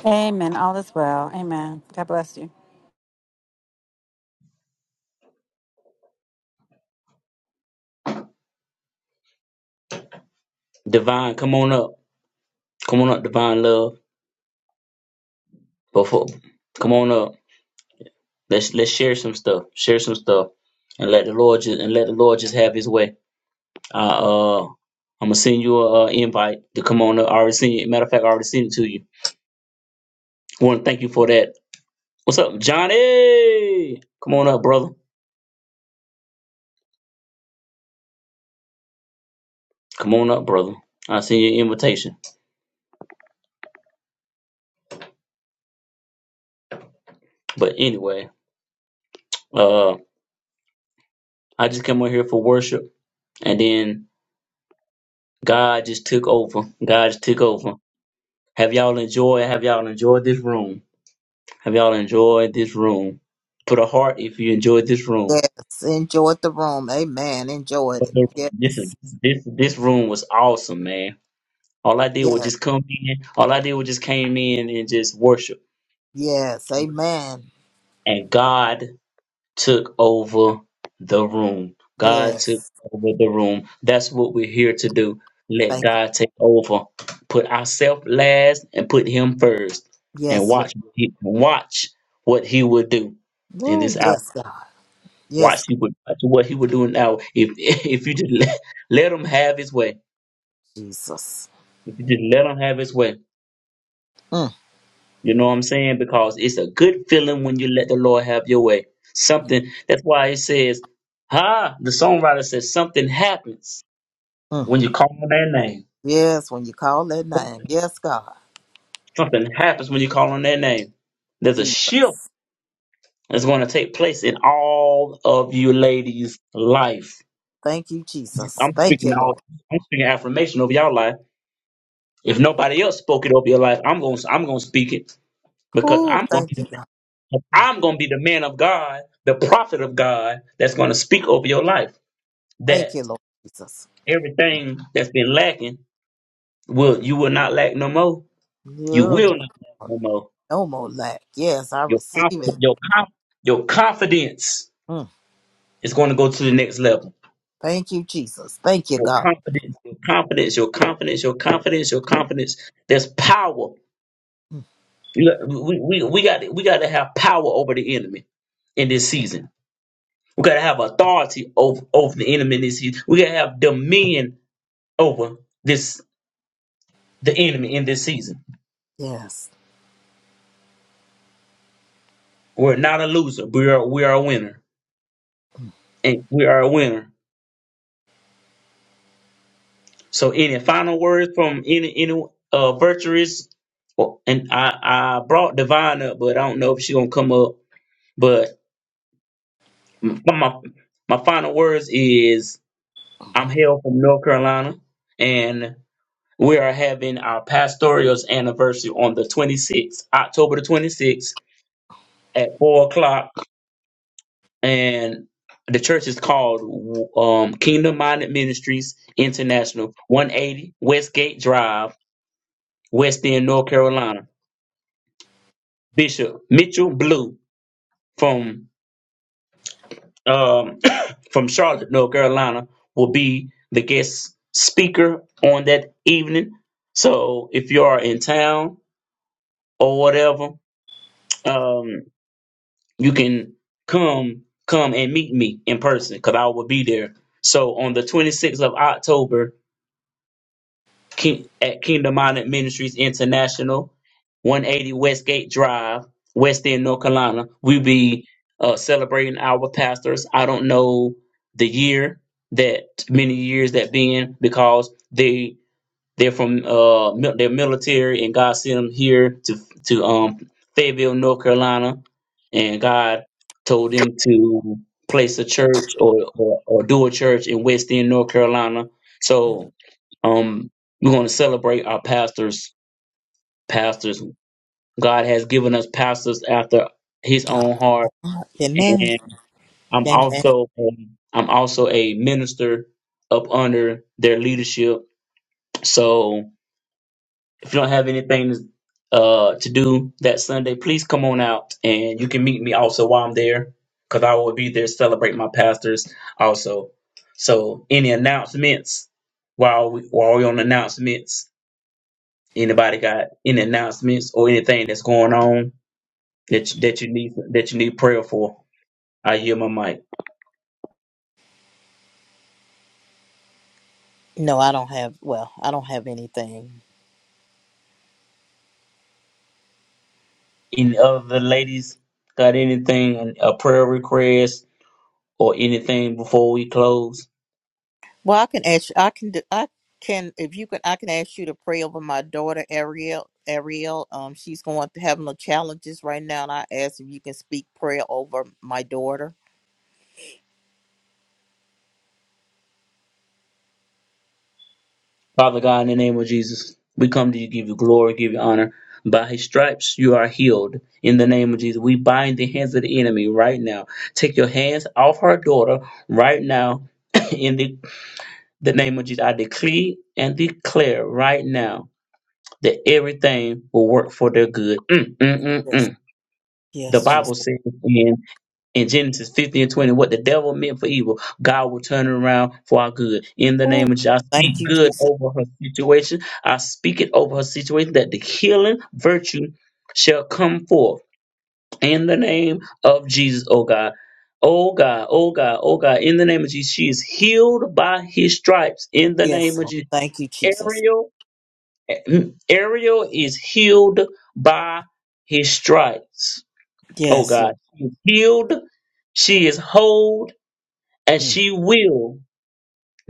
[SPEAKER 3] Amen. All is well. Amen. God bless you.
[SPEAKER 1] Divine, come on up. Come on up, Divine Love. Before, come on up. Let's let's share some stuff. Share some stuff, and let the Lord just and let the Lord just have His way. Uh, uh I'm gonna send you a uh, invite to come on up. I already sent it. Matter of fact, I already sent it to you. I want to thank you for that. What's up, Johnny? Come on up, brother. Come on up, brother. I sent you an invitation. But anyway, uh, I just came on here for worship, and then God just took over. God just took over. Have y'all enjoyed? Have y'all enjoyed this room? Have y'all enjoyed this room? Put a heart if you enjoyed this room.
[SPEAKER 2] Yes. Enjoyed the room. Amen. Enjoyed
[SPEAKER 1] Put
[SPEAKER 2] it.
[SPEAKER 1] the room. This is
[SPEAKER 2] Yes.
[SPEAKER 1] this this room was awesome, man. All I did was
[SPEAKER 2] Yes.
[SPEAKER 1] just come in. All I did was just came in and just worship.
[SPEAKER 2] Yes. Amen.
[SPEAKER 1] And God took over the room. God took
[SPEAKER 2] Yes.
[SPEAKER 1] over the room. That's what we're here to do. Let
[SPEAKER 2] Thank you.
[SPEAKER 1] God take over. Put ourselves last and put him first. And
[SPEAKER 2] Yes, Lord.
[SPEAKER 1] watch what he watch what he would do in
[SPEAKER 2] Woo.
[SPEAKER 1] this hour.
[SPEAKER 2] Yes, God.
[SPEAKER 1] Watch
[SPEAKER 2] Yes,
[SPEAKER 1] he would watch what he would do now. If if you just let, let him have his way.
[SPEAKER 2] Jesus.
[SPEAKER 1] If you just let him have his way
[SPEAKER 2] Mm,
[SPEAKER 1] You know what I'm saying? Because it's a good feeling when you let the Lord have your way. Something that's why it says, "Ha!" The songwriter says something happens
[SPEAKER 2] mm.
[SPEAKER 1] when you call on their name.
[SPEAKER 2] Yes, when you call that name.
[SPEAKER 1] Something,
[SPEAKER 2] Yes, God.
[SPEAKER 1] something happens when you call on their name. There's a shift
[SPEAKER 2] Jesus.
[SPEAKER 1] that's going to take place in all of you ladies' life.
[SPEAKER 2] Thank you, Jesus.
[SPEAKER 1] I'm
[SPEAKER 2] Thank you,
[SPEAKER 1] speaking all.
[SPEAKER 2] Lord.
[SPEAKER 1] I'm speaking affirmation over your life. If nobody else spoke it over your life, I'm going. to I'm going to speak it because
[SPEAKER 2] Oh,
[SPEAKER 1] I'm going
[SPEAKER 2] thank you,
[SPEAKER 1] to.
[SPEAKER 2] God. Mm.
[SPEAKER 1] I'm going to be the man of God, the prophet of God that's going to speak over your life.
[SPEAKER 2] Thank
[SPEAKER 1] That
[SPEAKER 2] you, Lord Jesus.
[SPEAKER 1] everything that's been lacking will you will not lack no more. You
[SPEAKER 2] No,
[SPEAKER 1] will
[SPEAKER 2] no,
[SPEAKER 1] not lack no more.
[SPEAKER 2] no more lack. Yes, I
[SPEAKER 1] Your
[SPEAKER 2] receive it.
[SPEAKER 1] confidence, your conf, your confidence
[SPEAKER 2] Mm.
[SPEAKER 1] is going to go to the next level.
[SPEAKER 2] Thank you, Jesus. Thank you,
[SPEAKER 1] Your
[SPEAKER 2] God.
[SPEAKER 1] confidence, your confidence, your confidence, your confidence, your confidence. There's power.
[SPEAKER 2] Mm.
[SPEAKER 1] You got- We, we, we got we got to have power over the enemy in this season. We gotta have authority over, over the enemy in this season. We gotta have dominion over this the enemy in this season.
[SPEAKER 2] Yes.
[SPEAKER 1] We're not a loser. We are we are a winner, and we are a winner. So, any final words from any any uh virtuous? Well, and I I brought Divine up, but I don't know if she's gonna come up. But my my my final words is I'm hail from North Carolina, and we are having our pastoral's anniversary on the 26th, October the 26th at four o'clock and the church is called um, Kingdom Minded Ministries International, 180 Westgate Drive, West End, North Carolina. Bishop Mitchell Blue from um, from Charlotte, North Carolina, will be the guest speaker on that evening. So if you are in town or whatever, um, you can come come and meet me in person because I will be there. So on the 26th of October, King, at Kingdom Minded Ministries International, 180 Westgate Drive, West End, North Carolina. we be uh, celebrating our pastors. I don't know the year that many years that been because they they're from uh mil- they're military and God sent them here to to um Fayetteville, North Carolina, and God told them to place a church or or, or do a church in West End, North Carolina. So um, we're going to celebrate our pastors. Pastors, God has given us pastors after His
[SPEAKER 2] Ah,
[SPEAKER 1] own heart,
[SPEAKER 2] Amen.
[SPEAKER 1] and I'm
[SPEAKER 2] Amen.
[SPEAKER 1] also um, I'm also a minister up under their leadership. So if you don't have anything uh, to do that Sunday, please come on out, and you can meet me also while I'm there, because I will be there celebrating my pastors also. So any announcements while we while we on announcements? Anybody got any announcements or anything that's going on that you, that you need that you need prayer for? I hear my mic.
[SPEAKER 2] No, I don't have. Well, I don't have anything.
[SPEAKER 1] Any other ladies got anything a prayer request or anything before we close?
[SPEAKER 2] Well, I can ask. I can. do- I can. If you can, I can ask you to pray over my daughter Ariel. Ariel, um, she's going to have no challenges right now, and I ask if you can speak prayer over my daughter.
[SPEAKER 1] Father God, in the name of Jesus, we come to you, give you glory, give you honor. By his stripes you are healed. In the name of Jesus, we bind the hands of the enemy right now. Take your hands off her daughter right now. in the, the name of Jesus, I decree and declare right now that everything will work for their good. Mm, mm, mm, mm. The
[SPEAKER 2] Yes, Jesus.
[SPEAKER 1] Bible says in, in Genesis 50 and 20, what the devil meant for evil, God will turn it around for our good. In the
[SPEAKER 2] Ooh,
[SPEAKER 1] name of Jesus, I
[SPEAKER 2] thank
[SPEAKER 1] speak
[SPEAKER 2] you,
[SPEAKER 1] good
[SPEAKER 2] Jesus.
[SPEAKER 1] over her situation. I speak it over her situation that the healing virtue shall come forth in the name of Jesus, oh God. Oh God, oh God, oh God, in the name of Jesus, she is healed by his stripes in the name
[SPEAKER 2] Yes,
[SPEAKER 1] of
[SPEAKER 2] Lord.
[SPEAKER 1] Jesus.
[SPEAKER 2] Thank you, Jesus.
[SPEAKER 1] Ariel Ariel is healed by his stripes. Oh
[SPEAKER 2] Yes, Lord.
[SPEAKER 1] God, she is healed, she is whole, and
[SPEAKER 2] Mm.
[SPEAKER 1] she will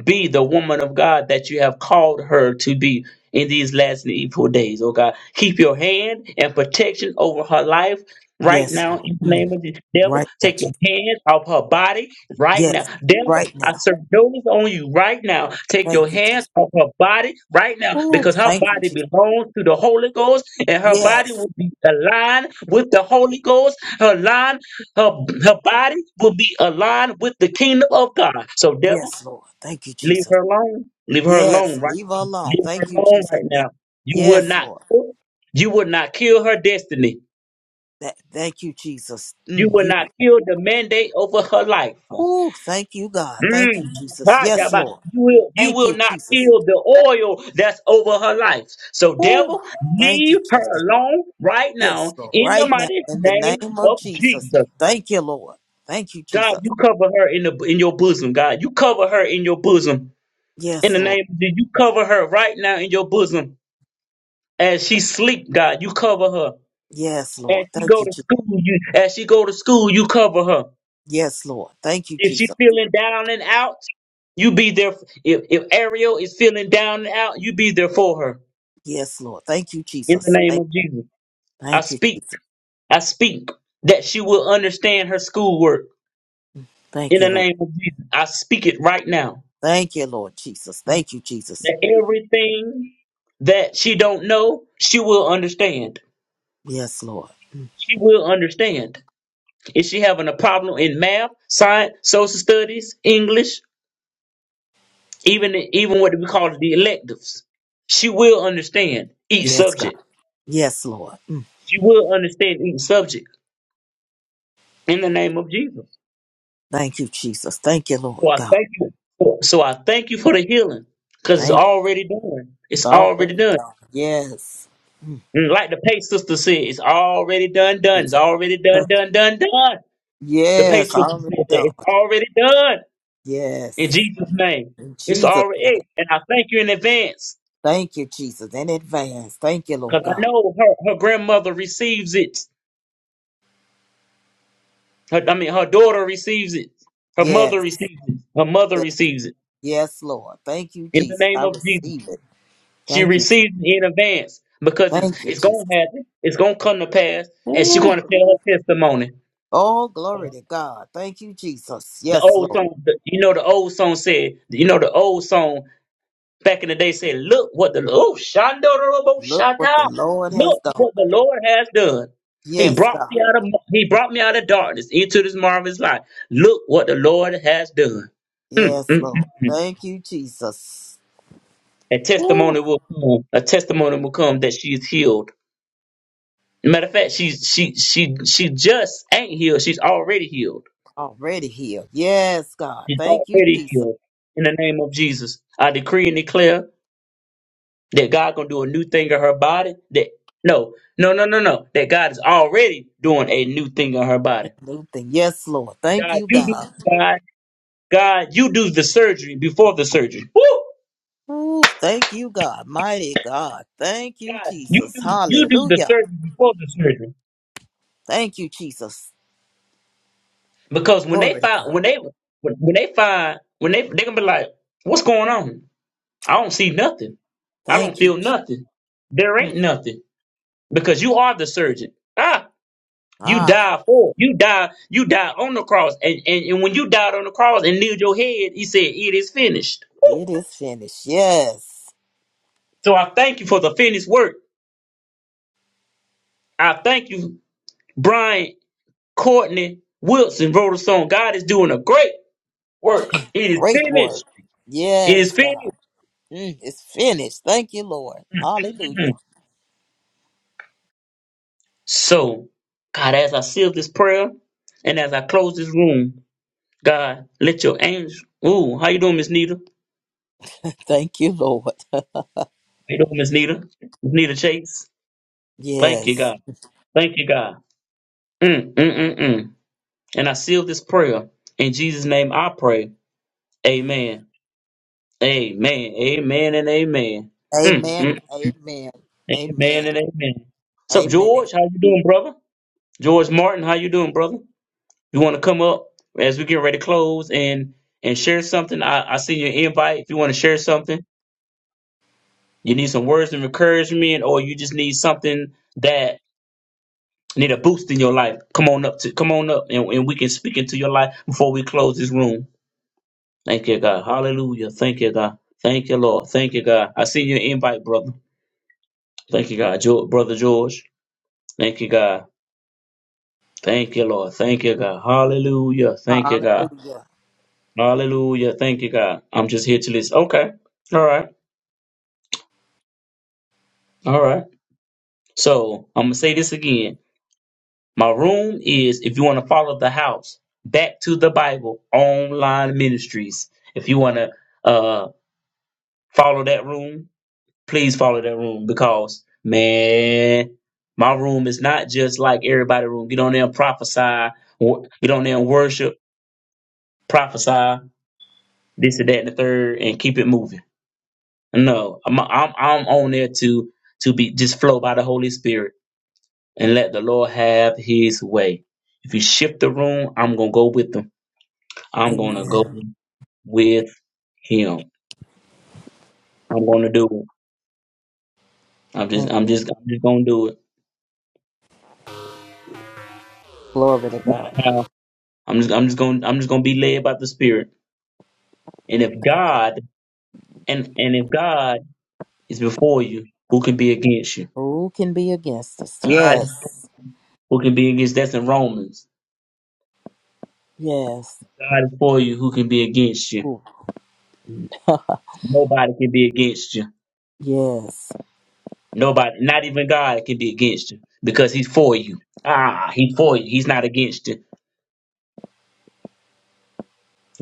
[SPEAKER 1] be the woman of God that you have called her to be in these last and evil days, oh God. Keep your hand and protection over her life right
[SPEAKER 2] Yes,
[SPEAKER 1] now
[SPEAKER 2] Lord.
[SPEAKER 1] in the
[SPEAKER 2] Mm.
[SPEAKER 1] name of the devil.
[SPEAKER 2] Right now,
[SPEAKER 1] Take your
[SPEAKER 2] Jesus.
[SPEAKER 1] hand off her body right now.
[SPEAKER 2] Yes,
[SPEAKER 1] Devil,
[SPEAKER 2] right
[SPEAKER 1] I
[SPEAKER 2] now.
[SPEAKER 1] serve notice on you right now. Take your
[SPEAKER 2] Thank you,
[SPEAKER 1] hands
[SPEAKER 2] Jesus.
[SPEAKER 1] off her body right now
[SPEAKER 2] Ooh,
[SPEAKER 1] because her
[SPEAKER 2] thank you,
[SPEAKER 1] body
[SPEAKER 2] Jesus.
[SPEAKER 1] belongs to the Holy Ghost and her body
[SPEAKER 2] Yes,
[SPEAKER 1] will be aligned with the Holy Ghost. Her line, her, her body will be aligned with the kingdom of God. So devil,
[SPEAKER 2] yes, Lord. Thank you,
[SPEAKER 1] Leave
[SPEAKER 2] Jesus.
[SPEAKER 1] her alone. Leave her
[SPEAKER 2] Yes,
[SPEAKER 1] alone right
[SPEAKER 2] leave her
[SPEAKER 1] now.
[SPEAKER 2] alone.
[SPEAKER 1] Leave her
[SPEAKER 2] Thank you,
[SPEAKER 1] alone
[SPEAKER 2] Jesus.
[SPEAKER 1] right now. You will
[SPEAKER 2] Yes,
[SPEAKER 1] not
[SPEAKER 2] Lord.
[SPEAKER 1] you will not kill her destiny.
[SPEAKER 2] That, thank you, Jesus.
[SPEAKER 1] You
[SPEAKER 2] Mm,
[SPEAKER 1] will
[SPEAKER 2] you.
[SPEAKER 1] not kill the mandate over her life.
[SPEAKER 2] Ooh, thank you, God. Thank you,
[SPEAKER 1] Mm.
[SPEAKER 2] Jesus.
[SPEAKER 1] Ah,
[SPEAKER 2] Yes,
[SPEAKER 1] Jabba,
[SPEAKER 2] Lord.
[SPEAKER 1] You will, you
[SPEAKER 2] Thank
[SPEAKER 1] will
[SPEAKER 2] you,
[SPEAKER 1] not
[SPEAKER 2] Jesus.
[SPEAKER 1] kill the oil that's over her life. So,
[SPEAKER 2] Ooh,
[SPEAKER 1] devil,
[SPEAKER 2] thank you,
[SPEAKER 1] leave
[SPEAKER 2] Jesus.
[SPEAKER 1] her alone right
[SPEAKER 2] Yes,
[SPEAKER 1] now
[SPEAKER 2] Lord.
[SPEAKER 1] in the
[SPEAKER 2] Right now,
[SPEAKER 1] mighty
[SPEAKER 2] in the
[SPEAKER 1] name
[SPEAKER 2] name of
[SPEAKER 1] of
[SPEAKER 2] Jesus.
[SPEAKER 1] Jesus.
[SPEAKER 2] Thank you, Lord. Thank you,
[SPEAKER 1] God,
[SPEAKER 2] Jesus.
[SPEAKER 1] you cover her in the in your bosom. God, you cover her in your bosom. In
[SPEAKER 2] Yes,
[SPEAKER 1] the
[SPEAKER 2] Lord.
[SPEAKER 1] name of Jesus, you cover her right now in your bosom. As she sleep, God, you cover her.
[SPEAKER 2] Yes,
[SPEAKER 1] As
[SPEAKER 2] Lord.
[SPEAKER 1] she
[SPEAKER 2] Thank
[SPEAKER 1] go
[SPEAKER 2] you,
[SPEAKER 1] to
[SPEAKER 2] Jesus.
[SPEAKER 1] school, you as she go to school, you cover her.
[SPEAKER 2] Yes, Lord. Thank you,
[SPEAKER 1] If she
[SPEAKER 2] Jesus.
[SPEAKER 1] feeling down and out, you be there. f- If if Ariel is feeling down and out, you be there for her.
[SPEAKER 2] Yes, Lord. Thank you,
[SPEAKER 1] In the
[SPEAKER 2] Jesus.
[SPEAKER 1] name
[SPEAKER 2] Thank,
[SPEAKER 1] of Jesus, I
[SPEAKER 2] thank you,
[SPEAKER 1] speak.
[SPEAKER 2] Jesus.
[SPEAKER 1] I speak that she will understand her schoolwork.
[SPEAKER 2] Thank
[SPEAKER 1] In
[SPEAKER 2] you,
[SPEAKER 1] the
[SPEAKER 2] Lord.
[SPEAKER 1] name of Jesus, I speak it right now.
[SPEAKER 2] Thank you, Lord Jesus. Thank you, Jesus.
[SPEAKER 1] That everything that she don't know, she will understand.
[SPEAKER 2] Yes, Lord.
[SPEAKER 1] She will understand. Is she having a problem in math, science, social studies, English, even even what we call the electives? She will understand each
[SPEAKER 2] Yes, God.
[SPEAKER 1] subject.
[SPEAKER 2] Yes, Lord.
[SPEAKER 1] She will understand each subject in the name of Jesus.
[SPEAKER 2] Thank you, Jesus. Thank you, Lord
[SPEAKER 1] So I
[SPEAKER 2] God.
[SPEAKER 1] thank you. So I thank you for the healing because it's
[SPEAKER 2] Thank you.
[SPEAKER 1] already done.
[SPEAKER 2] It's
[SPEAKER 1] It's already
[SPEAKER 2] already
[SPEAKER 1] done.
[SPEAKER 2] done. Yes. Mm.
[SPEAKER 1] And like the Pay sister said, it's already done, done.
[SPEAKER 2] It's
[SPEAKER 1] It's already done,
[SPEAKER 2] a-
[SPEAKER 1] done, done, done. The Pay
[SPEAKER 2] Yes,
[SPEAKER 1] sister
[SPEAKER 2] already
[SPEAKER 1] said that
[SPEAKER 2] done.
[SPEAKER 1] it's already done in
[SPEAKER 2] Yes.
[SPEAKER 1] Jesus' name.
[SPEAKER 2] In
[SPEAKER 1] It's
[SPEAKER 2] Jesus'
[SPEAKER 1] already, and I thank you in advance
[SPEAKER 2] Thank you, Jesus, in advance. Thank you,
[SPEAKER 1] Cause
[SPEAKER 2] Lord
[SPEAKER 1] I
[SPEAKER 2] God.
[SPEAKER 1] know her, her grandmother receives it. Her, I mean, her daughter receives it. Her
[SPEAKER 2] Yes,
[SPEAKER 1] mother receives it. Her mother
[SPEAKER 2] yes,
[SPEAKER 1] receives it
[SPEAKER 2] yes, Lord. Thank you,
[SPEAKER 1] in the
[SPEAKER 2] Jesus.
[SPEAKER 1] name
[SPEAKER 2] I
[SPEAKER 1] of Jesus.
[SPEAKER 2] receive it.
[SPEAKER 1] She
[SPEAKER 2] Thank you, Jesus.
[SPEAKER 1] receives it in advance because it's
[SPEAKER 2] Thank you,
[SPEAKER 1] it's
[SPEAKER 2] Jesus.
[SPEAKER 1] gonna happen. It's gonna come to pass, and she's
[SPEAKER 2] Ooh,
[SPEAKER 1] gonna tell her testimony.
[SPEAKER 2] oh, glory to God. Thank you, Jesus.
[SPEAKER 1] The
[SPEAKER 2] Yes,
[SPEAKER 1] old
[SPEAKER 2] Lord.
[SPEAKER 1] song, the, you know, the old song said, you know, the old song. back in the day saying, look what the oh Shandorobo
[SPEAKER 2] Look
[SPEAKER 1] Shata.
[SPEAKER 2] what the Lord has
[SPEAKER 1] Look
[SPEAKER 2] done.
[SPEAKER 1] what the Lord has done. He
[SPEAKER 2] Yes,
[SPEAKER 1] brought
[SPEAKER 2] God.
[SPEAKER 1] me out of he brought me out of darkness into this marvelous light. Look what the Lord has done. Mm, mm,
[SPEAKER 2] Yes,
[SPEAKER 1] mm,
[SPEAKER 2] Lord.
[SPEAKER 1] mm.
[SPEAKER 2] Thank you, Jesus.
[SPEAKER 1] A testimony
[SPEAKER 2] Ooh,
[SPEAKER 1] will come. A testimony will come that she is healed. Matter of fact, she's she she she just ain't healed. She's already healed.
[SPEAKER 2] already healed. Yes, God.
[SPEAKER 1] She's
[SPEAKER 2] Thank you,
[SPEAKER 1] already
[SPEAKER 2] Jesus.
[SPEAKER 1] healed. In the name of Jesus, I decree and declare. that God gonna do a new thing in her body. That no, no, no, no, no. That God is already doing a new thing in her body.
[SPEAKER 2] New thing. Yes, Lord. Thank
[SPEAKER 1] God,
[SPEAKER 2] you,
[SPEAKER 1] you do
[SPEAKER 2] God.
[SPEAKER 1] God, God, you do the surgery before the surgery. Woo!
[SPEAKER 2] Ooh, thank you, God. Mighty God. Thank you,
[SPEAKER 1] God, you
[SPEAKER 2] Jesus.
[SPEAKER 1] do you do the
[SPEAKER 2] Hallelujah.
[SPEAKER 1] surgery before the surgery.
[SPEAKER 2] Thank you, Jesus.
[SPEAKER 1] Because when they
[SPEAKER 2] Glory to
[SPEAKER 1] find
[SPEAKER 2] God.
[SPEAKER 1] when they when when they find when they they gonna be like, what's going on? I don't see nothing. I don't
[SPEAKER 2] Thank you.
[SPEAKER 1] feel nothing. There ain't
[SPEAKER 2] Jesus.
[SPEAKER 1] nothing because you are the surgeon. Ah. You
[SPEAKER 2] Ah,
[SPEAKER 1] died for. You died. You died on the cross. And, and and when you died on the cross and kneeled your head, he said, It is finished. Woo!
[SPEAKER 2] it is finished. Yes.
[SPEAKER 1] So I thank you for the finished work. I thank you, Brian Courtney Wilson wrote a song. God is doing a great work. It is
[SPEAKER 2] Great work.
[SPEAKER 1] finished. It is
[SPEAKER 2] Yes, God.
[SPEAKER 1] finished.
[SPEAKER 2] Mm, it's finished. Thank you, Lord.
[SPEAKER 1] Mhm.
[SPEAKER 2] Hallelujah.
[SPEAKER 1] So, God, as I seal this prayer and as I close this room, God, let your angels. Ooh, how you doing, Miss Nita? How
[SPEAKER 2] Thank you, Lord.
[SPEAKER 1] you doing, Miss Nita? Miss Nita Chase. Thank you,
[SPEAKER 2] Yes.
[SPEAKER 1] God. Thank you, God. Mm, mm, mm, mm. And I seal this prayer. In Jesus' name I pray. Amen. Amen. Amen and amen. Mm,
[SPEAKER 2] Amen.
[SPEAKER 1] mm.
[SPEAKER 2] and Amen.
[SPEAKER 1] Amen
[SPEAKER 2] Amen.
[SPEAKER 1] and amen. What's up,
[SPEAKER 2] Amen.
[SPEAKER 1] George? How you doing, brother? George Martin, how you doing, brother? You want to come up as we get ready to close and and share something? I, I see your invite. If you want to share something, you need some words of encouragement, or you just need something that need a boost in your life. Come on up to come on up and, and we can speak into your life before we close this room. Thank you, God. Hallelujah. Thank you, God. Thank you, Lord. Thank you, God. I send you an invite, brother. Thank you, God. Jo- brother George. Thank you, God. Thank you, Lord. Thank you, God. Hallelujah. Thank you, God.
[SPEAKER 2] Hallelujah.
[SPEAKER 1] Hallelujah. Thank you, God. I'm just here to listen. Okay. All right. All right. So I'm going to say this again. My room is, if you want to follow the house, back to the Bible, online ministries. If you want to uh, follow that room, please follow that room because man, my room is not just like everybody's room. Get on there and prophesy. wo- Get on there and worship, prophesy this and that and the third, and keep it moving. No, I'm I'm, I'm on there to to be just flow by the Holy Spirit and let the Lord have His way. If you shift the room, I'm gonna go with them. I'm gonna go
[SPEAKER 2] Amen.
[SPEAKER 1] with Him. I'm gonna do it. I'm just
[SPEAKER 2] Mm,
[SPEAKER 1] I'm just I'm just gonna do it.
[SPEAKER 2] Glory to
[SPEAKER 1] No matter
[SPEAKER 2] God.
[SPEAKER 1] how. I'm just I'm just gonna I'm just gonna be led by the Spirit And if God and and if God is before you, who can be against you?
[SPEAKER 2] Who can be against us?
[SPEAKER 1] God
[SPEAKER 2] Yes.
[SPEAKER 1] who can be against that's in Romans.
[SPEAKER 2] Yes.
[SPEAKER 1] God is for you, who can be against you?
[SPEAKER 2] Ooh,
[SPEAKER 1] Nobody can be against you.
[SPEAKER 2] yes.
[SPEAKER 1] Nobody, not even God can be against you because he's for you. Ah, he's for you. He's not against you.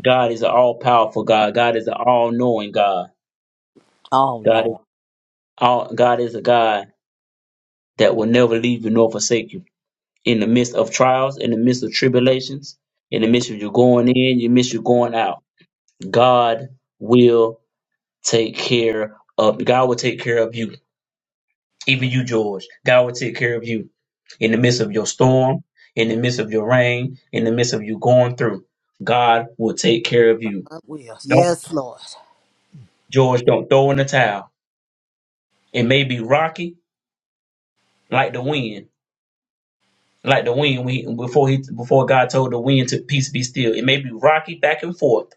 [SPEAKER 1] God is an all powerful God. God is an all knowing God.
[SPEAKER 2] Oh,
[SPEAKER 1] God is
[SPEAKER 2] no.
[SPEAKER 1] all God is a God that will never leave you nor forsake you. In the midst of trials, in the midst of tribulations, in the midst of you going in, you miss you going out. God will take care of God will take care of you. Even you, George. God will take care of you in the midst of your storm, in the midst of your rain, in the midst of you going through. God will take care of you.
[SPEAKER 2] I will.
[SPEAKER 1] Don't
[SPEAKER 2] Yes, Lord.
[SPEAKER 1] George, don't throw in the towel. It may be rocky, like the wind. Like the wind we, before he before God told the wind to peace be still. It may be rocky back and forth,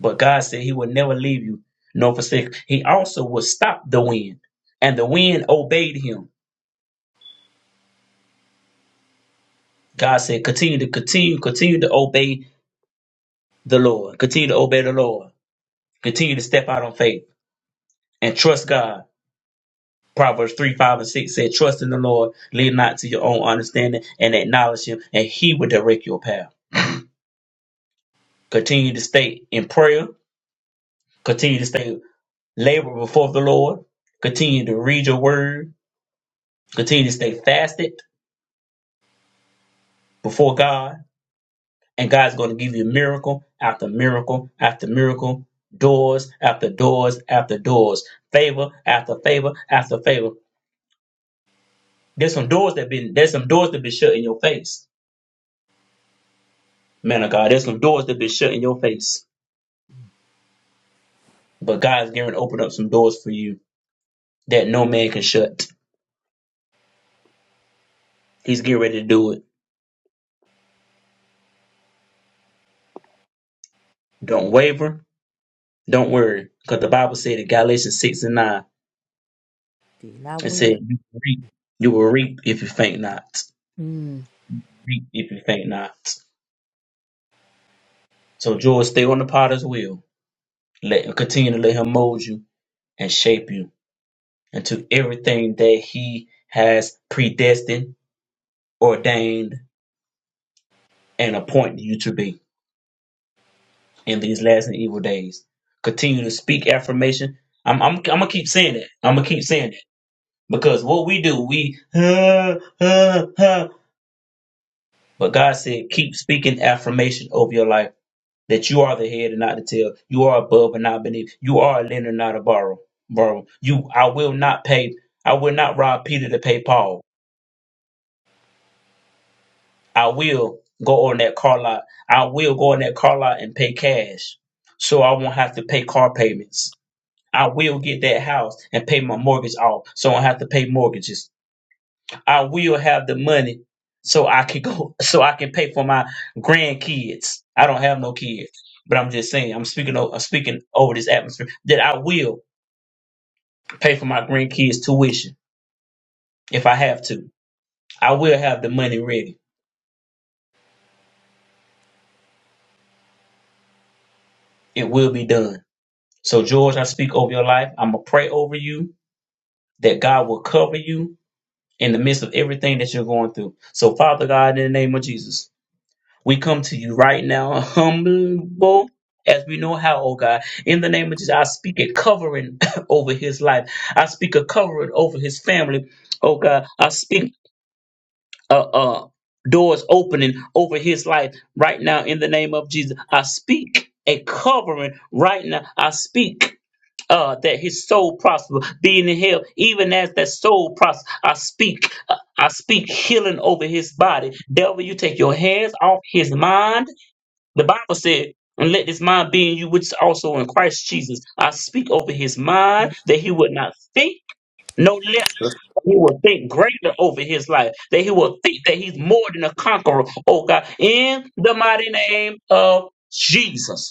[SPEAKER 1] but God said he would never leave you nor forsake. He also will stop the wind. And the wind obeyed him God said, continue to continue, continue to obey the Lord. Continue to obey the Lord. Continue to step out on faith and trust God. Proverbs 3, 5, and 6 said, Trust in the Lord, lean not to your own understanding, and acknowledge him, and he will direct your path. Continue to stay in prayer. Continue to stay labor before the Lord. Continue to read your word. Continue to stay fasted before God And God's going to give you miracle after miracle after miracle, doors after doors after doors, favor after favor after favor. There's some doors that been there's some doors that been shut in your face, man of God. There's some doors that been shut in your face, but God's going to open up some doors for you that no man can shut. He's getting ready to do it. Don't waver. Don't worry, because the Bible said in Galatians six and nine,
[SPEAKER 2] Be not
[SPEAKER 1] it said
[SPEAKER 2] weary.
[SPEAKER 1] you will reap, you will reap if you faint not. Reap if you faint not. So George, stay on the potter's wheel Let continue to let him mold you and shape you into everything that he has predestined, ordained, and appointed you to be in these last and evil days. Continue to speak affirmation. I'm I'm, I'm gonna keep saying it. I'm gonna keep saying it because what we do, we uh, uh, uh. but God said keep speaking affirmation over your life that you are the head and not the tail. You are above and not beneath. You are a lender, not a borrower. Borrow. You, I will not pay. I will not rob Peter to pay Paul. I will go on that car lot. I will go on that car lot and pay cash, so I won't have to pay car payments. I will get that house and pay my mortgage off, so I don't have to pay mortgages. I will have the money so I can go so I can pay for my grandkids. I don't have no kids, but I'm just saying I'm speaking over, I'm speaking over this atmosphere that I will pay for my grandkids' tuition if I have to. I will have the money ready. It will be done. So George, I speak over your life. I'm gonna pray over you that God will cover you in the midst of everything that you're going through. So Father God, in the name of Jesus. We come to you right now, humble as we know how, oh God. In the name of Jesus, I speak a covering over his life. I speak a covering over his family, oh God. I speak uh, uh, doors opening over his life right now in the name of Jesus. I speak a covering right now. I speak. Uh, that his soul prosper, being in hell, even as that soul prosper. I speak, uh, I speak healing over his body. Devil, you take your hands off his mind the Bible said, and let this mind be in you, which is also in Christ Jesus. I speak over his mind that he would not think no lesser, but he will think greater over his life, that he will think that he's more than a conqueror, oh God, in the mighty name of Jesus.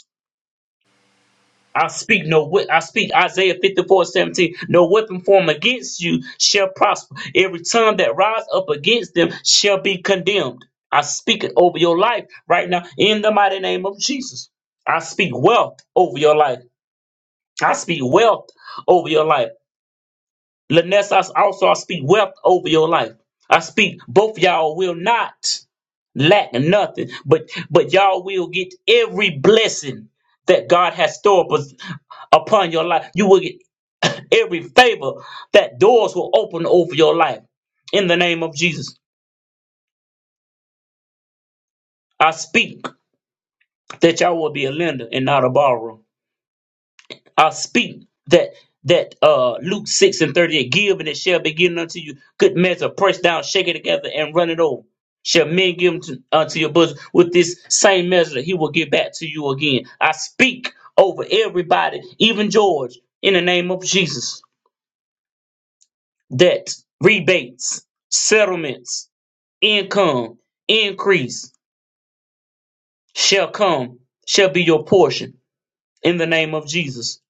[SPEAKER 1] I speak no whi- I speak Isaiah 54 17. No weapon formed against you shall prosper. Every tongue that rise up against them shall be condemned. I speak it over your life right now in the mighty name of Jesus. I speak wealth over your life. I speak wealth over your life. Lyness, I also I speak wealth over your life. I speak both y'all will not lack nothing, but but y'all will get every blessing that God has stored up upon your life. You will get every favor that doors will open over your life. In the name of Jesus, I speak that y'all will be a lender and not a borrower. uh, speak that that uh, Luke six and thirty eight give and it shall be given unto you good measure pressed down shaken together and run it over shall men give unto, unto your bosom with this same measure he will give back to you again I speak over everybody even George in the name of Jesus that rebates settlements income increase shall come shall be your portion in the name of Jesus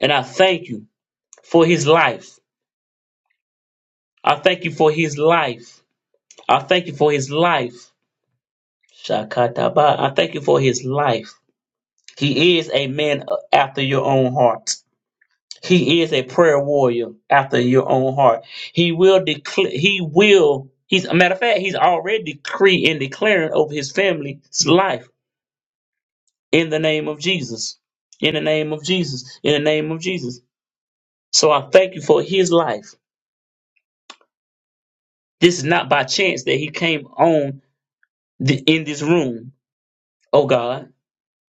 [SPEAKER 1] and I thank you for his life I thank you for his life. I thank you for his life. Shakataba. I thank you for his life. He is a man after your own heart. He is a prayer warrior after your own heart. He will declare, he will, he's a matter of fact, he's already decreeing and declaring over his family's life in the name of Jesus. In the name of Jesus. In the name of Jesus. So I thank you for his life. This is not by chance that he came on the, in this room, oh God.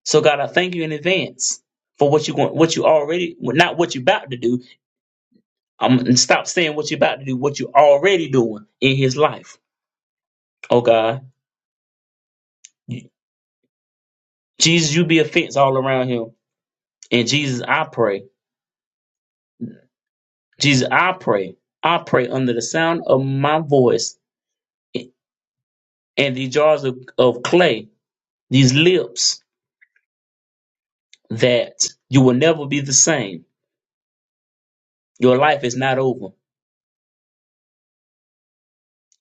[SPEAKER 1] So God, I thank you in advance for what you going, what you already, well, not what you about to do. I'm and stop saying what you about to do, what you already doing in His life. Oh God, Jesus, you be a fence all around him. And Jesus, I pray, Jesus, I pray, I pray under the sound of my voice and the jars of, of clay, these lips, that you will never be the same. Your life is not over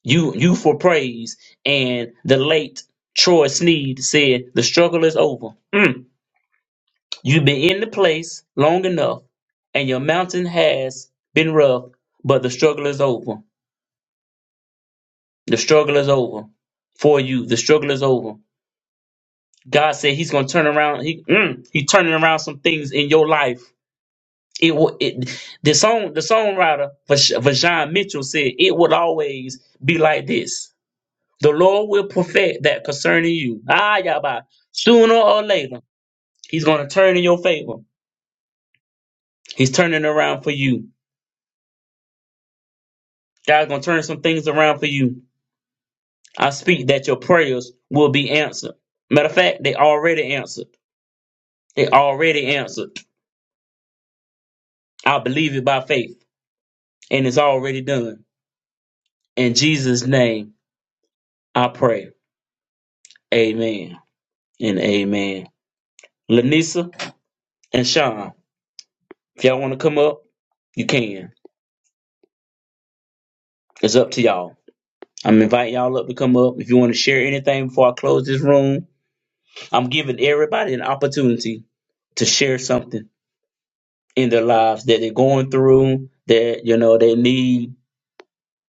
[SPEAKER 1] You you for praise. And the late Troy Sneed said, The struggle is over. Mm. You've been in the place long enough, and your mountain has been rough, but the struggle is over. The struggle is over for you. The struggle is over. God said He's gonna turn around. He mm, He turning around some things in your life. It will. It, the song, the songwriter Vash- Vajon Mitchell said, "It would always be like this." The Lord will perfect that concerning you. Ah, Yahweh. Sooner or later, He's going to turn in your favor. He's turning around for you. God's going to turn some things around for you. I speak that your prayers will be answered. Matter of fact, they already answered. They already answered. I believe it by faith, and it's already done. In Jesus' name, I pray. Amen and amen. Lanisa and Sean, if y'all want to come up, you can. It's up to y'all. I'm inviting y'all up to come up. If you want to share anything before I close this room, I'm giving everybody an opportunity to share something in their lives that they're going through, that you know they need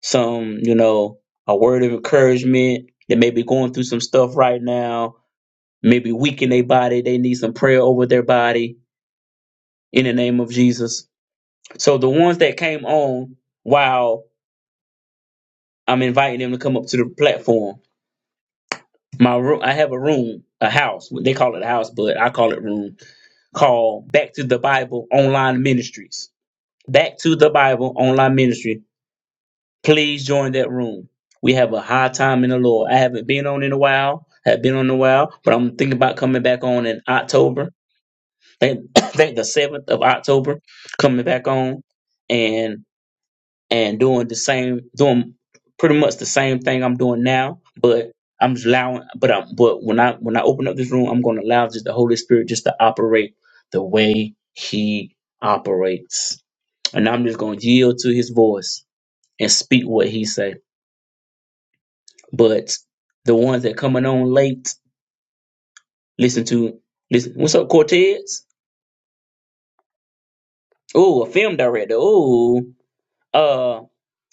[SPEAKER 1] some, you know, a word of encouragement. They may be going through some stuff right now, maybe weak in their body. They need some prayer over their body in the name of Jesus. So the ones that came on, while I'm inviting them to come up to the platform My room, I have a room, a house. They call it a house, but I call it room. Called Back to the Bible Online Ministries. Back to the Bible Online Ministry. Please join that room. We have a high time in the Lord. I haven't been on in a while. Have been on in a while, but I'm thinking about coming back on in October. I think I think the seventh of October, coming back on. and and doing the same, doing pretty much the same thing I'm doing now. But I'm just allowing, but I'm, but when I when I open up this room, I'm going to allow just the Holy Spirit just to operate the way He operates, and I'm just going to yield to His voice and speak what He say. But the ones that coming on late, listen to listen. What's up, Cortez? Oh, a film director. Oh, uh,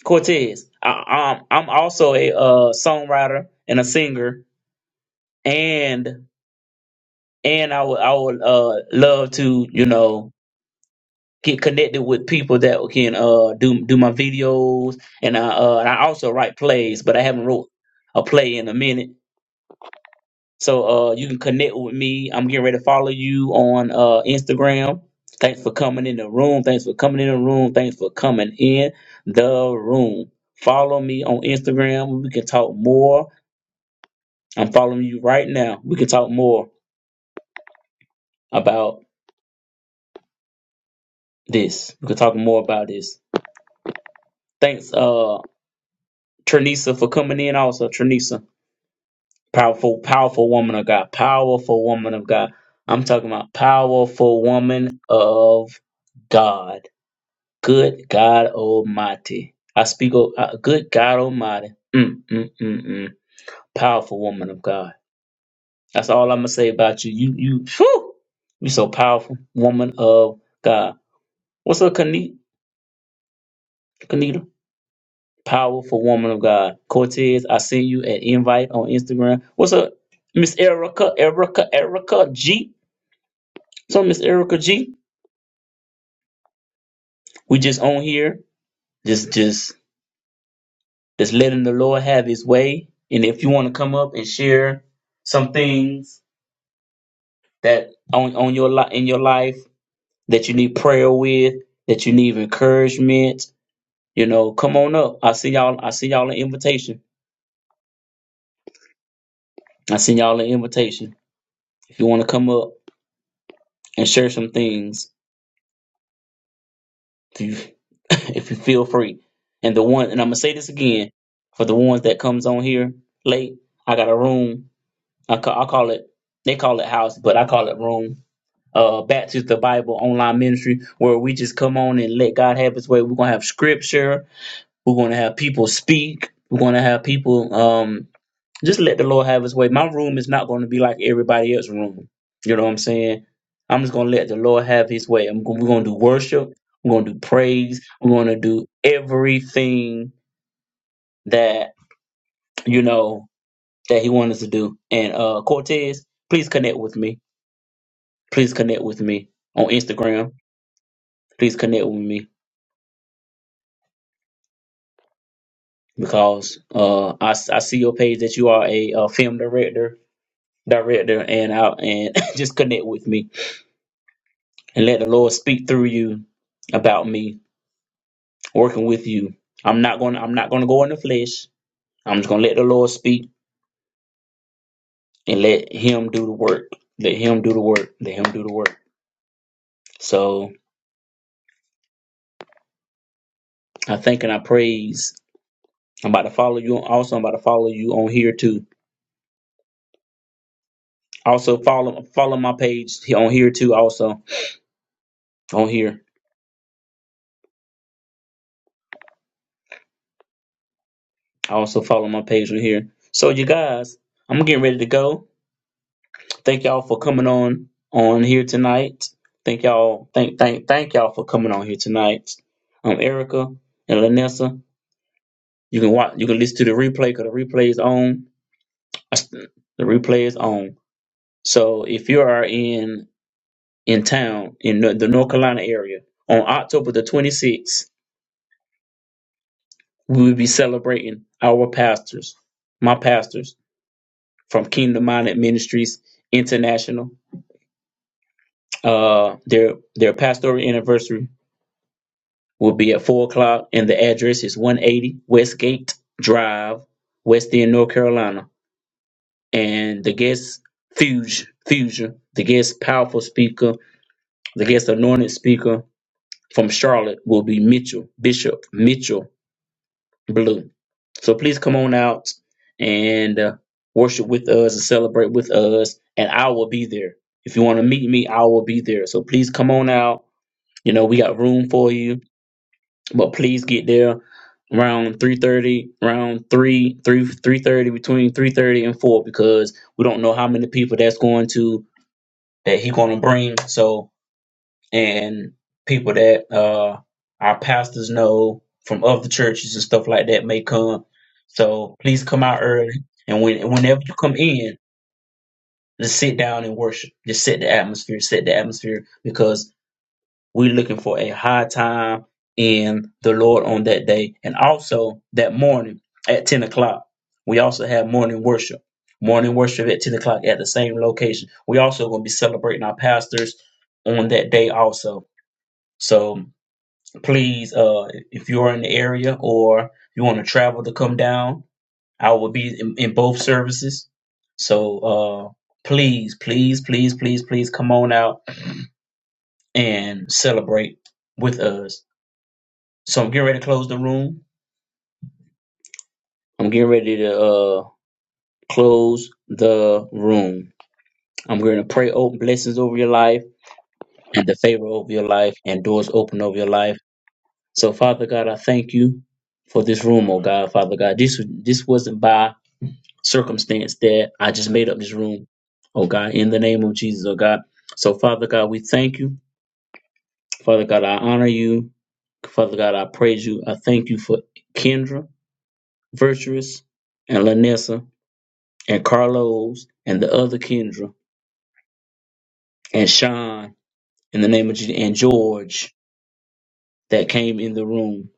[SPEAKER 1] Cortez. I, I'm I'm also a uh songwriter and a singer and and I would I would uh love to you know get connected with people that can uh do do my videos and I uh and I also write plays but I haven't wrote a play in a minute so uh you can connect with me I'm getting ready to follow you on uh Instagram thanks for coming in the room thanks for coming in the room thanks for coming in the room follow me on Instagram we can talk more I'm following you right now we can talk more about this. We could talk more about this. Thanks, uh, Trinisa, for coming in. Also, Trinisa, powerful, powerful woman of God, powerful woman of God. I'm talking about powerful woman of God. Good God Almighty. I speak of uh, good God Almighty. Mm, mm, mm, mm. Powerful woman of God. That's all I'm gonna say about you. You, you, whew, you so powerful, woman of God. What's up, Kane- Kanita? Powerful woman of God. Cortez, I sent you an invite on Instagram. What's up, Miss Erica? Erica, Erica G. So Miss Erica G, we just on here, just just just letting the Lord have His way. And if you want to come up and share some things that on on your li- in your life that you need prayer with, that you need encouragement, you know, come on up. I see y'all. I see y'all an invitation. I send y'all an invitation. If you want to come up and share some things, If you if you feel free. And the one, and I'm gonna say this again for the ones that comes on here late. I got a room. I call, I call it. They call it house, but I call it room. Uh, Baptist the Bible online ministry where we just come on and let God have His way. We're gonna have scripture. We're gonna have people speak. We're gonna have people. Um, just let the Lord have his way. My room is not going to be like everybody else's room. You know what I'm saying? I'm just going to let the Lord have his way. I'm, we're going to do worship. We're going to do praise. We're going to do everything that, you know, that he wanted to do. And uh Cortez, please connect with me. Please connect with me on Instagram. Please connect with me because uh I, s- I see your page that you are a, uh film director, director, and out and just connect with me and let the Lord speak through you about me working with you. I'm not going. to I'm not going to go in the flesh. I'm just going to let the Lord speak and let Him do the work. Let Him do the work. Let Him do the work. So I thank and I praise. I'm about to follow you. Also, I'm about to follow you on here too. Also follow follow my page on here too. Also on here. I also follow my page on here. So you guys, I'm getting ready to go. Thank y'all for coming on on here tonight. Thank y'all. Thank thank thank y'all for coming on here tonight. Um, Erica and Lanessa, you can watch. You can listen to the replay because the replay is on. I st- The replay is on. So if you are in in town in the, the North Carolina area on October the 26th, we will be celebrating our pastors, my pastors from Kingdom Minded Ministries International. Uh, their their pastoral anniversary will be at 4 o'clock, and the address is 180 Westgate Drive, West End, North Carolina. And the guest Fuge, Fusion, the guest powerful speaker, the guest anointed speaker from Charlotte will be Mitchell, Bishop Mitchell Blue. So please come on out and uh, worship with us and celebrate with us. And I will be there. If you want to meet me, I will be there. So please come on out. You know, we got room for you but please get there around 3.30 around three, three, three thirty, between 3.30 and 4 because we don't know how many people that's going to that he going to bring so and people that uh our pastors know from other churches and stuff like that may come so please come out early and when whenever you come in just sit down and worship just set the atmosphere set the atmosphere because. We're looking for a high time in the Lord on that day and also that morning at 10 o'clock. We also have morning worship. Morning worship at 10 o'clock at the same location. We also going to be celebrating our pastors on that day also. So please, uh, if you are in the area or you want to travel to come down, I will be in, in both services. So uh, please, please, please, please, please come on out and celebrate with us. So I'm getting ready to close the room. I'm getting ready to uh close the room. I'm going to pray open blessings over your life and the favor over your life and doors open over your life. So Father God, I thank you for this room, oh God, Father God. This this wasn't by circumstance that I just made up this room, oh God, in the name of Jesus, oh God. So Father God, we thank you. Father God, I honor you. Father God, I praise you. I thank you for Kendra, Virtuous, and Lanessa. and Carlos and the other Kendra and Sean in the name of Jesus and George that came in the room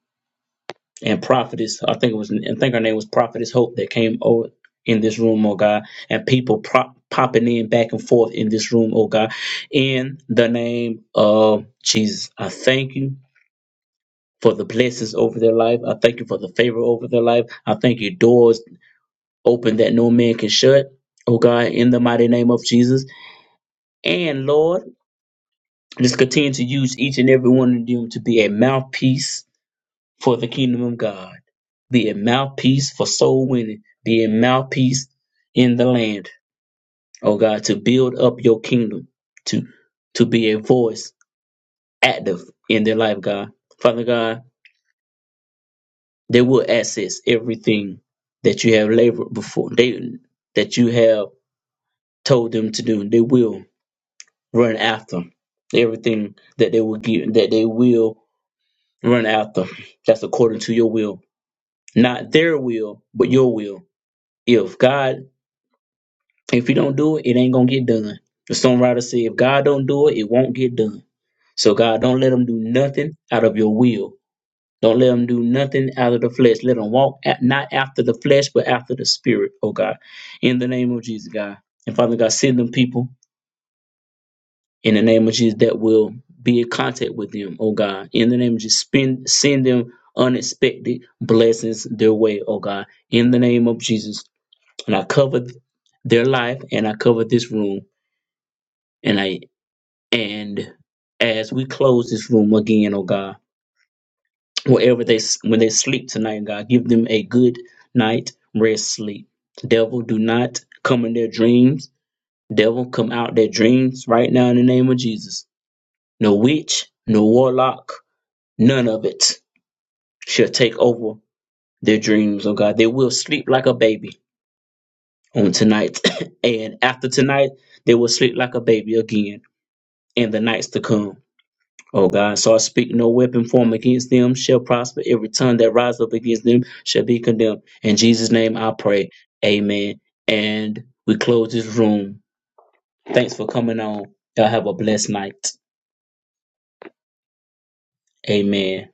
[SPEAKER 1] and prophetess I think it was I think her name was prophetess Hope that came over in this room oh God and people prop, popping in back and forth in this room oh God in the name of Jesus I thank you for the blessings over their life I thank you for the favor over their life I thank you doors open that no man can shut oh God in the mighty name of Jesus and Lord Let's continue to use each and every one of them to be a mouthpiece for the kingdom of God, be a mouthpiece for soul winning, be a mouthpiece in the land, oh God, to build up your kingdom, to to be a voice active in their life, God. Father God, they will access everything that you have labored before, they that you have told them to do. They will run after everything that they will give, that they will run after. That's according to your will, not their will, but your will. If God, if you don't do it, it ain't gonna get done. The songwriter said, if God don't do it, it won't get done. So God, don't let them do nothing out of your will. Don't let them do nothing out of the flesh. Let them walk at, not after the flesh, but after the spirit, oh God. In the name of Jesus, God. And Father God, send them people in the name of Jesus that will be in contact with them, oh God. In the name of Jesus, spend, send them unexpected blessings their way, oh God. In the name of Jesus. And I cover th- their life and I cover this room. And I and as we close this room again, oh God, wherever they s- when they sleep tonight, God, give them a good night rest sleep. Devil, do not come in their dreams. Devil, come out their dreams right now in the name of Jesus. No witch, no warlock, None of it shall take over their dreams, oh God. They will sleep like a baby on tonight. and after tonight, they will sleep like a baby again in the nights to come. Oh God, so I speak no weapon formed against them shall prosper. Every tongue that rises up against them shall be condemned. In Jesus' name I pray. Amen. And we close this room. Thanks for coming on. Y'all have a blessed night. Amen.